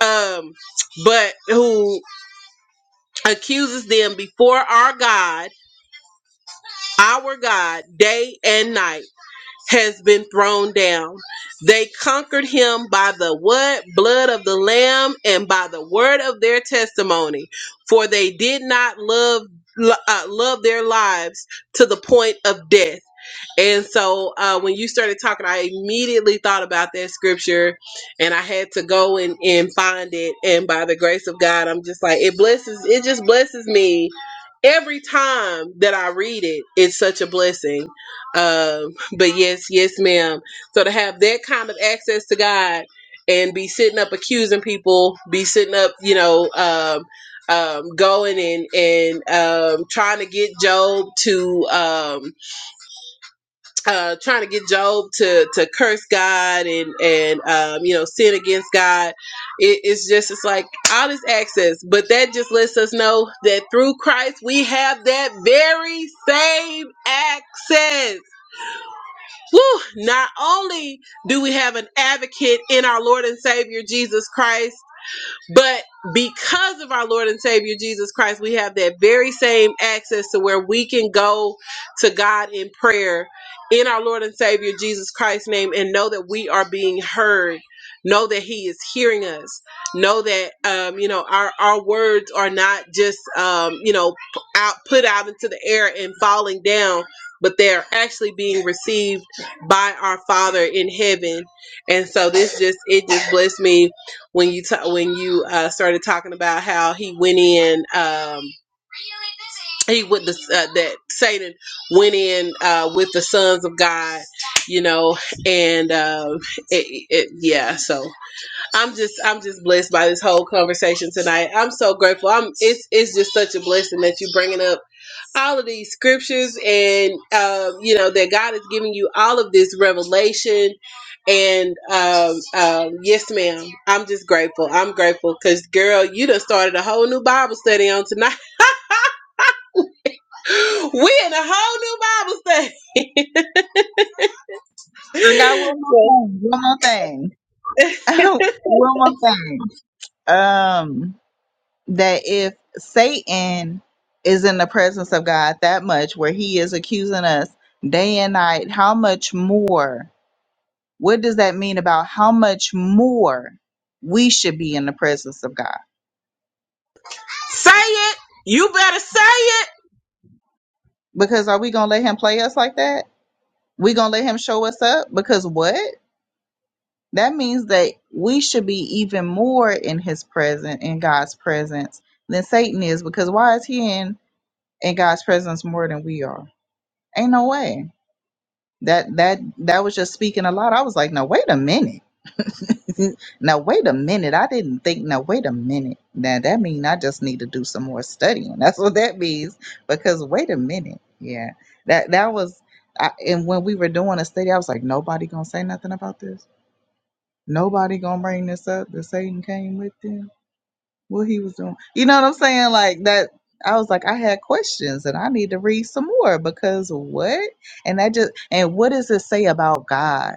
Um, but who accuses them before our God, our God, day and night has been thrown down. They conquered him by the what? Blood of the lamb and by the word of their testimony, for they did not love uh, love their lives to the point of death. And so uh, when you started talking, I immediately thought about that scripture and I had to go and, and find it. And by the grace of God, I'm just like, it blesses, it just blesses me every time that I read it. It's such a blessing. Um, but yes, yes, ma'am. So to have that kind of access to God and be sitting up accusing people, be sitting up, you know, um, um, going and and um, trying to get Job to um, uh, trying to get Job to to curse God and and um, you know sin against God. It, it's just it's like all this access, but that just lets us know that through Christ we have that very same access Woo! not only do we have an advocate in our Lord and Savior Jesus Christ, but because of our Lord and Savior Jesus Christ, we have that very same access to where we can go to God in prayer in our Lord and Savior Jesus Christ's name and know that we are being heard. Know that He is hearing us. Know that um, you know our our words are not just um, you know p- out put out into the air and falling down, but they are actually being received by our Father in heaven. And so this just it just blessed me when you ta- when you uh, started talking about how he went in um, he with the uh, that Satan went in uh, with the sons of God, you know, and um, it, it yeah so. I'm just I'm just blessed by this whole conversation tonight. I'm so grateful. I'm it's it's just such a blessing that you bringing up all of these scriptures and um, you know that God is giving you all of this revelation. And um, um, yes, ma'am. I'm just grateful. I'm grateful because girl, you done started a whole new Bible study on tonight. we in a whole new Bible study.
I got one
Well,
more thing. One more thing. one more thing. Um, that if Satan is in the presence of God that much, where he is accusing us day and night, how much more? What does that mean about how much more we should be in the presence of God?
say it. You better say it.
Because are we going to let him play us like that? We going to let him show us up? Because what? That means that we should be even more in his presence, in God's presence than Satan is. Because why is he in, in God's presence more than we are? Ain't no way. That that that was just speaking a lot. I was like, now wait a minute. now wait a minute. I didn't think. Now wait a minute. Now that means I just need to do some more studying. That's what that means. Because wait a minute. Yeah. That that was. I, and when we were doing a study, I was like, nobody gonna say nothing about this. Nobody gonna bring this up. That Satan came with them. What he was doing. You know what I'm saying? Like that. I was like, I had questions and I need to read some more because what? And that just and what does it say about God?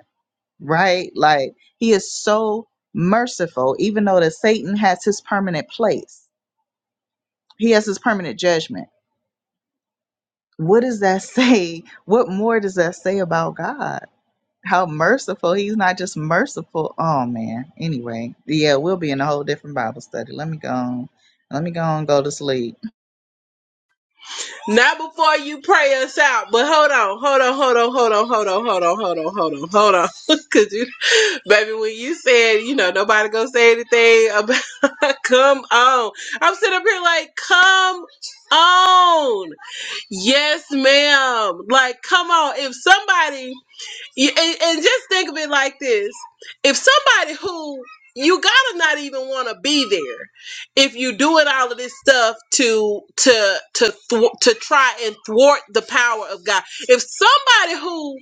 right? Like he is so merciful, even though that Satan has his permanent place. He has his permanent judgment. What does that say? What more does that say about God? How merciful. He's not just merciful. Oh man. Anyway, yeah, we'll be in a whole different Bible study. Let me go on. Let me go and go to sleep.
Not before you pray us out, but hold on, hold on, hold on, hold on, hold on, hold on, hold on, hold on, hold on. Cause you, baby, when you said, you know, nobody gonna say anything about, come on. I'm sitting up here like, come on. Yes, ma'am. Like, come on. If somebody you- and, and just think of it like this if somebody who you gotta not even want to be there if you doing all of this stuff to to to thwart, to try and thwart the power of god if somebody who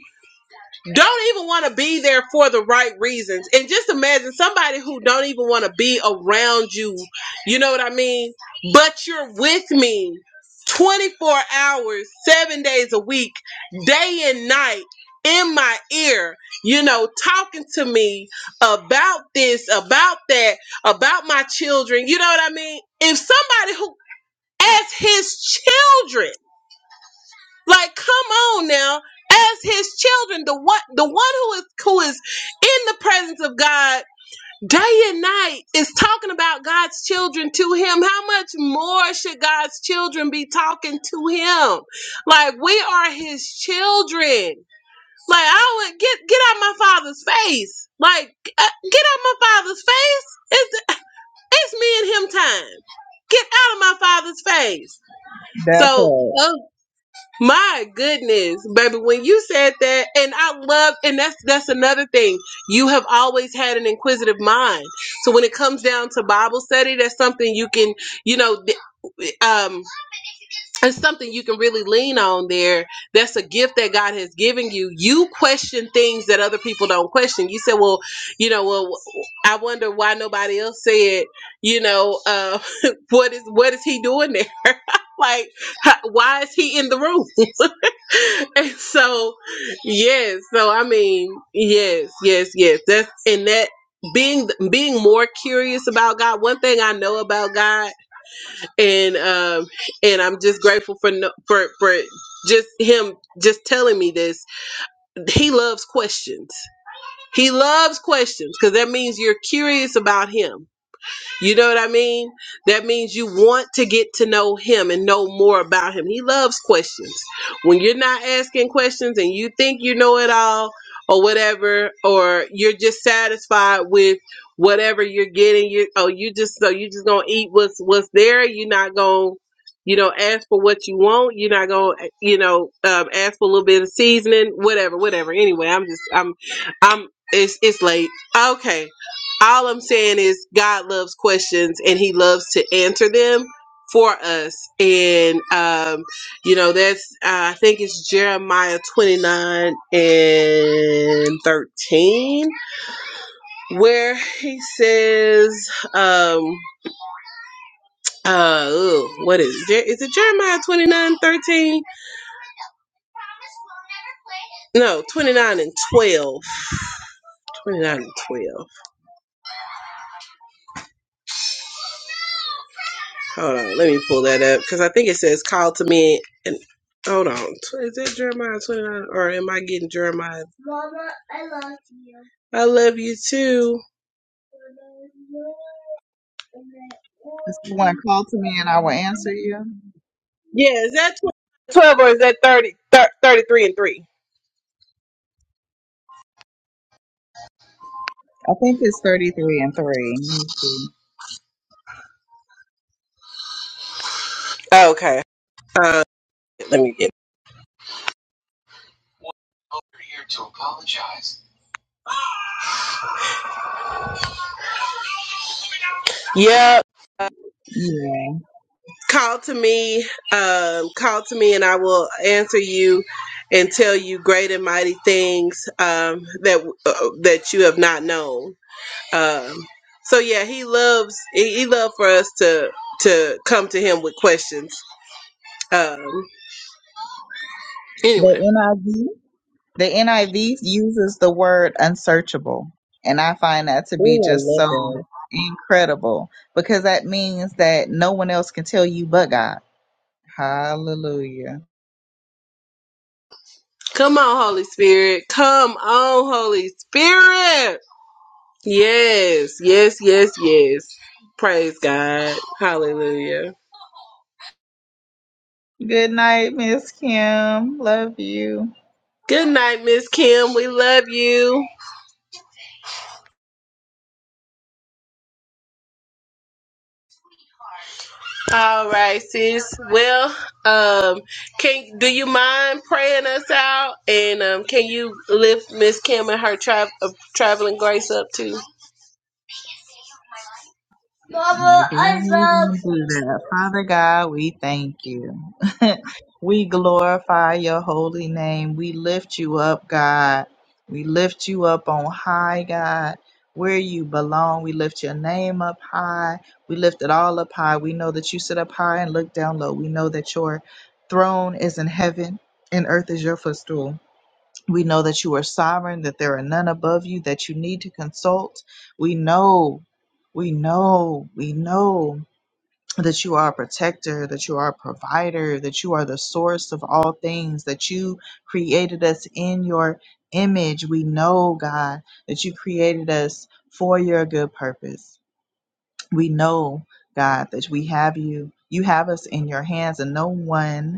don't even want to be there for the right reasons and just imagine somebody who don't even want to be around you you know what i mean but you're with me 24 hours 7 days a week day and night in my ear you know talking to me about this about that about my children you know what i mean if somebody who as his children like, come on now. As his children, the one the one who is who is in the presence of God day and night is talking about God's children to him. How much more should God's children be talking to him? Like we are his children. Like I would get get out my father's face. Like uh, get out my father's face. It's it's me and him time. Get out of my father's face.
That
So
part.
my goodness, baby, when you said that, and I love, and that's that's another thing. You have always had an inquisitive mind. So when it comes down to Bible study, that's something you can, you know, th- um, it's something you can really lean on there that's a gift that god has given you you question things that other people don't question you say well you know well i wonder why nobody else said you know uh, what is what is he doing there like how- why is he in the room and so yes so i mean yes yes yes that's and that being being more curious about god one thing i know about god and um and I'm just grateful for no, for for just him just telling me this. He loves questions. He loves questions because that means you're curious about him. You know what I mean? That means you want to get to know him and know more about him. He loves questions. When you're not asking questions and you think you know it all or whatever, or you're just satisfied with whatever you're getting, you oh you just so you just gonna eat what's what's there. You're not gonna you know ask for what you want. You're not gonna eh, you know um, ask for a little bit of seasoning, whatever, whatever. Anyway, I'm just I'm I'm it's it's late. Okay all I'm saying is God loves questions and he loves to answer them for us. And, um, you know, that's, uh, I think it's Jeremiah 29 and 13 where he says, um, uh, ugh, what is it? Is it Jeremiah 29 13? No, 29 and 12. 29 and 12. Hold on, let me pull that up because I think it says call to me and hold on. Is that Jeremiah 29 or am I getting Jeremiah? I love you too.
This is one call to me and I will answer you.
Yeah, is that 12 or is that 30, thir- 33 and 3?
I think it's 33 and 3. Let me see.
Okay. Uh, let me get. Yep. Uh,
Yeah.
call to me. Um, call to me and I will answer you and tell you great and mighty things um, that uh, that you have not known. Um, so yeah, he loves he, he loved for us to to come to him with questions. Um, anyway,
The NIV The NIV uses the word unsearchable, and I find that to be
Oh, I
just
love
so
that.
incredible because that means that no one else can tell you but God. Hallelujah.
come on, Holy Spirit, come on, Holy Spirit. Yes, yes, yes, yes. Praise God. Hallelujah.
Good night, Miss Kim. Love you.
Good night, Miss Kim. We love you. All right, sis. Well, um, can do you mind praying us out? And um, can you lift Miss Kim and her tra- uh, traveling grace up too?
No, they ain't going do that. Father God, we thank you. we glorify your holy name. We lift you up, God. We lift you up on high, God. Where you belong, we lift your name up high. We lift it all up high. We know that you sit up high and look down low. We know that your throne is in heaven and earth is your footstool. We know that you are sovereign, that there are none above you that you need to consult. We know, we know, we know that you are a protector, that you are a provider, that you are the source of all things, that you created us in your image. We know, God, that you created us for your good purpose. We know, God, that we have you. You have us in your hands, and no one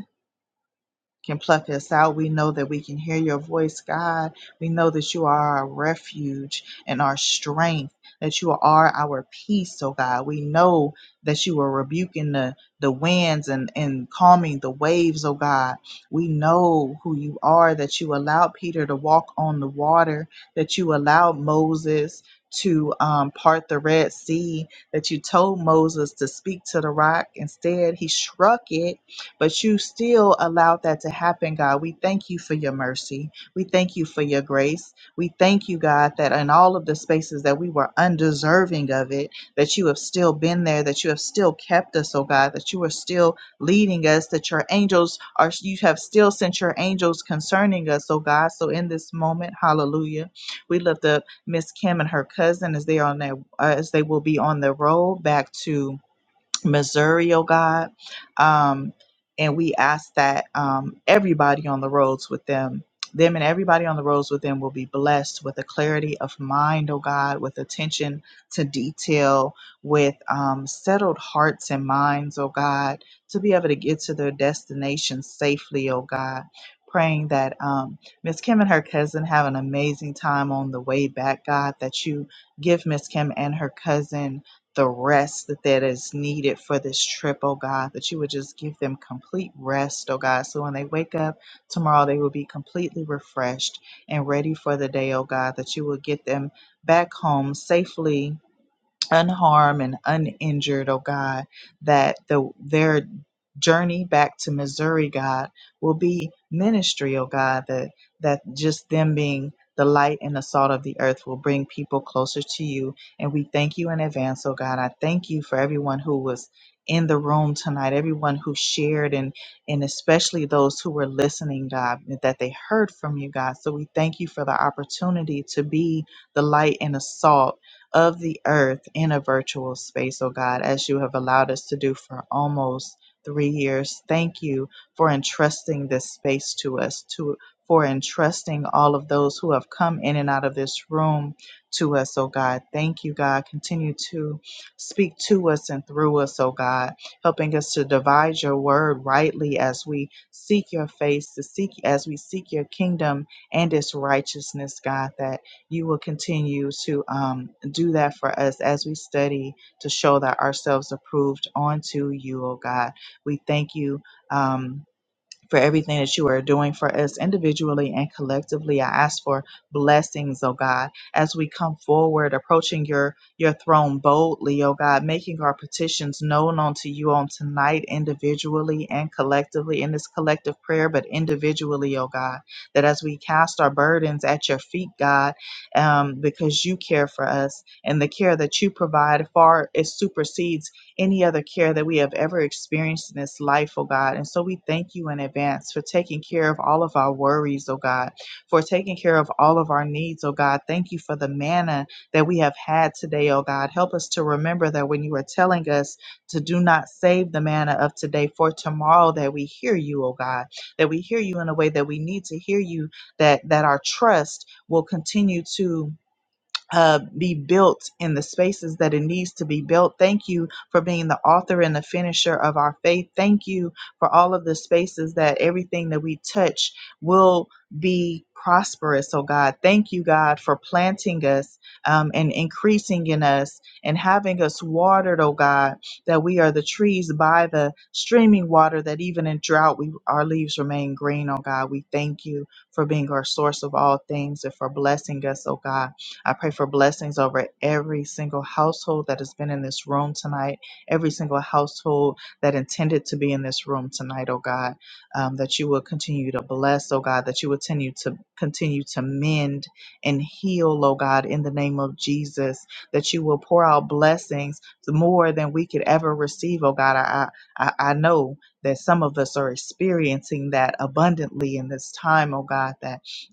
can pluck us out. We know that we can hear your voice, God. We know that you are our refuge and our strength, that you are our peace, oh God. We know that you are rebuking the, the winds and, and calming the waves, oh God. We know who you are, that you allowed Peter to walk on the water, that you allowed Moses to um, part the Red Sea, that you told Moses to speak to the rock. Instead, he struck it but you still allowed that to happen, God. We thank you for your mercy. We thank you for your grace. We thank you, God, that in all of the spaces that we were undeserving of it, that you have still been there, that you have still kept us, oh God, that you are still leading us, that your angels are, you have still sent your angels concerning us, oh God. So in this moment, hallelujah, we lift up Miss Kim and her cousin as they are on their, uh, as they will be on the road back to Missouri, oh God. Um, and we ask that um, everybody on the roads with them, them and everybody on the roads with them will be blessed with a clarity of mind, oh God, with attention to detail, with um, settled hearts and minds, oh God, to be able to get to their destination safely, oh God. Praying that um, Miss Kim and her cousin have an amazing time on the way back, God, that you give Miss Kim and her cousin the rest that, that is needed for this trip, oh God, that you would just give them complete rest, oh God. So when they wake up tomorrow, they will be completely refreshed and ready for the day, oh God, that you will get them back home safely unharmed and uninjured, oh God, that the their journey back to Missouri, God, will be ministry, oh God, that that just them being the light and the salt of the earth will bring people closer to you. And we thank you in advance, oh God. I thank you for everyone who was in the room tonight, everyone who shared and and especially those who were listening, God, that they heard from you, God. So we thank you for the opportunity to be the light and the salt of the earth in a virtual space, oh God, as you have allowed us to do for almost three years. Thank you for entrusting this space to us, to for entrusting all of those who have come in and out of this room to us, oh God. Thank you, God. Continue to speak to us and through us, oh God, helping us to divide your word rightly as we seek your face, to seek as we seek your kingdom and its righteousness, God, that you will continue to um, do that for us as we study to show that ourselves approved unto you, oh God. We thank you. Um, for everything that you are doing for us individually and collectively. I ask for blessings, oh God, as we come forward, approaching your your throne boldly, oh God, making our petitions known unto you on tonight, individually and collectively in this collective prayer, but individually, oh God, that as we cast our burdens at your feet, God, um, because you care for us and the care that you provide far it supersedes any other care that we have ever experienced in this life, oh God. And so we thank you in advance for taking care of all of our worries, oh God, for taking care of all of our needs, oh God. Thank you for the manna that we have had today, oh God. Help us to remember that when you are telling us to do not save the manna of today for tomorrow, that we hear you, oh God, that we hear you in a way that we need to hear you, that that our trust will continue to uh, be built in the spaces that it needs to be built. Thank you for being the author and the finisher of our faith. Thank you for all of the spaces that everything that we touch will be prosperous. Oh God, thank you, God, for planting us um, and increasing in us and having us watered, oh God, that we are the trees by the streaming water that even in drought we our leaves remain green, oh God. We thank you for being our source of all things and for blessing us, oh God. I pray for blessings over every single household that has been in this room tonight, every single household that intended to be in this room tonight, oh God, um, that you will continue to bless, oh God, that you will continue to continue to mend and heal, oh God, in the name of Jesus, that you will pour out blessings more than we could ever receive, oh God. I I, I I know that some of us are experiencing that abundantly in this time, oh God, that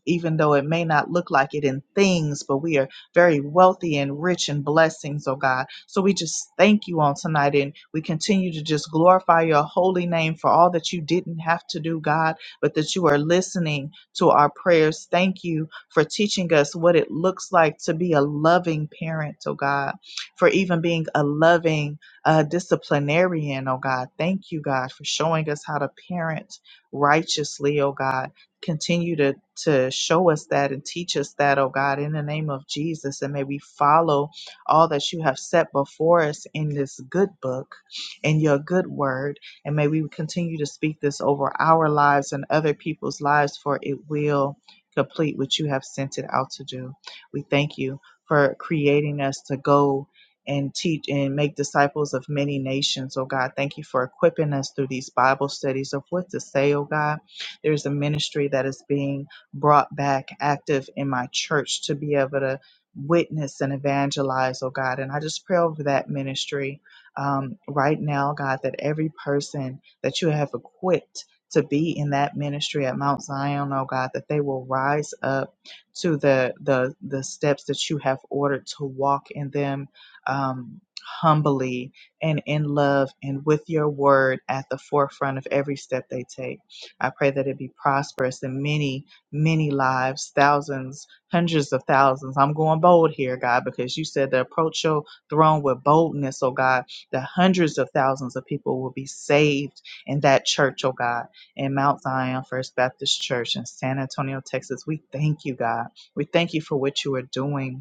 even though it may not look like it in things, but we are very wealthy and rich in blessings, oh God. So we just thank you on tonight and we continue to just glorify your holy name for all that you didn't have to do, God, but that you are listening to our prayers. Thank you for teaching us what it looks like to be a loving parent, oh God, for even being a loving uh, disciplinarian, oh God. Thank you, God, for showing us how to parent righteously, oh God Continue to, to show us that and teach us that, oh God, in the name of Jesus. And may we follow all that you have set before us in this good book, in your good word. And may we continue to speak this over our lives and other people's lives, for it will complete what you have sent it out to do. We thank you for creating us to go and teach and make disciples of many nations, oh God. Thank you for equipping us through these Bible studies of what to say, oh God. There's a ministry that is being brought back active in my church to be able to witness and evangelize, oh God. And I just pray over that ministry um, right now, God, that every person that you have equipped to be in that ministry at Mount Zion, oh God, that they will rise up to the the the steps that you have ordered to walk in them um, humbly and in love and with your word at the forefront of every step they take. I pray that it be prosperous in many, many lives, thousands, hundreds of thousands. I'm going bold here, God, because you said to approach your throne with boldness, oh God, that hundreds of thousands of people will be saved in that church, oh God, in Mount Zion First Baptist Church in San Antonio, Texas. We thank you, God. We thank you for what you are doing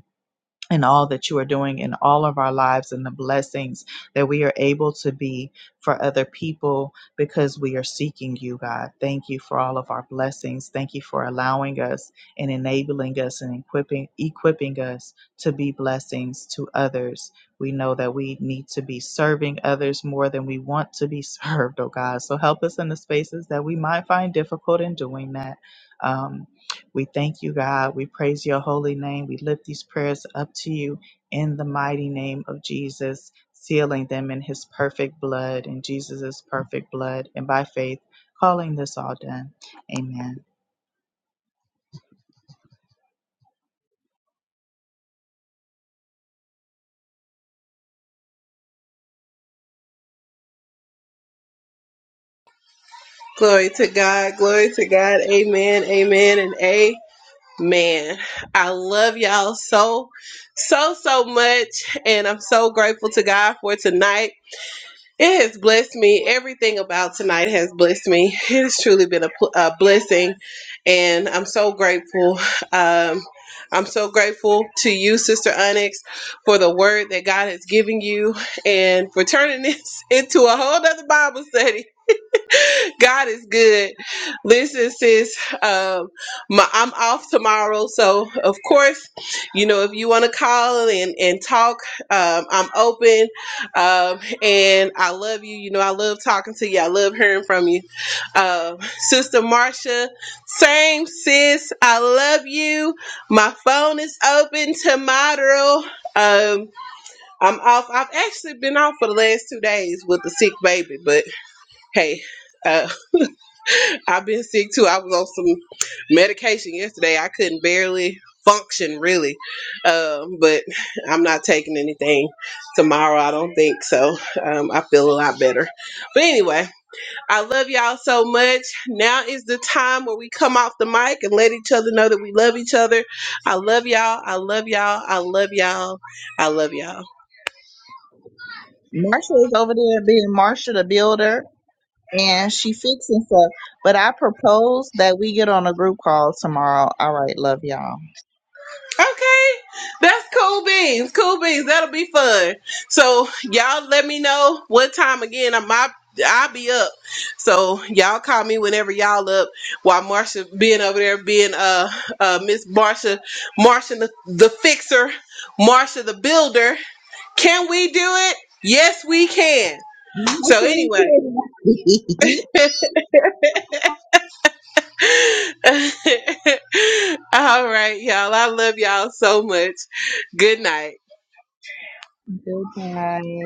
and all that you are doing in all of our lives and the blessings that we are able to be for other people because we are seeking you, God. Thank you for all of our blessings. Thank you for allowing us and enabling us and equipping equipping us to be blessings to others. We know that we need to be serving others more than we want to be served, oh God. So help us in the spaces that we might find difficult in doing that. Um, we thank you, God. We praise your holy name. We lift these prayers up to you in the mighty name of Jesus, sealing them in his perfect blood, in Jesus' perfect blood, and by faith, calling this all done. Amen.
Glory to God. Glory to God. Amen. Amen. And amen. I love y'all so, so, so much, and I'm so grateful to God for tonight. It has blessed me. Everything about tonight has blessed me. It has truly been a, pl- a blessing, and I'm so grateful. Um, I'm so grateful to you, Sister Onyx, for the word that God has given you and for turning this into a whole other Bible study. God is good. Listen, sis, um, my, I'm off tomorrow. So, of course, you know, if you want to call and, and talk, um, I'm open. Um, and I love you. You know, I love talking to you. I love hearing from you. Um, Sister Marcia, same sis. I love you. My phone is open tomorrow. Um, I'm off. I've actually been off for the last two days with the sick baby, but hey. uh, I've been sick too. I was on some medication yesterday. I couldn't barely function really, um, but I'm not taking anything tomorrow. I don't think so. Um, I feel a lot better. But anyway, I love y'all so much. Now is the time where we come off the mic and let each other know that we love each other. I love y'all. I love y'all. I love y'all. I love y'all.
Marsha is over there being Marsha the Builder. and she fixing stuff. But I propose that we get on a group call tomorrow. All right, love y'all.
Okay, that's cool beans. Cool beans. That'll be fun. So y'all let me know what time again. I'm I, I'll be up. So y'all call me whenever y'all up. While Marsha being over there being uh uh Miss Marsha, Marsha the, the fixer, Marsha the builder. Can we do it? Yes, we can.
That's
So
what
anyway, all right, y'all. I love y'all so much. Good night.
Goodbye.